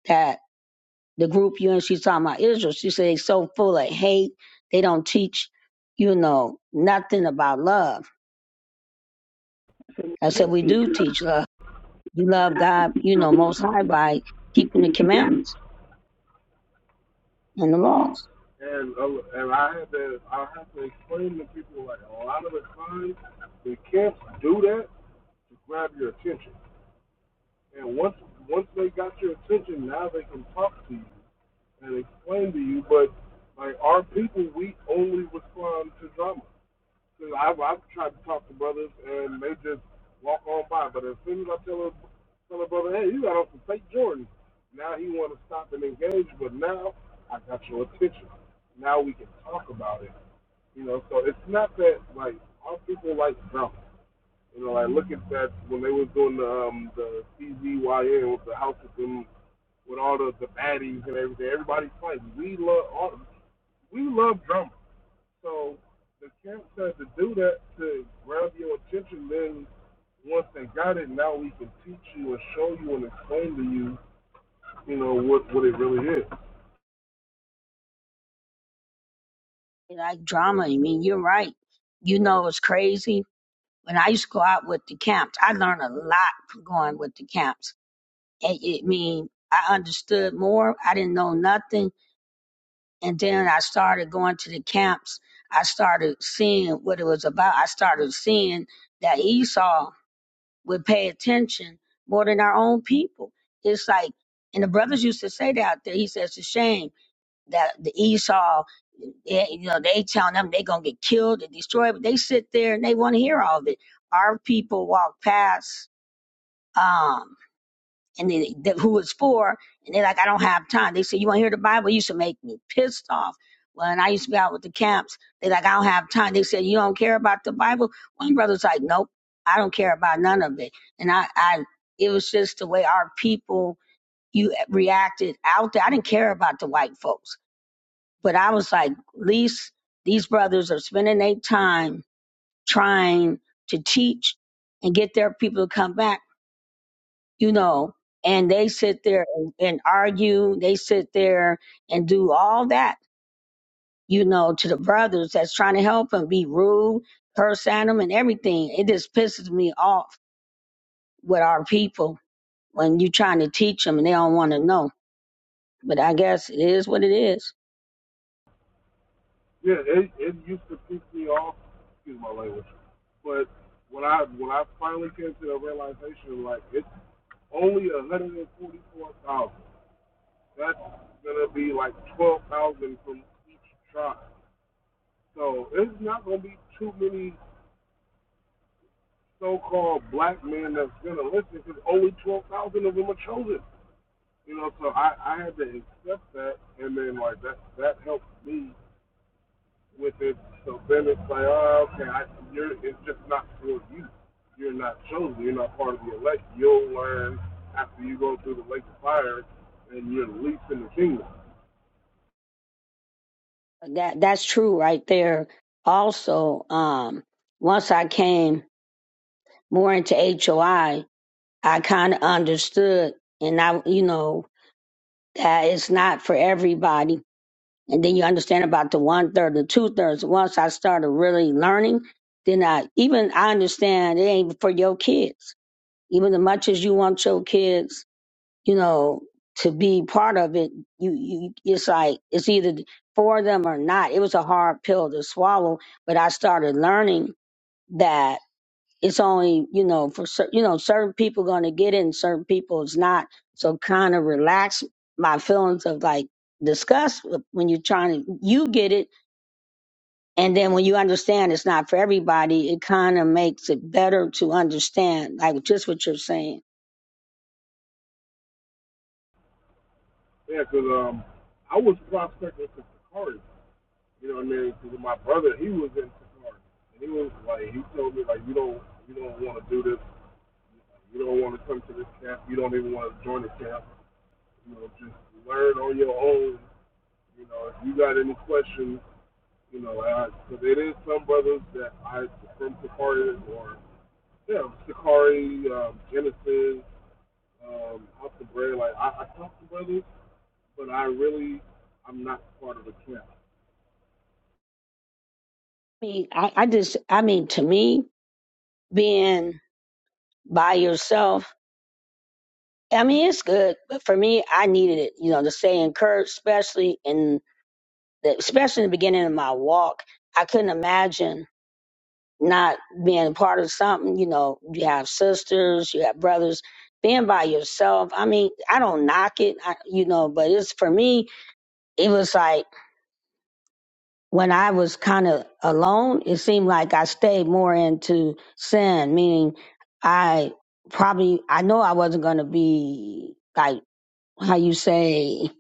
Speaker 4: that the group you and she's talking about Israel. She said they so full of hate. They don't teach, you know, nothing about love. I said we do teach love. You love God, you know, Most High by keeping the commandments and the laws.
Speaker 7: And uh, and I had to I have to explain to people like a lot of the times the camps do that to grab your attention. And once once they got your attention, now they can talk to you and explain to you. But like our people, we only respond to drama. Cause I've I've tried to talk to brothers and they just walk on by. But as soon as I tell a tell a brother, hey, you got on some fake Jordans, now he want to stop and engage. But now I got your attention. Now we can talk about it. You know, so it's not that like our people like drama. You know, like look at that when they was doing the um the CZYN with the house with them with all the the baddies and everything. Everybody's fighting. We love all we love drummers. So the camp said to do that to grab your attention. Then once they got it, now we can teach you and show you and explain to you, you know what what it really is.
Speaker 4: Like drama. I mean, you're right. You know, it's crazy When I used to go out with the camps, I learned a lot from going with the camps. It, it mean I understood more. I didn't know nothing, and then I started going to the camps. I started seeing what it was about. I started seeing that Esau would pay attention more than our own people. It's like, and the brothers used to say that out there. He says, "It's a shame." that the Esau, eh, you know, they telling them they gonna get killed and destroyed, but they sit there and they want to hear all of it. Our people walk past, um, and they, they, who it's for, and they're like, I don't have time. They say, you want to hear the Bible? It used to make me pissed off. When I used to be out with the camps, they like, I don't have time. They said, you don't care about the Bible? One brother's like, nope, I don't care about none of it. And I, I, it was just the way our people, you reacted out there. I didn't care about the white folks. But I was like, at least these brothers are spending their time trying to teach and get their people to come back, you know, and they sit there and, and argue. They sit there and do all that, you know, to the brothers that's trying to help them be rude, curse at them and everything. It just pisses me off with our people when you're trying to teach them and they don't want to know. But I guess it is what it is.
Speaker 7: Yeah, it it used to piss me off. Excuse my language, but when I when I finally came to the realization, like it's only 144,000. That's gonna be like twelve thousand from each tribe. So it's not gonna be too many so-called black men that's gonna listen because only twelve thousand of them are chosen. You know, so I I had to accept that, and then like that that helped me with it. So then it's like, oh, okay, I, you're it's just not for you. You're not chosen. You're not part of the elect. You'll learn after you go through the lake of fire, and you're the least in the kingdom.
Speaker 4: That that's true right there. Also, um, once I came more into HOI, I I kind of understood, and I, you know, that it's not for everybody. And then you understand about the one third, the two thirds. Once I started really learning, then I even I understand it ain't for your kids. Even as much as you want your kids you know, to be part of it, you, you, it's like, it's either for them or not. It was a hard pill to swallow, but I started learning that it's only, you know, for cer you know, certain people going to get it and certain people is not. So kind of relax my feelings of like disgust when you're trying to, you get it. And then when you understand it's not for everybody, it kind of makes it better to understand, like just what you're saying.
Speaker 7: Yeah, because um, I was prospecting for Sakari. You know what I mean? Because my brother, he was in Sakari, and he was like, he told me like, you don't, you don't want to do this. You don't want to come to this camp. You don't even want to join the camp. You know, just learn on your own. You know, if you got any questions, you know, because it is some brothers that I from Sakari or yeah, Sakari, um, Genesis, um, House of Bread. Like I, I talk to brothers, but I really, I'm not part of the camp.
Speaker 4: I mean, I, I just, I mean, to me, being by yourself. I mean, it's good, but for me, I needed it, you know, to stay encouraged, especially in the, especially in the beginning of my walk. I couldn't imagine not being part of something, you know, you have sisters, you have brothers, being by yourself. I mean, I don't knock it, I, you know, but it's for me, it was like when I was kind of alone, it seemed like I stayed more into sin, meaning I probably, I know I wasn't going to be like how you say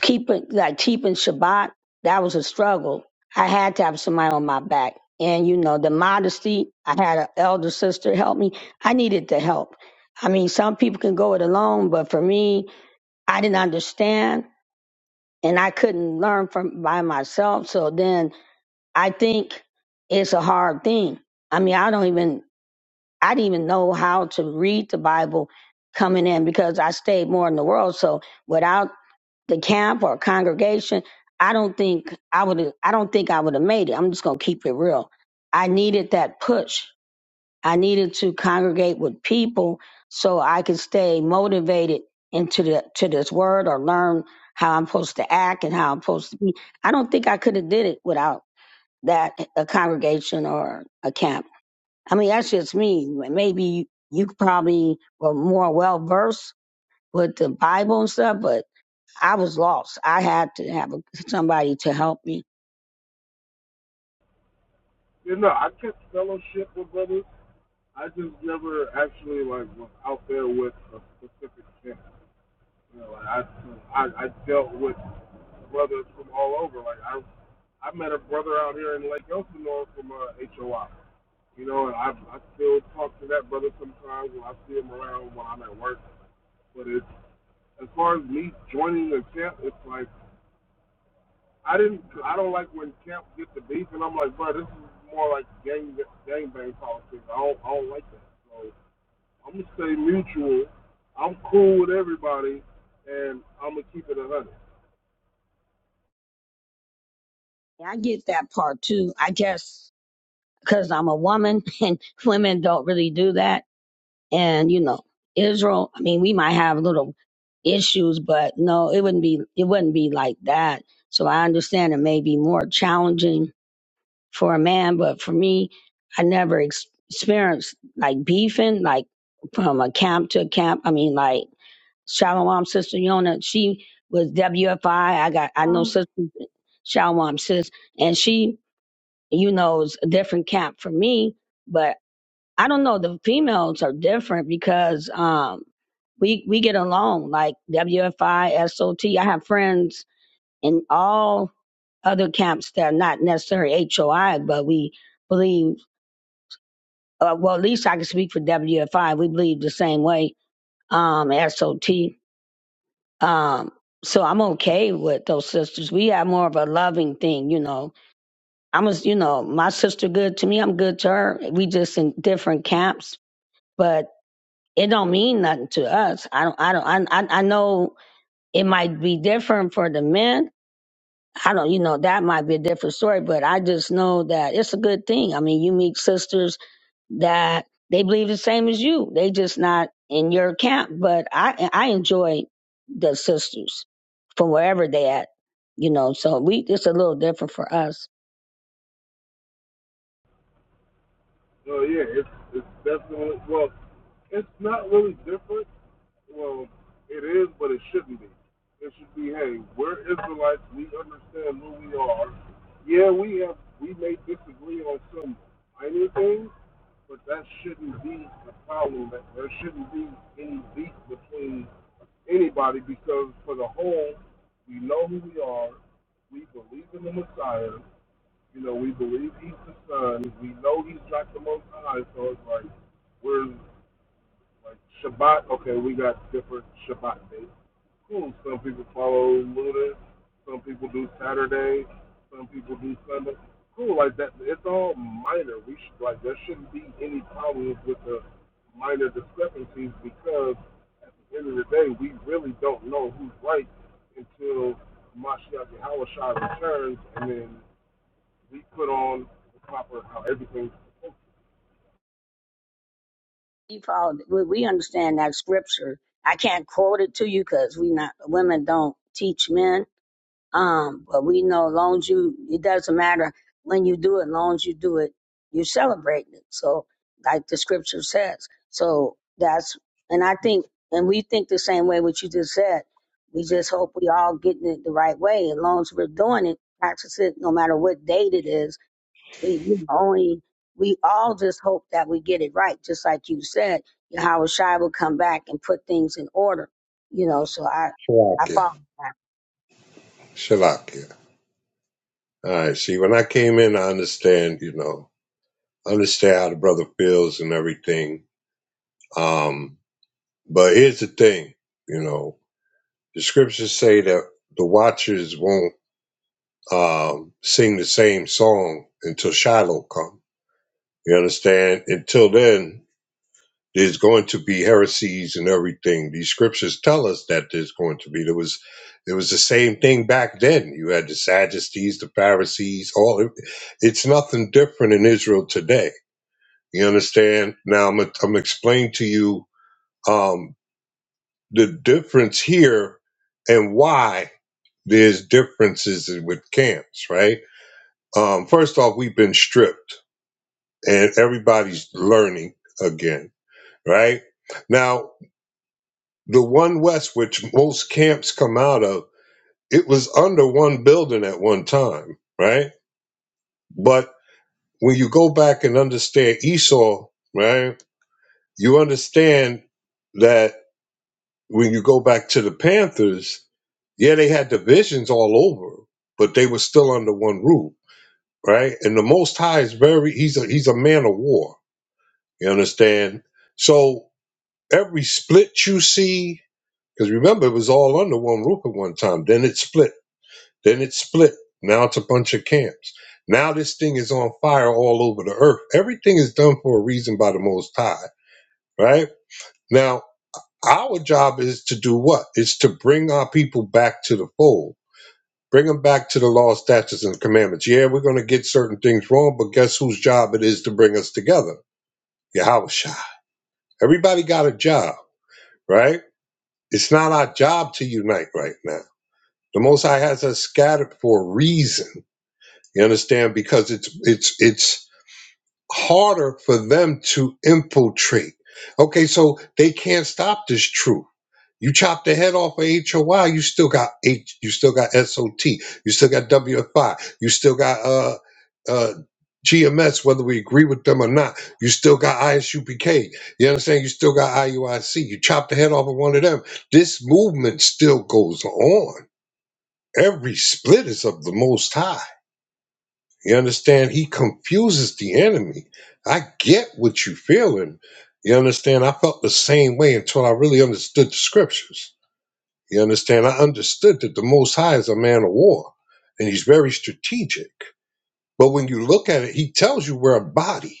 Speaker 4: keeping like keeping Shabbat, that was a struggle. I had to have somebody on my back. And you know, the modesty, I had an elder sister help me. I needed the help. I mean, some people can go it alone, but for me, I didn't understand and I couldn't learn from by myself. So then I think it's a hard thing. I mean, I don't even I didn't even know how to read the Bible coming in because I stayed more in the world. So without the camp or congregation, I don't think I would I don't think I would have made it. I'm just gonna keep it real. I needed that push. I needed to congregate with people so I could stay motivated into the to this word or learn how I'm supposed to act and how I'm supposed to be. I don't think I could have did it without that a congregation or a camp. I mean that's just me. Maybe you probably were more well versed with the Bible and stuff, but I was lost. I had to have a, somebody to help me.
Speaker 7: You know, I can fellowship with brothers. I just never actually like was out there with a specific camp. You know, like I, I I dealt with brothers from all over. Like I I met a brother out here in Lake Elsinore from uh, HOI. You know, and I I still talk to that brother sometimes when I see him around when I'm at work. But it's as far as me joining the camp, it's like I didn't I don't like when camps get the beef, and I'm like, bro, this is more like gang gang bang politics. I don't I don't like that. So I'm gonna stay mutual. I'm cool with everybody, and I'm gonna keep it a hundred.
Speaker 4: I get that part too. I guess because I'm a woman and women don't really do that. And, you know, Israel, I mean, we might have little issues, but no, it wouldn't be, it wouldn't be like that. So I understand it may be more challenging for a man, but for me, I never ex- experienced like beefing, like from a camp to a camp. I mean, like, Shalom, Sister Yona. She was WFI. I I got I know
Speaker 8: Wow.
Speaker 4: Sister Shalom, sis, and she, you know, is a different camp for me. But I don't know. The females are different because um, we we get along like WFI, SOT. I S O T. I have friends in all other camps that are not necessarily HOI, but we believe. Uh, well, at least I can speak for WFI. We believe the same way. Um, SOT. Um, so I'm okay with those sisters. We have more of a loving thing, you know. I'm a, you know, my sister good to me, I'm good to her. We just in different camps, but it don't mean nothing to us. I don't, I don't, I, I I know it might be different for the men, I don't, you know, that might be a different story, but I just know that it's a good thing. I mean, you meet sisters that they believe the same as you. They just not in your camp, but I I enjoy the sisters from wherever they at, you know. So we it's a little different for us.
Speaker 7: So yeah, it's it's definitely well, it's not really different. Well, it is, but it shouldn't be. It should be, hey, we're Israelites. We understand who we are. Yeah, we have we may disagree on some tiny things, but that shouldn't be a problem. That there shouldn't be any beef between anybody because for the whole, we know who we are. We believe in the Messiah. You know, we believe he's the son. We know he's not the most high. So it's like, we're like Shabbat. Okay, we got different Shabbat days. Cool. Some people follow Lunar. Some people do Saturday. Some people do Sunday. Cool. Like that. It's all minor. We should like there shouldn't be any problems with the minor discrepancies because end of the day, we really don't know who's right until Mashiach Hawashai returns, and then we put on the proper how everything's oh,
Speaker 4: We follow, we we understand that scripture. I can't quote it to you because we not women don't teach men, Um, but we know long as you, it doesn't matter when you do it, long as you do it, you celebrate it. So, like the scripture says. So that's, and I think, and we think the same way what you just said. We just hope we all getting it the right way. As long as we're doing it, practice it, no matter what date it is. We, we only, we all just hope that we get it right. Just like you said, Yahweh Shai will come back and put things in order. You know, so I, I
Speaker 1: asking. Shalakia.
Speaker 4: follow that.
Speaker 1: Shalakia. All right, see, when I came in, I understand, you know, I understand how the brother feels and everything. Um, but here's the thing, you know, the scriptures say that the watchers won't um, sing the same song until Shiloh comes. You understand? Until then, there's going to be heresies and everything. These scriptures tell us that there's going to be. There was, it was the same thing back then. You had the Sadducees, the Pharisees, all. It's nothing different in Israel today. You understand? Now I'm, gonna- I'm gonna explain to you um, the difference here and why there's differences with camps. Right? Um, first off, we've been stripped, and everybody's learning again. Right? Now the one west which most camps come out of it was under one building at one time right but when you go back and understand esau right you understand that when you go back to the panthers yeah they had divisions all over but they were still under one roof right and the most high is very he's a he's a man of war you understand so every split you see because remember it was all under one roof at one time then it split Then it split. Now it's a bunch of camps. Now this thing is on fire all over the earth. Everything is done for a reason by the Most High, right? Now, our job is to do what? It's to bring our people back to the fold, bring them back to the law, statutes, and commandments. Yeah, we're going to get certain things wrong, but guess whose job it is to bring us together? Yahushua. Everybody got a job, right? It's not our job to unite right now. The Most High has us scattered for a reason. You understand? Because it's it's it's harder for them to infiltrate. Okay, so they can't stop this truth. You chop the head off of HOI, you still got H, you still got SOT, you still got WFI, you still got uh uh GMS, whether we agree with them or not, you still got ISUPK. You understand? You still got IUIC. You chop the head off of one of them. This movement still goes on. Every split is of the most high. You understand? He confuses the enemy. I get what you're feeling. You understand? I felt the same way until I really understood the scriptures. You understand? I understood that the Most High is a man of war and he's very strategic. But when you look at it, he tells you we're a body.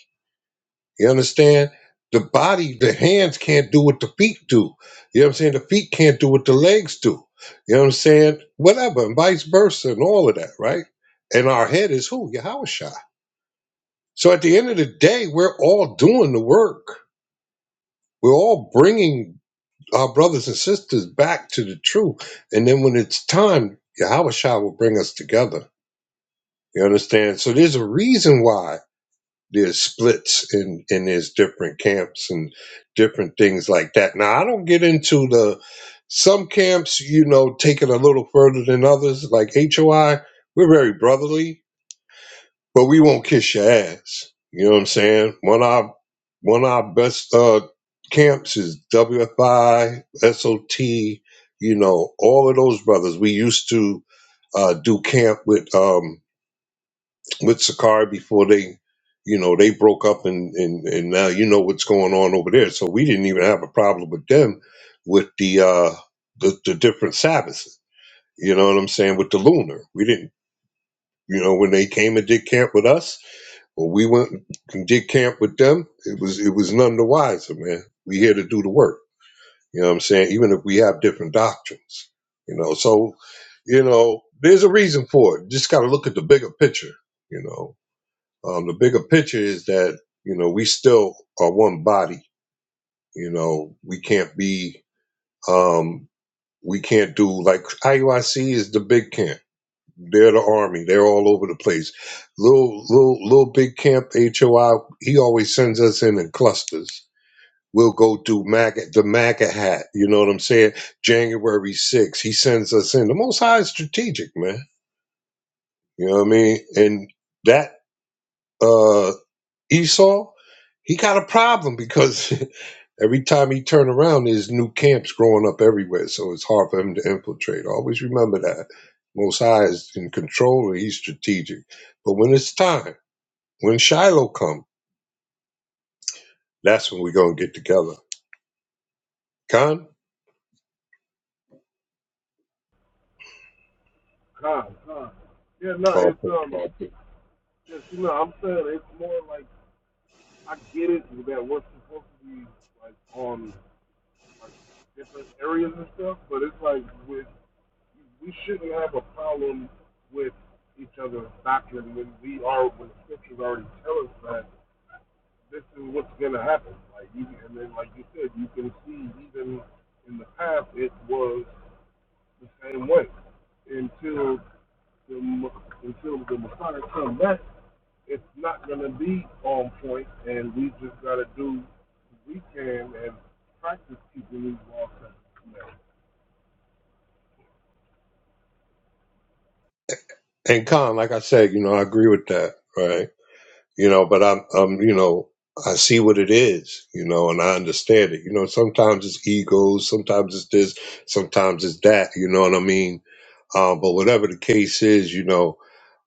Speaker 1: You understand? The body, the hands can't do what the feet do. You know what I'm saying? The feet can't do what the legs do. You know what I'm saying? Whatever, and vice versa, and all of that, right? And our head is who? Yahweh so at the end of the day, we're all doing the work. We're all bringing our brothers and sisters back to the truth. And then when it's time, Yahweh Shah will bring us together. You understand? So there's a reason why there's splits and, and there's different camps and different things like that. Now, I don't get into the some camps, you know, take it a little further than others, like HOI. We're very brotherly but we won't kiss your ass. You know what I'm saying? One of our one of our best uh camps is WFI, SOT, you know, all of those brothers. We used to uh do camp with um with Sakari before they you know they broke up and, and and now you know what's going on over there. So we didn't even have a problem with them with the uh the, the different Sabbaths. You know what I'm saying? With the lunar. We didn't you know when they came and did camp with us when we went and did camp with them, it was it was none the wiser, man. We here to do the work. You know what I'm saying? Even if we have different doctrines. You know, so you know, there's a reason for it. Just gotta look at the bigger picture, you know. Um, the bigger picture is that, you know, we still are one body, you know, we can't be um we can't do like IUIC is the big camp. They're the army. They're all over the place. Little little little big camp HOI. He always sends us in in clusters. We'll go do MAGA, the MAGA hat. You know what I'm saying? January 6th. He sends us in. The Most High is strategic, man. You know what I mean? And that uh Esau, he got a problem because Every time he turn around, there's new camps growing up everywhere, so it's hard for him to infiltrate. Always remember that. Most High is in control and he's strategic. But when it's time, when Shiloh come, that's when we're gonna get together. Khan?
Speaker 7: God, God. Yeah, no,
Speaker 1: Oh,
Speaker 7: it's um, yes, you know, I'm saying it's more like I get it that we're supposed to be like on like different areas and stuff, but it's like with we shouldn't have a problem with each other's doctrine when we are when the scriptures already tell us that this is what's gonna happen. Like you, and then like you said, you can see even in the past it was the same way until the until the Messiah comes back. It's not gonna be on point, and we just gotta do what we can and practice keeping these laws and commandments.
Speaker 1: And Khan, like I said, you know, I agree with that, right? You know, but I'm I'm you know, I see what it is, you know, and I understand it. You know, sometimes it's egos, sometimes it's this, sometimes it's that, you know what I mean? Um, but whatever the case is, you know,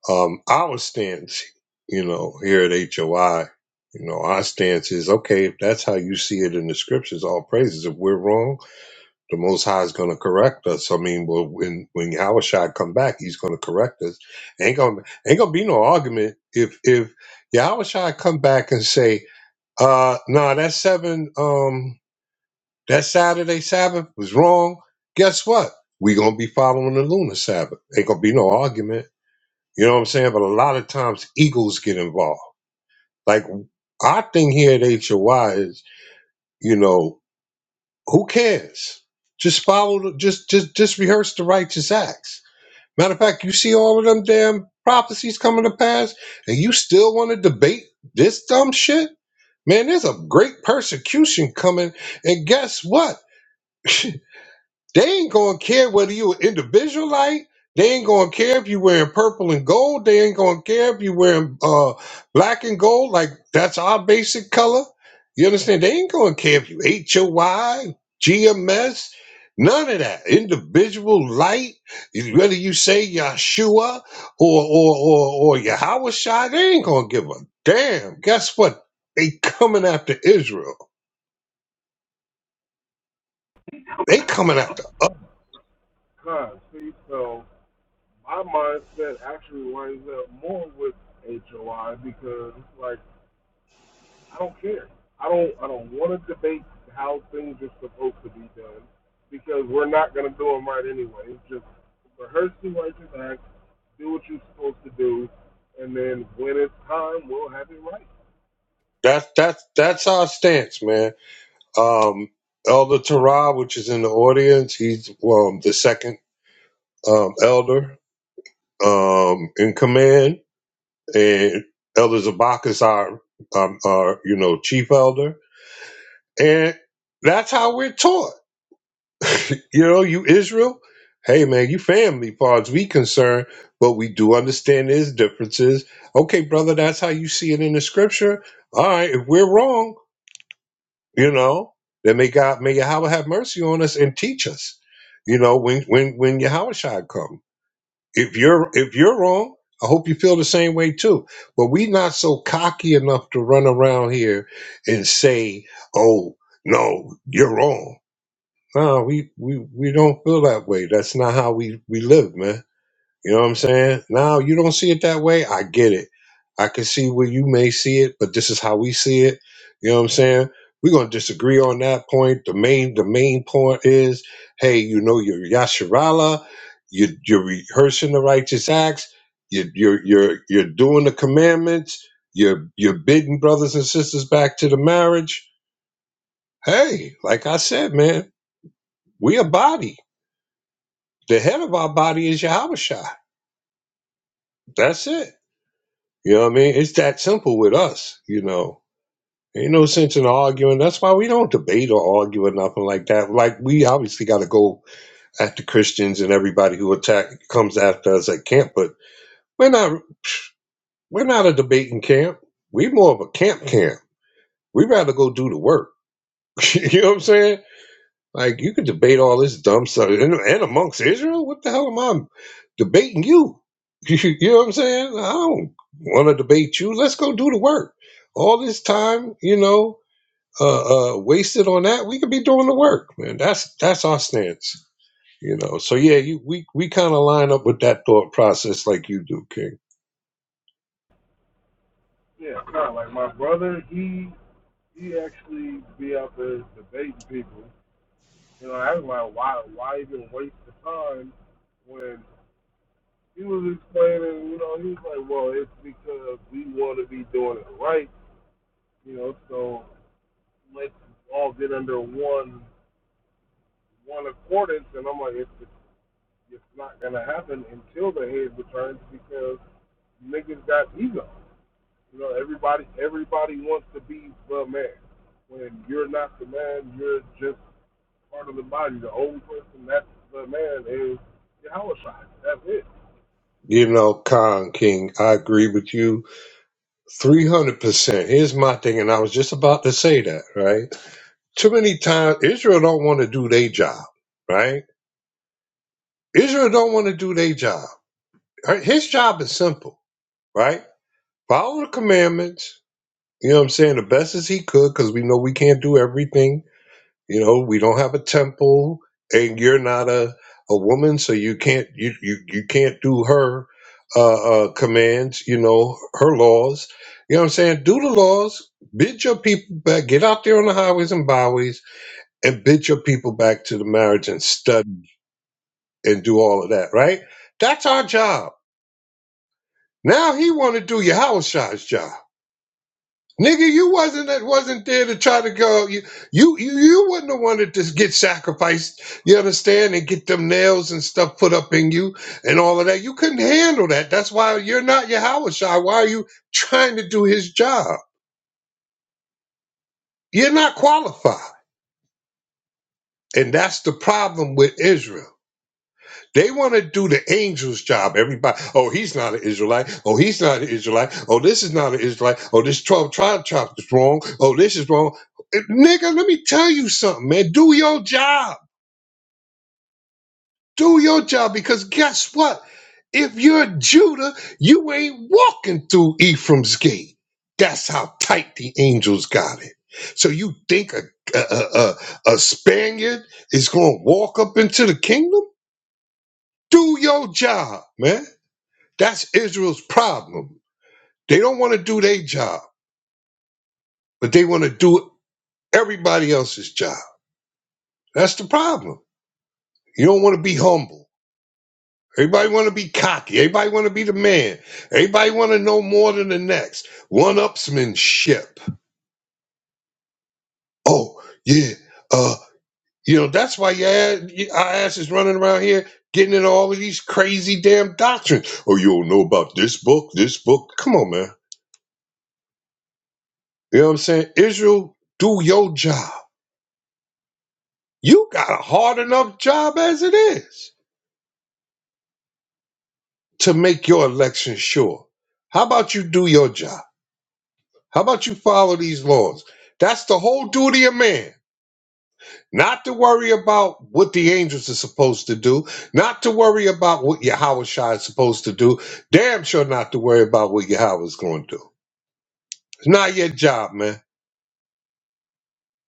Speaker 1: Um, our stance, you know, here at HOI, you know, our stance is okay, if that's how you see it in the scriptures, all praises. If we're wrong, the Most High is going to correct us. I mean, well, when when Yahushua come back, he's going to correct us. Ain't gonna ain't gonna be no argument if if Yahushua come back and say, uh, no, that seven, um, that Saturday Sabbath was wrong. Guess what? We gonna be following the lunar Sabbath. Ain't gonna be no argument you know what I'm saying? But a lot of times egos get involved. Like our thing here at HOI is, you know, who cares? Just follow the, just just just rehearse the righteous acts. Matter of fact, you see all of them damn prophecies coming to pass, and you still want to debate this dumb shit? Man, there's a great persecution coming, and guess what? They ain't gonna care whether you an individual light. They ain't gonna care if you wearing purple and gold. They ain't gonna care if you wearing uh, black and gold. Like that's our basic color. You understand? They ain't gonna care if you H O Y G M S. none of that. Individual light. Whether you say Yeshua or or or, or Yahushua, they ain't gonna give a damn. Guess what? They coming after Israel. They coming after us.
Speaker 7: see, so my mindset actually lines up more with HOI because like I don't care. I don't I don't want to debate how things are supposed to be done because we're not going to do them right anyway. It's Just rehearse the righteous act, do what you're supposed to do, and then when it's time, we'll have it right.
Speaker 1: That's that's that's our stance, man. Um, elder Terah, which is in the audience, he's um, the second um, elder um, in command, and Elder Zabak is our, um, our, you know, chief elder, and that's how we're taught. You know, you Israel, hey man, you family, far as we concerned, but we do understand there's differences. Okay, brother, that's how you see it in the scripture. All right, if we're wrong. you know that may god may yahweh have mercy on us and teach us you know when when when yahweh shall come if you're if you're wrong i hope you feel the same way too but we not so cocky enough to run around here and say oh no you're wrong no we we we don't feel that way that's not how we we live man you know what I'm saying? Now you don't see it that way. I get it. I can see where you may see it, but this is how we see it. You know what I'm saying? We're gonna disagree on that point. The main the main point is, hey, you know you're Yasharala, you you're rehearsing the righteous acts, you you're you're you're doing the commandments, you're you're bidding brothers and sisters back to the marriage. Hey, like I said, man, we a body. The head of our body is Yahweh Shai. That's it. You know what I mean? It's that simple with us, you know. Ain't no sense in arguing. That's why we don't debate or argue or nothing like that. Like we obviously got to go after Christians and everybody who attack comes after us at camp, but we're not we're not a debating camp. We're more of a camp camp. We would rather go do the work. you know what I'm saying? Like you could debate all this dumb stuff, and, and amongst Israel, what the hell am I debating you? You know what I'm saying? I don't want to debate you. Let's go do the work. All this time, you know, uh, uh, wasted on that, we could be doing the work, man. That's that's our stance, you know. So yeah, you, we we kind of line up with that thought process like you do, King.
Speaker 7: Yeah, kind of like my brother. He he actually be out there debating people. You know, I was like, why why even waste the time when he was explaining? You know, he was like, well, it's because we want to be doing it right. You know, so let's all get under one one accordance, and I'm like, it's it's, not gonna happen until the head returns because niggas got ego. You know, everybody everybody wants to be the man. When you're not the man, you're just part of the body. The only person that's the man is your house shot. That's it.
Speaker 1: You know, Khan King, I agree with you three hundred percent. Here's my thing, and I was just about to say that, right? Too many times Israel don't want to do their job, right? Israel don't want to do their job. Right? His job is simple, right? Follow the commandments. You know what I'm saying? The best as he could, because we know we can't do everything. You know, we don't have a temple, and you're not a, a woman, so you can't you you, you can't do her uh, uh commands, you know, her laws. You know what I'm saying? Do the laws, bid your people back, get out there on the highways and byways, and bid your people back to the marriage and study and do all of that, right? That's our job. Now he want to do Yahushua's job. Nigga, you wasn't that wasn't there to try to go. You you you, you wasn't have wanted to get sacrificed. You understand and get them nails and stuff put up in you and all of that. You couldn't handle that. That's why you're not Yahushua. Why are you trying to do his job? You're not qualified, and that's the problem with Israel. They want to do the angel's job. Everybody, oh, he's not an Israelite. Oh, he's not an Israelite. Oh, this is not an Israelite. Oh, this 12 tribe chop is wrong. Oh, this is wrong. Eh, Nigga, let me tell you something, man. Do your job. Do your job because guess what? If you're Judah, you ain't walking through Ephraim's gate. That's how tight the angels got it. So you think a, a, a, a a Spaniard is going to walk up into the kingdom? Do your job, man That's Israel's problem. They don't want to do their job, but they want to do everybody else's job. That's the problem. You don't want to be humble. Everybody want to be cocky. Everybody want to be the man. Everybody want to know more than the next. One-upsmanship. Oh yeah, uh, you know that's why your ass, our ass is running around here getting into all of these crazy damn doctrines. Oh, you don't know about this book, this book. Come on, man. You know what I'm saying? Israel, do your job. You got a hard enough job as it is to make your election sure. How about you do your job? How about you follow these laws? That's the whole duty of man. Not to worry about what the angels are supposed to do, not to worry about what Yahweh Shai is supposed to do, damn sure not to worry about what Yahweh's going to do. It's not your job, man.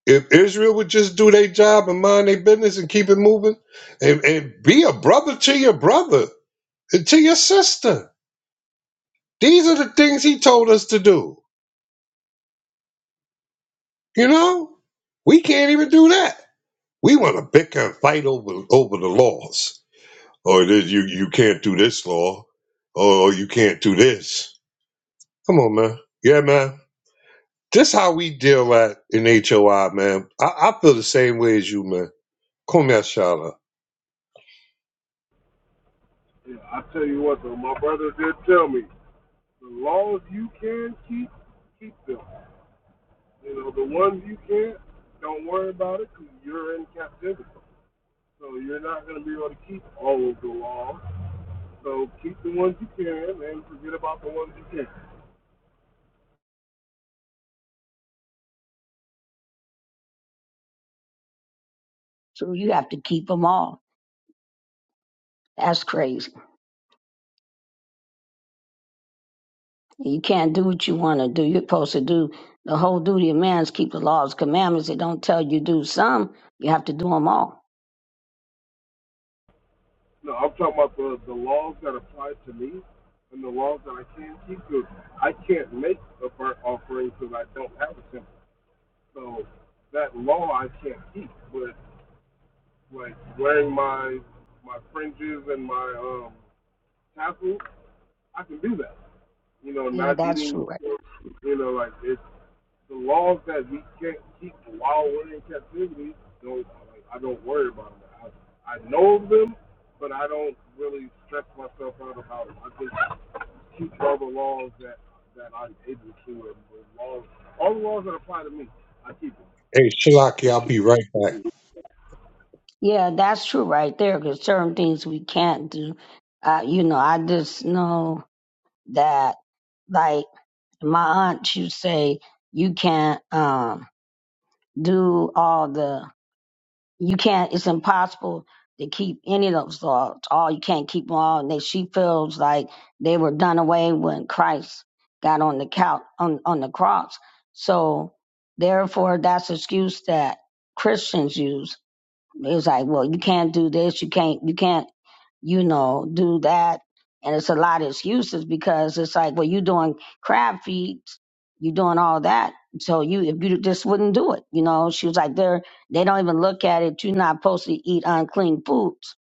Speaker 1: If Israel would just do their job and mind their business and keep it moving, and, and be a brother to your brother and to your sister, These are the things he told us to do. You know, we can't even do that. We want to bicker and fight over over the laws. Oh, this, you you can't do this law. Oh, you can't do this. Come on, man. Yeah, man. This how we deal at in HOI, man. I, I feel the same way as you, man. Come here, Shala.
Speaker 7: Yeah, I tell you what though, my brother did tell me the laws you can keep, keep them. You know, the ones you can't, don't worry about it because you're in captivity. So you're not going to be able to keep all of the laws. So keep the ones you can and forget about the ones you can't.
Speaker 4: So you have to keep them all. That's crazy. You can't do what you want to do. You're supposed to do the whole duty of man is keep the laws, commandments. They don't tell you do some. You have to do them all.
Speaker 7: No, I'm talking about the, the laws that apply to me and the laws that I can keep. Because I can't make a burnt offering because I don't have a temple. So that law I can't keep. But like wearing my my fringes and my um tassels, I can do that. You know,
Speaker 4: Yeah,
Speaker 7: not
Speaker 4: that's
Speaker 7: eating.
Speaker 4: true. Right.
Speaker 7: You know, like it, the laws that we can't keep while we're in captivity, don't like, I don't worry about them. I, I know them, but I don't really stress myself out about them. I just keep all the laws that that I'm able to, and the laws, all the laws that apply to me, I keep them.
Speaker 1: Hey, Shalaki, I'll be right back.
Speaker 4: Yeah, that's true right there. Because certain things we can't do. Uh, you know, I just know that, like my aunt, she would say you can't um, do all the you can't it's impossible to keep any of those laws all you can't keep them all and they, she feels like they were done away when christ got on the couch on, on the cross so therefore that's the excuse that christians use it's like well you can't do this you can't you can't you know, do that. And it's a lot of excuses because it's like, well, you doing crab feeds, you doing all that. So you, if you just wouldn't do it, you know, she was like, they're, they don't even look at it. You're not supposed to eat unclean foods.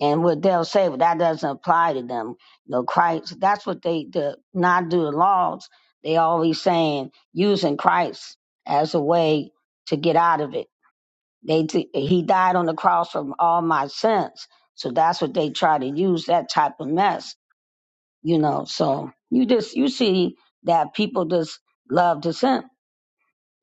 Speaker 4: And what they'll say, but that doesn't apply to them. You know, Christ, that's what they, the not do the laws. They always saying using Christ as a way to get out of it they thi- he died on the cross for all my sins. So that's what they try to use that type of mess, you know. So you just you see that people just love to sin.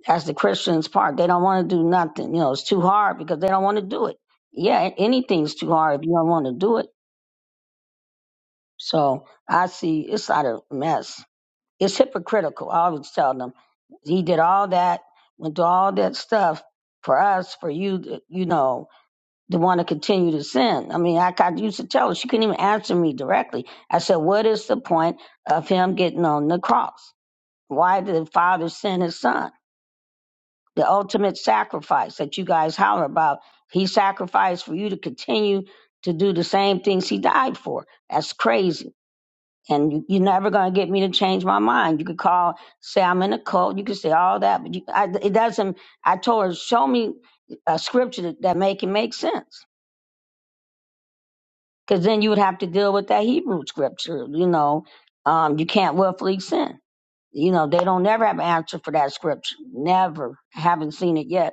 Speaker 4: That's the Christians part. They don't want to do nothing. You know, it's too hard because they don't want to do it. Yeah, anything's too hard if you don't want to do it. So I see it's not a mess. It's hypocritical. I always tell them he did all that, went through all that stuff for us, for you, you know, the one that continued to sin. I mean, I, I used to tell her, she couldn't even answer me directly. I said, What is the point of him getting on the cross? Why did the Father send his son? The ultimate sacrifice that you guys holler about, he sacrificed for you to continue to do the same things he died for. That's crazy. And you, you're never going to get me to change my mind. You could call, say I'm in a cult. You could say all that, but you, I, it doesn't. I told her, show me a scripture that, that make it make sense because then you would have to deal with that Hebrew scripture. You know, um, you can't willfully sin. You know, they don't never have an answer for that scripture. Never. I haven't seen it yet.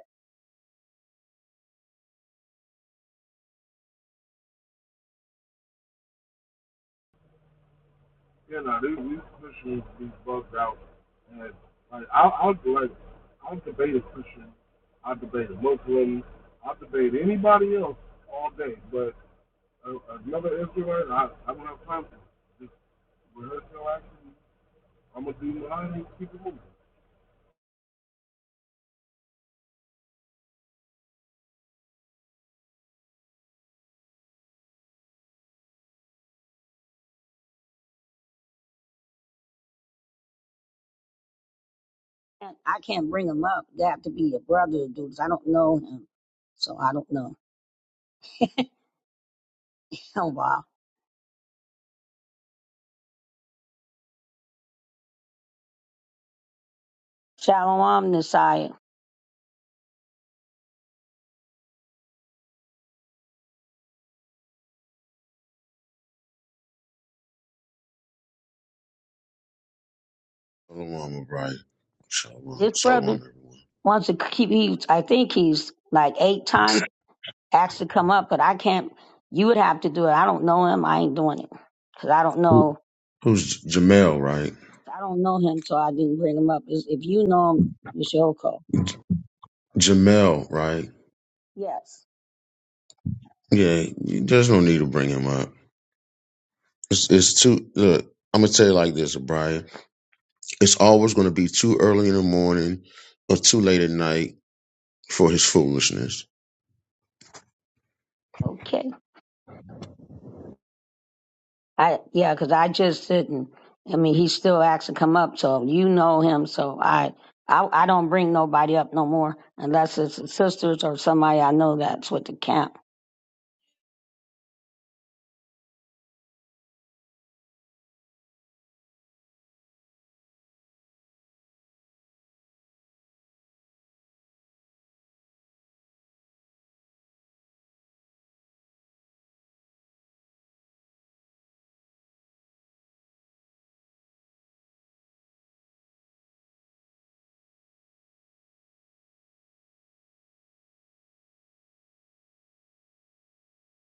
Speaker 7: You know, these these Christians be bugged out, and like I, I'll like I'll debate a Christian, I'll debate a Muslim, I'll debate anybody else all day, but another influencer. I, I don't have time for just rehearsal action. I'm gonna do mine and keep it moving.
Speaker 4: And I can't bring him up. They have to be a brother to do this. I don't know him. So I don't know. Oh, wow. Shalom, Messiah.
Speaker 9: Shalom, right? Shalom,
Speaker 4: This brother
Speaker 9: shalom, everyone.
Speaker 4: wants to keep, he's, I think he's like eight times asked to come up, but I can't. You would have to do it. I don't know him. I ain't doing it because I don't know
Speaker 9: Who's Jamel, right?
Speaker 4: I don't know him, so I didn't bring him up. Is- If you know him, Michelle Cole.
Speaker 9: Jamel, right?
Speaker 4: Yes.
Speaker 9: Yeah, you- there's no need to bring him up. It's, it's too. Look, I'm gonna tell you like this, O'Brien. It's always gonna be too early in the morning or too late at night for his foolishness.
Speaker 4: Okay. I yeah, because I just didn't. I mean, he still asked to come up, so you know him. So I, I, I don't bring nobody up no more unless it's the sisters or somebody I know that's with the camp.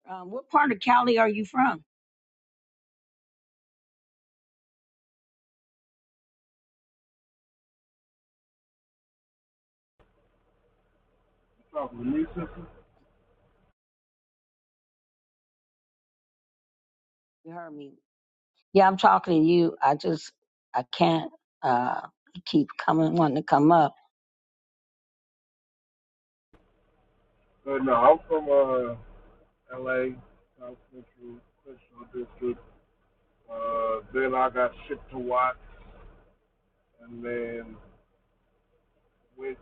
Speaker 4: Um, what part of Cali are you from?
Speaker 7: You talking to me, sister?
Speaker 4: You heard me. Yeah, I'm talking to you. I just I can't uh keep coming wanting to come up.
Speaker 7: But no, I'm from uh, L.A., South Central, Central District. Uh, then I got shipped to Watts, and then went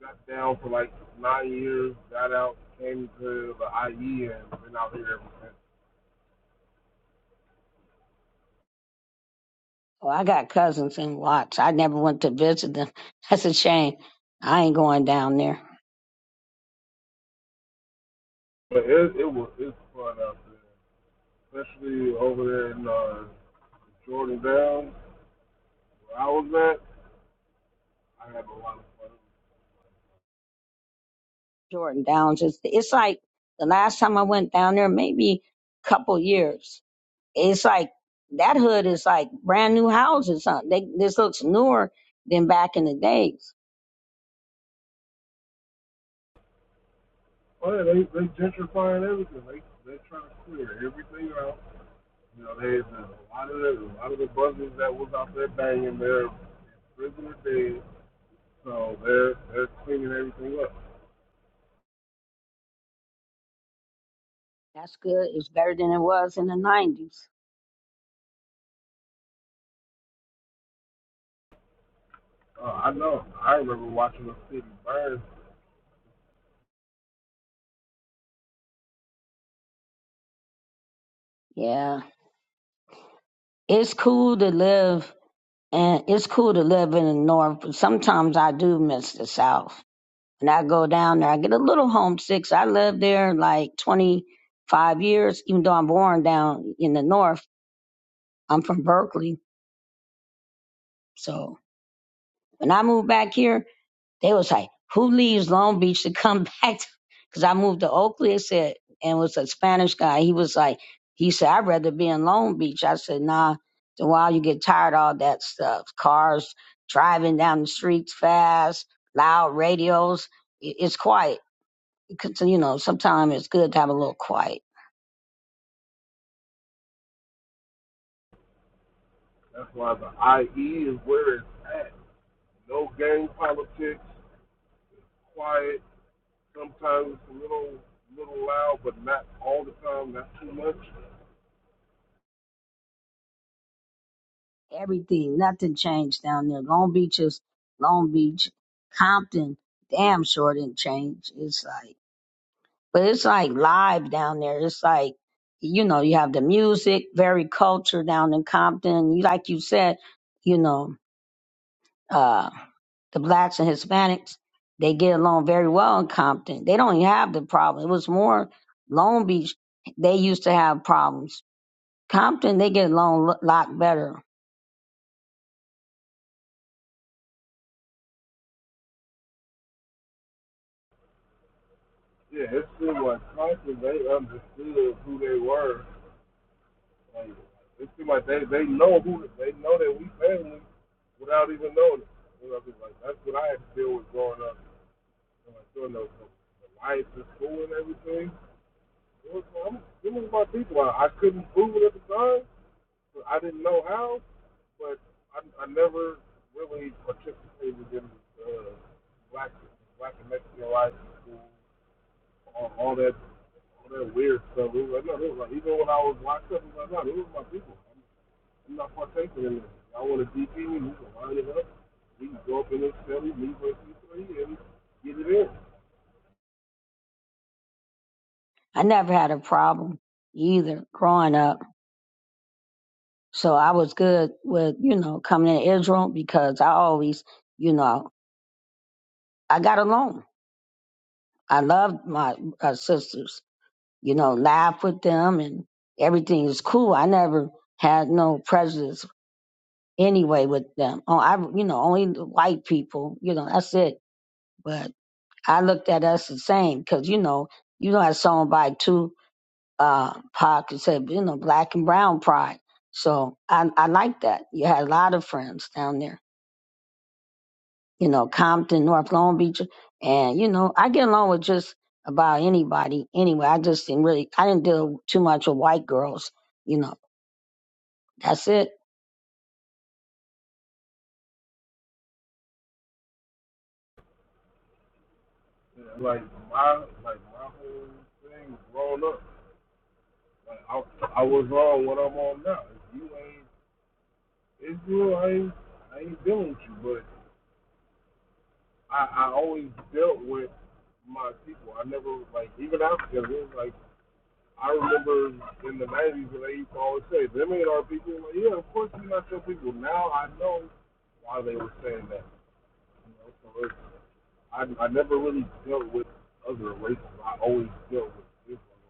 Speaker 7: got down for like nine years. Got out, came to the IE, and been out here ever since.
Speaker 4: Well, I got cousins in Watts. I never went to visit them. That's a shame. I ain't going down there.
Speaker 7: But it, it was it's fun out there, especially over there in uh, Jordan Downs, where I was at. I have a lot of fun.
Speaker 4: Jordan Downs. It's it's like the last time I went down there, maybe a couple years. It's like that hood is like brand new houses. Huh? They, this looks newer than back in the days.
Speaker 7: Oh yeah, they they gentrifying everything. They they're trying to clear everything out. You know, there's a lot of the a lot of the buzzers that was out there banging, they're prisoner dead, so they're they're cleaning everything up.
Speaker 4: That's good. It's better than it was in the nineties.
Speaker 7: Uh, I know. I remember watching the city burn.
Speaker 4: Yeah, it's cool to live And it's cool to live in the north, but sometimes I do miss the south. And I go down there, I get a little homesick. So I lived there like 25 years, even though I'm born down in the north. I'm from Berkeley. So when I moved back here, They was like, who leaves Long Beach to come back? Because I moved to Oakley, it said, and was a Spanish guy. He was like, he said, I'd rather be in Long Beach. I said, nah, after a while you get tired of all that stuff. Cars driving down the streets fast, loud radios. It- It's quiet. Because, you know, sometimes it's good to have a little quiet.
Speaker 7: That's why the IE is where it's at. No gang politics, quiet. Sometimes it's a little little loud, but not all the time. Not too much.
Speaker 4: Everything, nothing changed down there. Long Beach is Long Beach. Compton, damn sure didn't change. It's like, but it's like live down there. It's like, you know, you have the music, very culture down in Compton. You like you said, you know, uh, the blacks and Hispanics, they get along very well in Compton. They don't even have the problem. It was more Long Beach. They used to have problems. Compton, they get along a lot better.
Speaker 7: Yeah, it seemed like Tyson, they understood who they were. Like, it seemed like they, they know who they know that we family without even knowing it. You know, 'cause, like that's what I had to deal with growing up. And, like doing the, the life and school and everything. It was, I'm, it was my people. I, I couldn't prove it at the time. But I didn't know how. But I, I never really participated in uh, black black and Mexican life and school, all, all that that weird stuff. It was, I know, it was like, even when I was locked up, it was like, no, these are my people. I'm not partaking in this. I want to DP me, we can line it up. We can go up in this Philly, me versus you three, and get it in.
Speaker 4: I never had a problem either growing up. So I was good with, you know, coming to Israel because I always, you know, I got along I loved my uh, sisters, you know, laugh with them and everything is cool. I never had no prejudice anyway with them. Oh, I, you know, only the white people, you know, that's it. But I looked at us the same because, you know, you know, I saw by two uh, pockets said, you know, black and brown pride. So I, I like that. You had a lot of friends down there. you know, Compton, North Long Beach. And, you know, I get along with just about anybody anyway. I just didn't really, I didn't deal too much with white girls. You know, that's it.
Speaker 7: And, like, my, like, my whole thing was grown up. Like, I, I was on what I'm on now. If you ain't Israel, I ain't, I ain't dealing with you. But I, I always dealt with my people. I never, like, even after it was like, I remember in the 90s when they used to always say, them ain't our people. like, yeah, of course they're not your people. Now I know why they were saying that. So I, I never really dealt with other races. I always dealt with this one.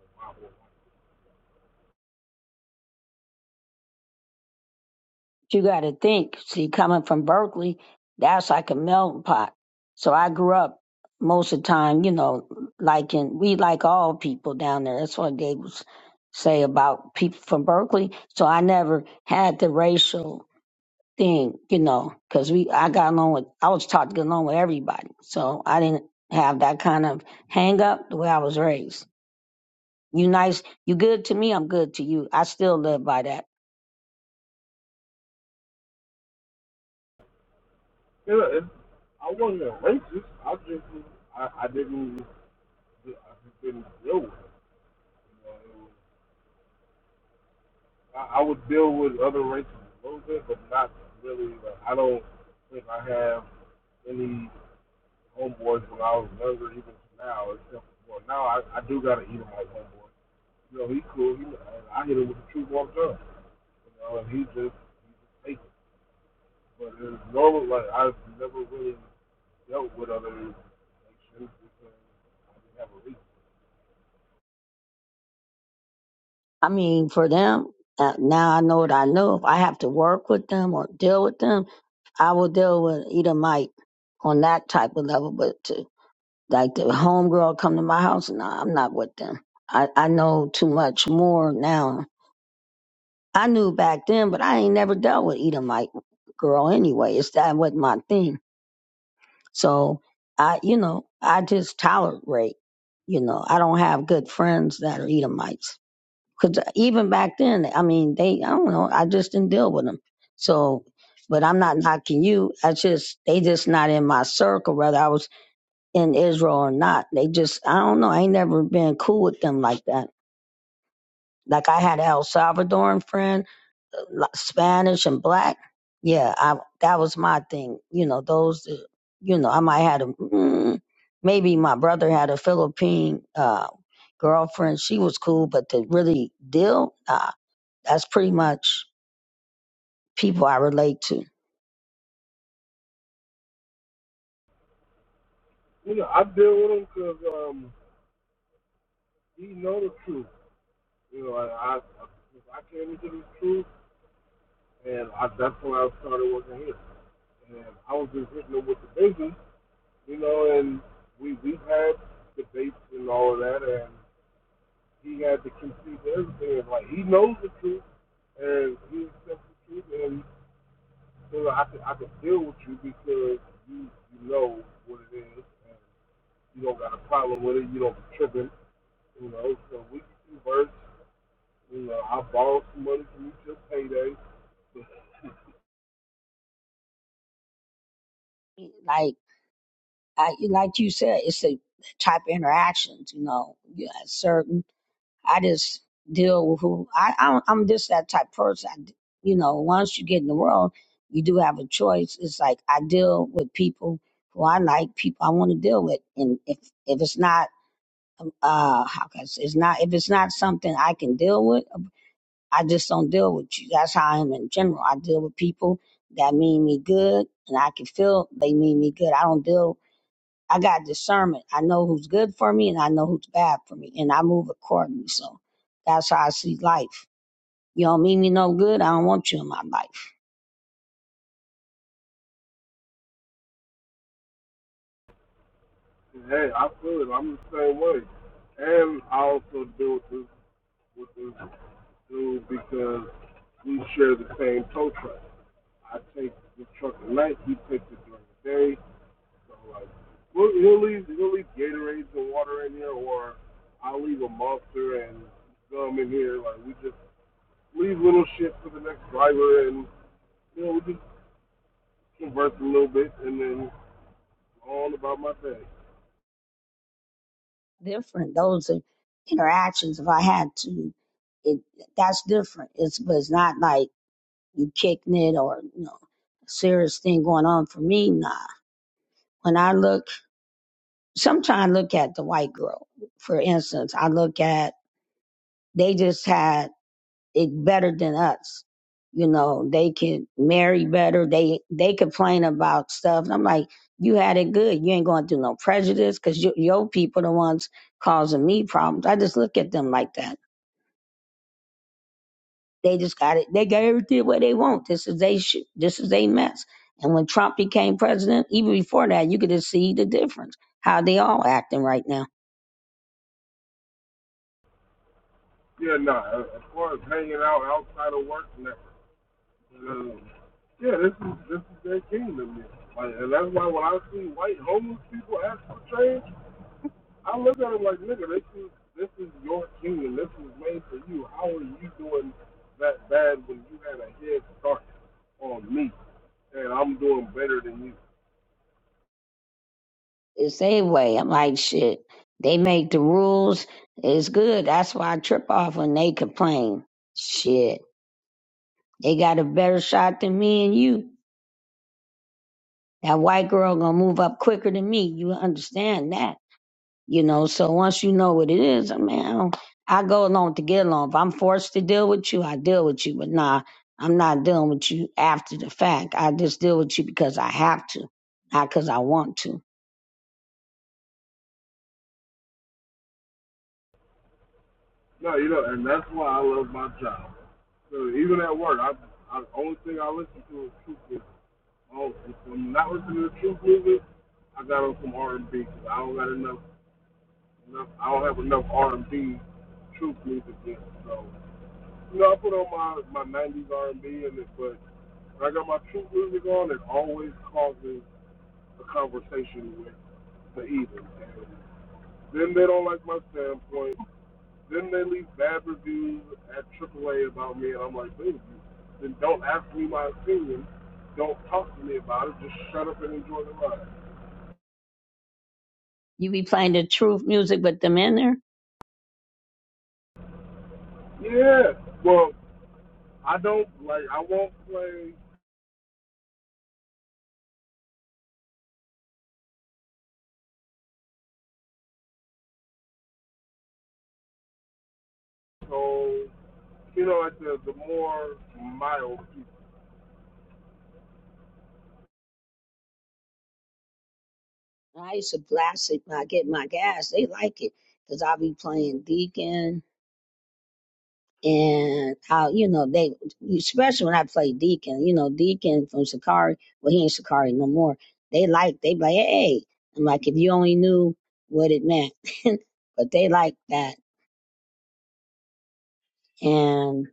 Speaker 4: You got to think. See, coming from Berkeley, that's like a melting pot. So I grew up most of the time, you know, like in, we like all people down there. That's what they was say about people from Berkeley. So I never had the racial thing, you know, because we I got along with I was taught to get along with everybody, so I didn't have that kind of hang up the way I was raised. You nice, you good to me, I'm good to you. I still live by that.
Speaker 7: Yeah, I wasn't a racist. I just, I, I didn't, I just didn't deal with it. You know, it was, I, I would deal with other races a little bit, but not really. Like, I don't think I have any homeboys when I was younger, even now. Except well, now I, I do gotta eat him like homeboy. You know, he cool. He, I hit him with the true warm gun. You know, and he just takes it. But it's normal. Like I've never really dealt with other nations because I didn't have a reason.
Speaker 4: I mean, for them uh, now, I know what I know. If I have to work with them or deal with them, I will deal with either Mike on that type of level. But to like the homegirl come to my house, nah, I'm not with them. I, I know too much more now I knew back then, but I ain't never dealt with Edomite girl anyway. It's that wasn't my thing. So I, you know, I just tolerate. You know, I don't have good friends that are Edomites because even back then, I mean, they, I don't know, I just didn't deal with them. So, but I'm not knocking you. I just they just not in my circle, whether I was in Israel or not. They just, I don't know. I ain't never been cool with them like that. Like I had an El Salvadoran friend la- Spanish and black. Yeah, I that was my thing. You know, those. that- You know, I might had a mm, maybe my brother had a Philippine uh, girlfriend. She was cool, but to really deal, nah, that's pretty much people I relate to.
Speaker 7: You know, I deal with him because um, he know the truth. You know, like I, I I came into the truth, and I, that's when I started working here. And I was just hitting him with the business you know, and we we've had debates and all of that, and he had to concede everything. And, like he knows the truth, and he accepts the truth, and so you know, I could I could deal with you because you you know what it is, and you don't got a problem with it. You don't be tripping, you know. So we can converse. You know, I borrowed some money from you just payday, but
Speaker 4: Like I, like you said, it's the type of interactions. You know, you had certain I just deal with who I, I don't, I'm just that type of person. I d you know, once you get in the world, you do have a choice. It's like I deal with people who I like, people I want to deal with, and if if it's not um, uh how can I say, it's not if it's not something I can deal with, I just don't deal with you. That's how I am in general. I deal with people that mean me good, and I can feel they mean me good. I don't deal I got discernment. I know who's good for me and I know who's bad for me, and I move accordingly. So that's how I see life. You don't mean me no good. I don't want you in my life.
Speaker 7: hey, I feel it. I'm the same way, and I also deal with this with this dude because we share the same toe track. I take the truck at night. He takes it during the day. So like, we'll, he'll leave he'll leave Gatorades and water in here, or I'll leave a monster and gum in here. Like we just leave little shit for the next driver, and you know we just converse a little bit, and then on about my day.
Speaker 4: Different. Those are interactions. If I had to, it that's different. It's but it's not like you kicking it or you know serious thing going on for me. Nah. When I look, sometimes I look at the white girl. For instance, I look at they just had it better than us. You know, they can marry better. They they complain about stuff. And I'm like, you had it good. You ain't going through no prejudice because you, your people the ones causing me problems. I just look at them like that. They just got it. They got everything what they want. This is they shit. This is they mess. And when Trump became president, even before that, you could just see the difference how they all acting right now.
Speaker 7: Yeah, nah. As far as hanging out outside of work, never. Um, yeah, this is this is their kingdom. Yeah. Like, and that's why when I see white homeless people ask for change, I look at it like, nigga, this is this is your kingdom. This was made for you. How are you doing that bad when you had a head start on me, and I'm doing better than you?
Speaker 4: It's their way. I'm like, shit. They make the rules. It's good. That's why I trip off when they complain. Shit. They got a better shot than me and you. That white girl gonna move up quicker than me. You understand that. You know, so once you know what it is, I mean, I, don't, I go along to get along. If I'm forced to deal with you, I deal with you. But nah, I'm not dealing with you after the fact. I just deal with you because I have to, not because I want to.
Speaker 7: No, you know, and that's why I love my job. So even at work, I, I the only thing I listen to is truth music. Oh, if I'm not listening to truth music, I got on some R and B because I don't got enough, enough. I don't have enough R and B truth music yet. So you know, I put on my my '90s R and B, and it, but When I got my true music on, it always causes a conversation with the heathen. Then they don't like my standpoint. Then they leave bad reviews at AAA about me, and I'm like, dude, then don't ask me my opinion. Don't talk to me about it. Just shut up and enjoy the ride.
Speaker 4: You be playing the truth music with them in there?
Speaker 7: Yeah. Well, I don't like. I won't play. So you know, like the the more mild
Speaker 4: I used to blast it when I get my gas. They like it because I'll be playing Deacon and how you know they especially when I play Deacon. You know Deacon from Shikari. Well, he ain't Shikari no more. They like they be like hey. I'm like if you only knew what it meant, but they like that. And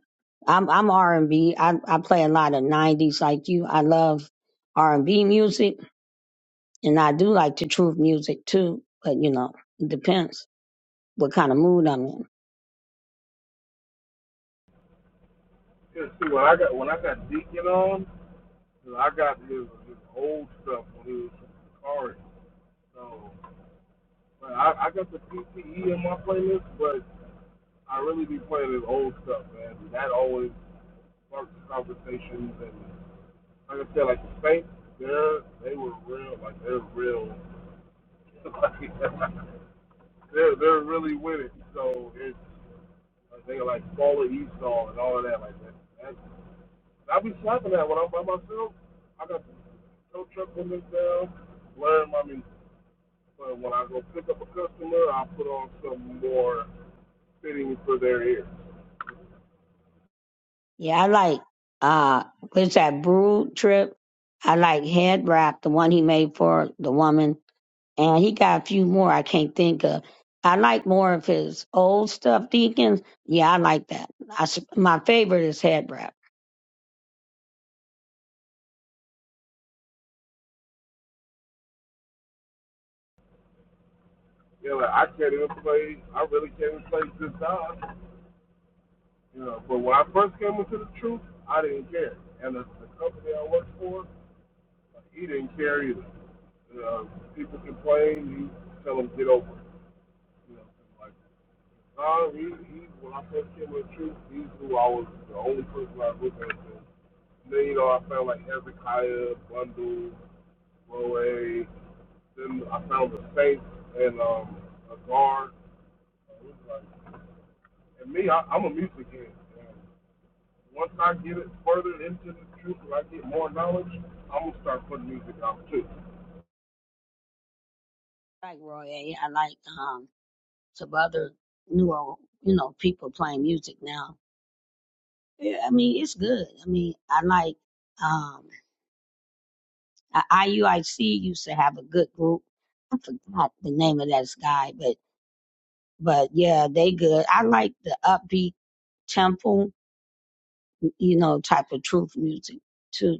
Speaker 4: I'm I'm R and B. I I play a lot of '90s like you. I love R and B music, and I do like the truth music too. But you know, it depends what kind of mood I'm in.
Speaker 7: Cause see, when I got when I got Deacon on, I got his, his old stuff when he was from Sakari. So, but I, I got the PTE in my playlist, but I really be playing his old stuff, man. That always sparks conversations, and like I said, like the Saints, they're they were real, like they're real, like they're they're really with it. So it's like they like follow Esau and all of that, like that. That's, I be slapping that when I'm by myself. I got no trouble in down. Learn, I mean, uh, when I go pick up a customer, I put on some more fitting for their ears.
Speaker 4: Yeah, I like uh what's that brood trip? I like head wrap, the one he made for the woman. And he got a few more I can't think of. I like more of his old stuff, Deacons. Yeah, I like that. I s my favorite is head wrap.
Speaker 7: You know, like I can't even play. I really can't even play good dodge. You know, but when I first came into the truth, I didn't care, and the, the company I worked for, he didn't care either. You know, people complain, you tell them get over it. You know, like nah, he, he when I first came into the truth, he's who I was the only person I was looking at. Then, you know, I found like Hezekiah, Bundle, Roe. Then I found the Saints and um, a guard. like, and me, I, I'm a music head. once I get it further into the truth and I get more knowledge, I'm going to start putting music out too.
Speaker 4: I like Roy A. I like um some other newer, you know, people playing music now. Yeah, I mean, it's good. I mean, I like um Uh, IUIC used to have a good group. I forgot the name of that guy, but but yeah, they good. I like the upbeat tempo, you know, type of truth music too.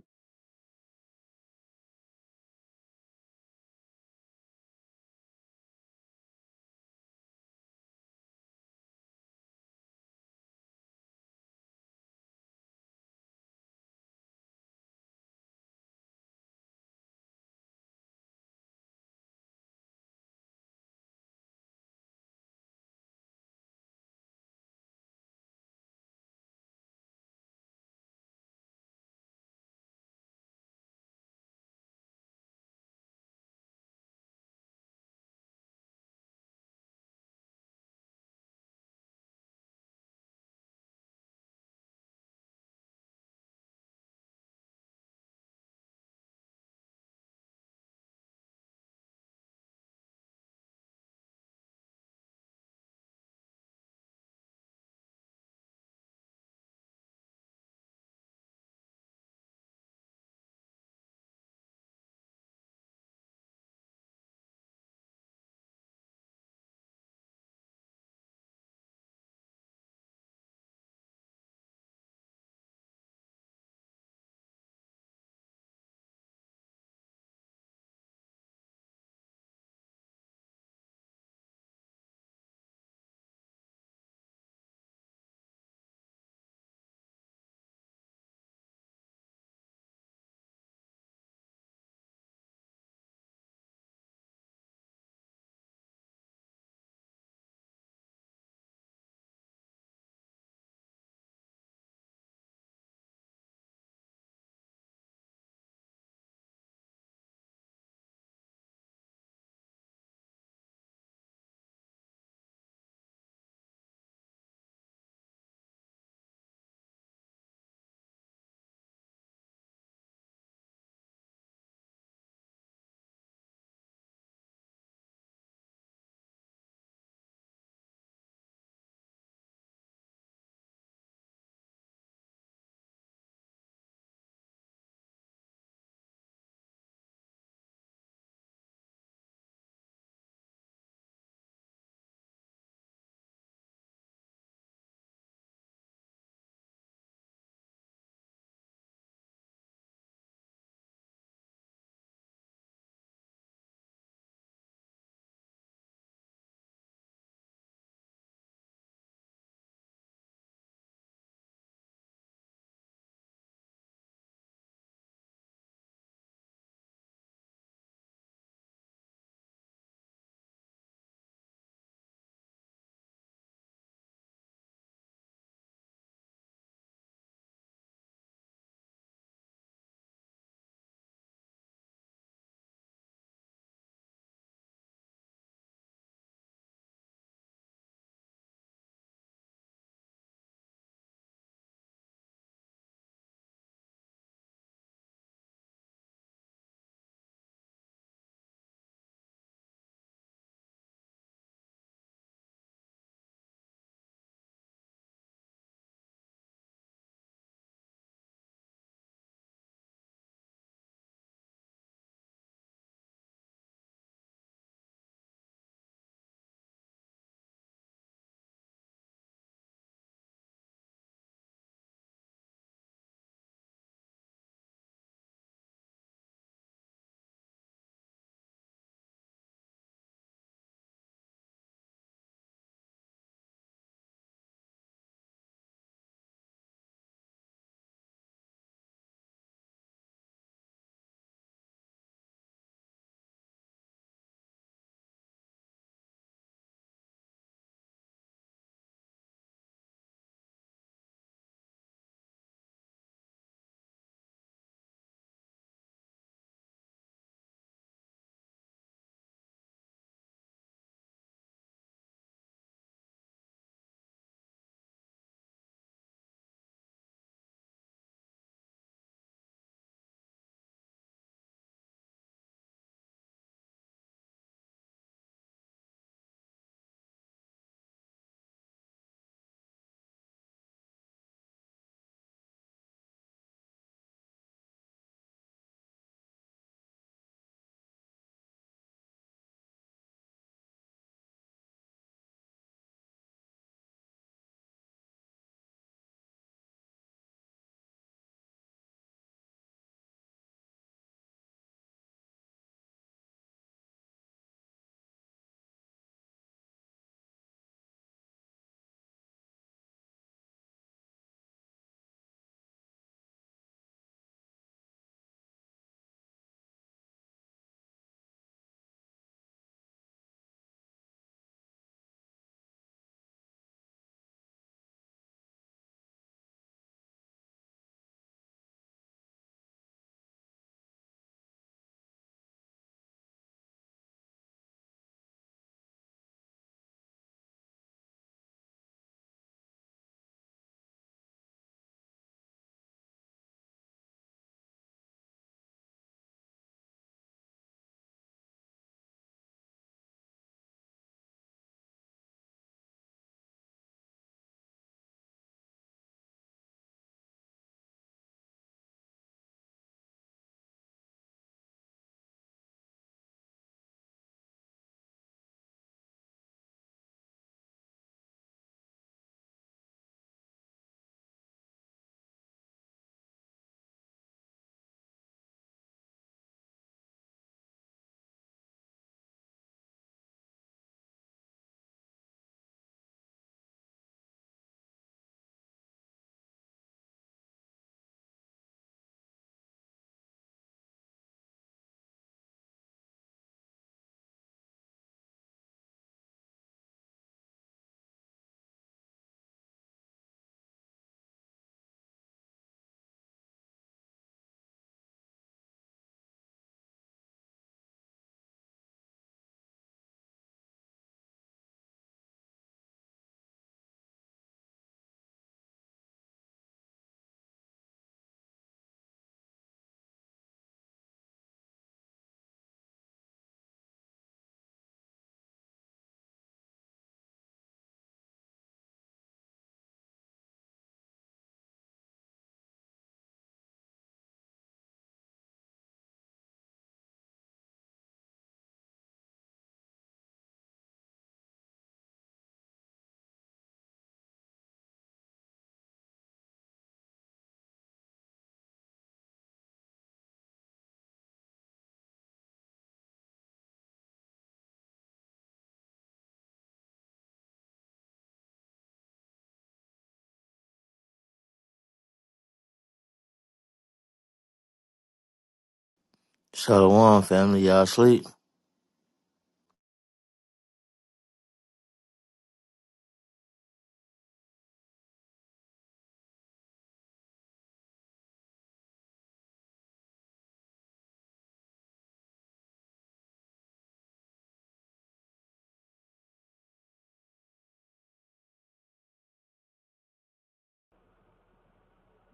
Speaker 3: Shalom, family. Y'all sleep.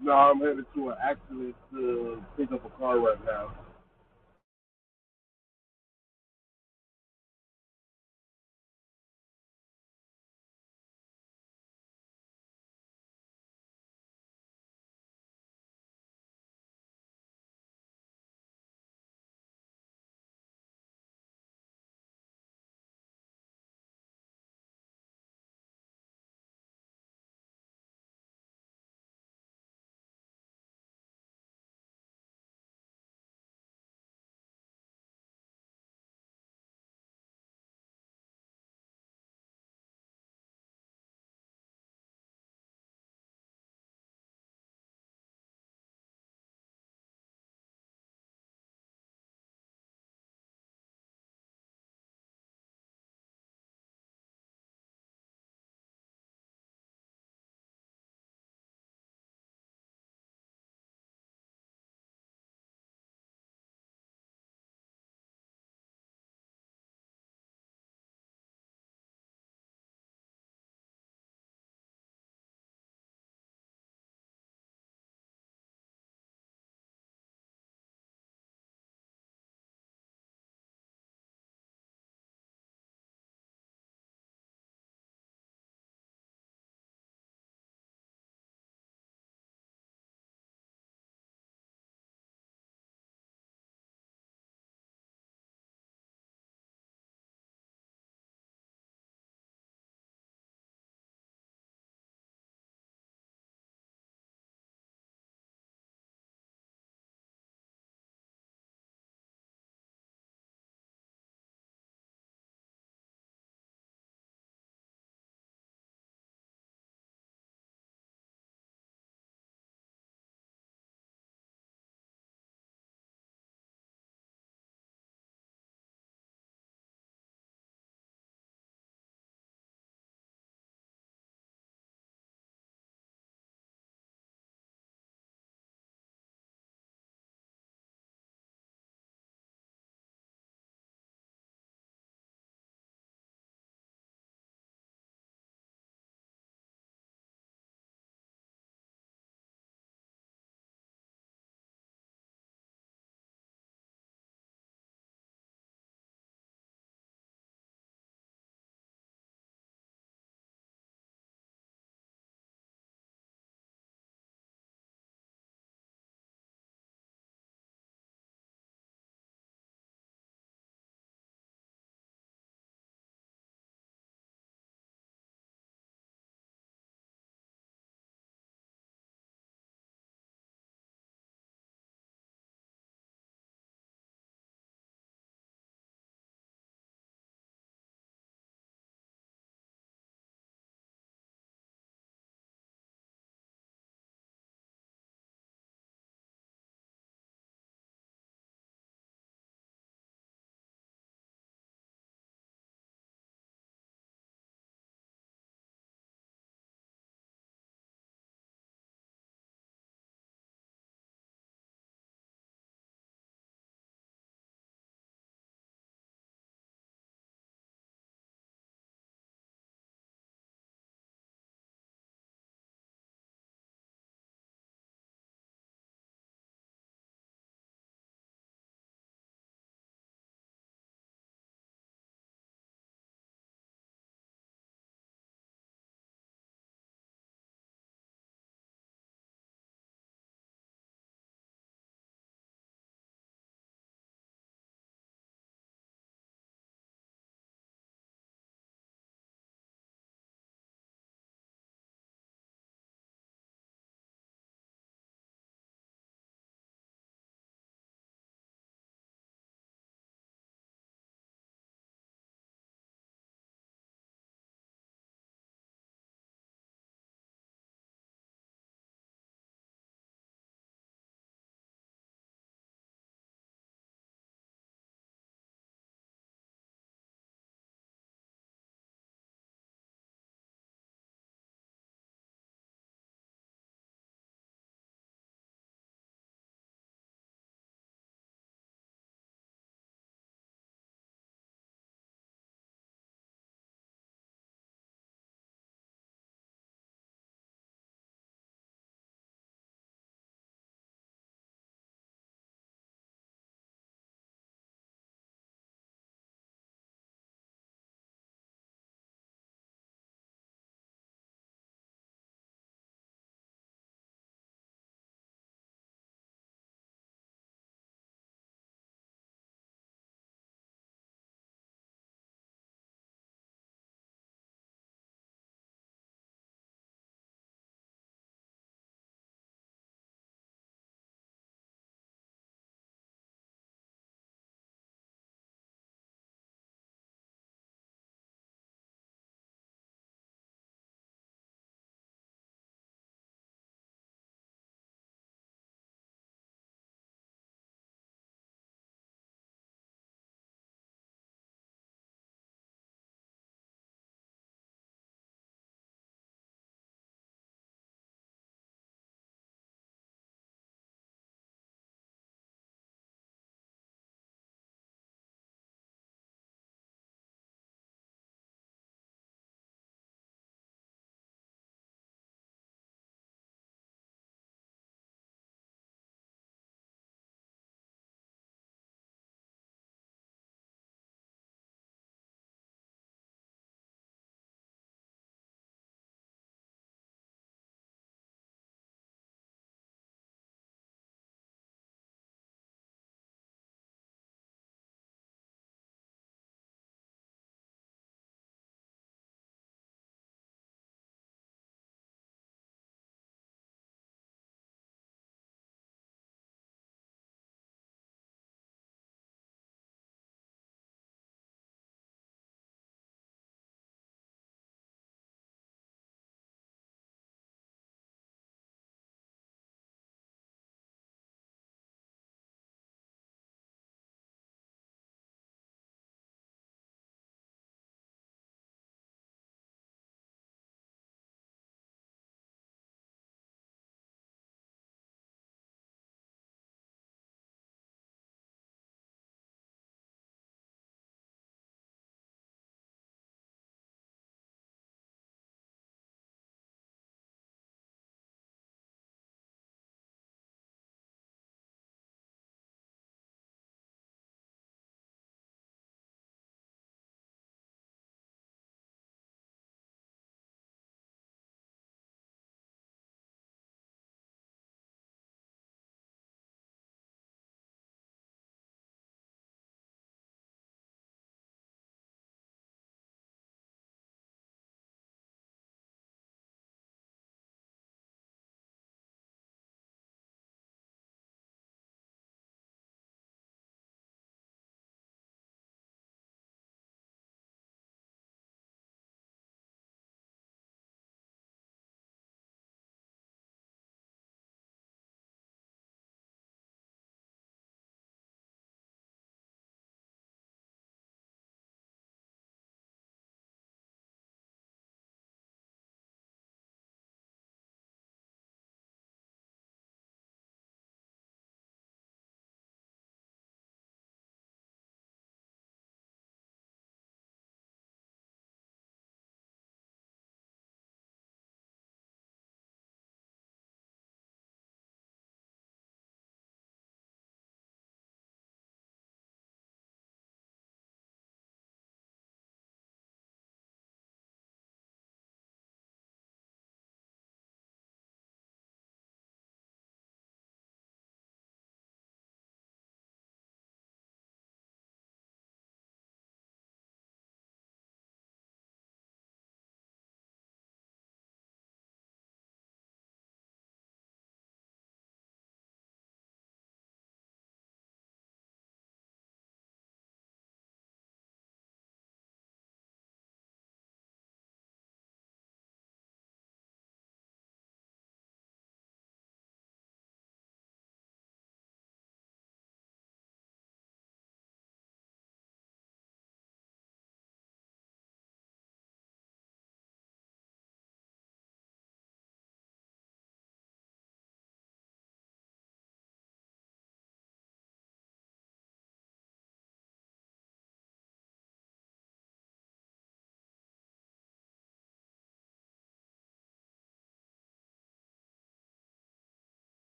Speaker 7: No, I'm headed to an accident to pick up a car right now.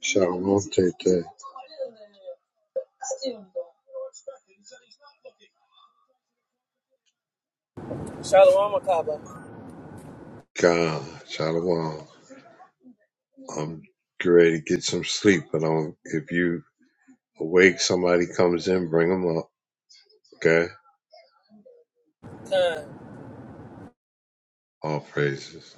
Speaker 1: Shalom, take care.
Speaker 10: Shalom Akaba.
Speaker 1: God, Shalom. I'm getting ready to get some sleep, but I'm if you Awake, somebody comes in, bring them up. Okay.
Speaker 10: Khan.
Speaker 1: All praises.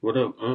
Speaker 2: What up, huh?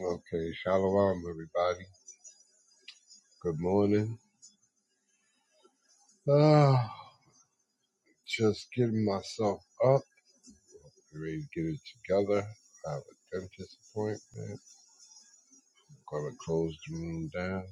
Speaker 1: Okay. Shalom, everybody. Good morning. Ah, just getting myself up, ready to get it together. I have a dentist appointment. Gonna close the room down.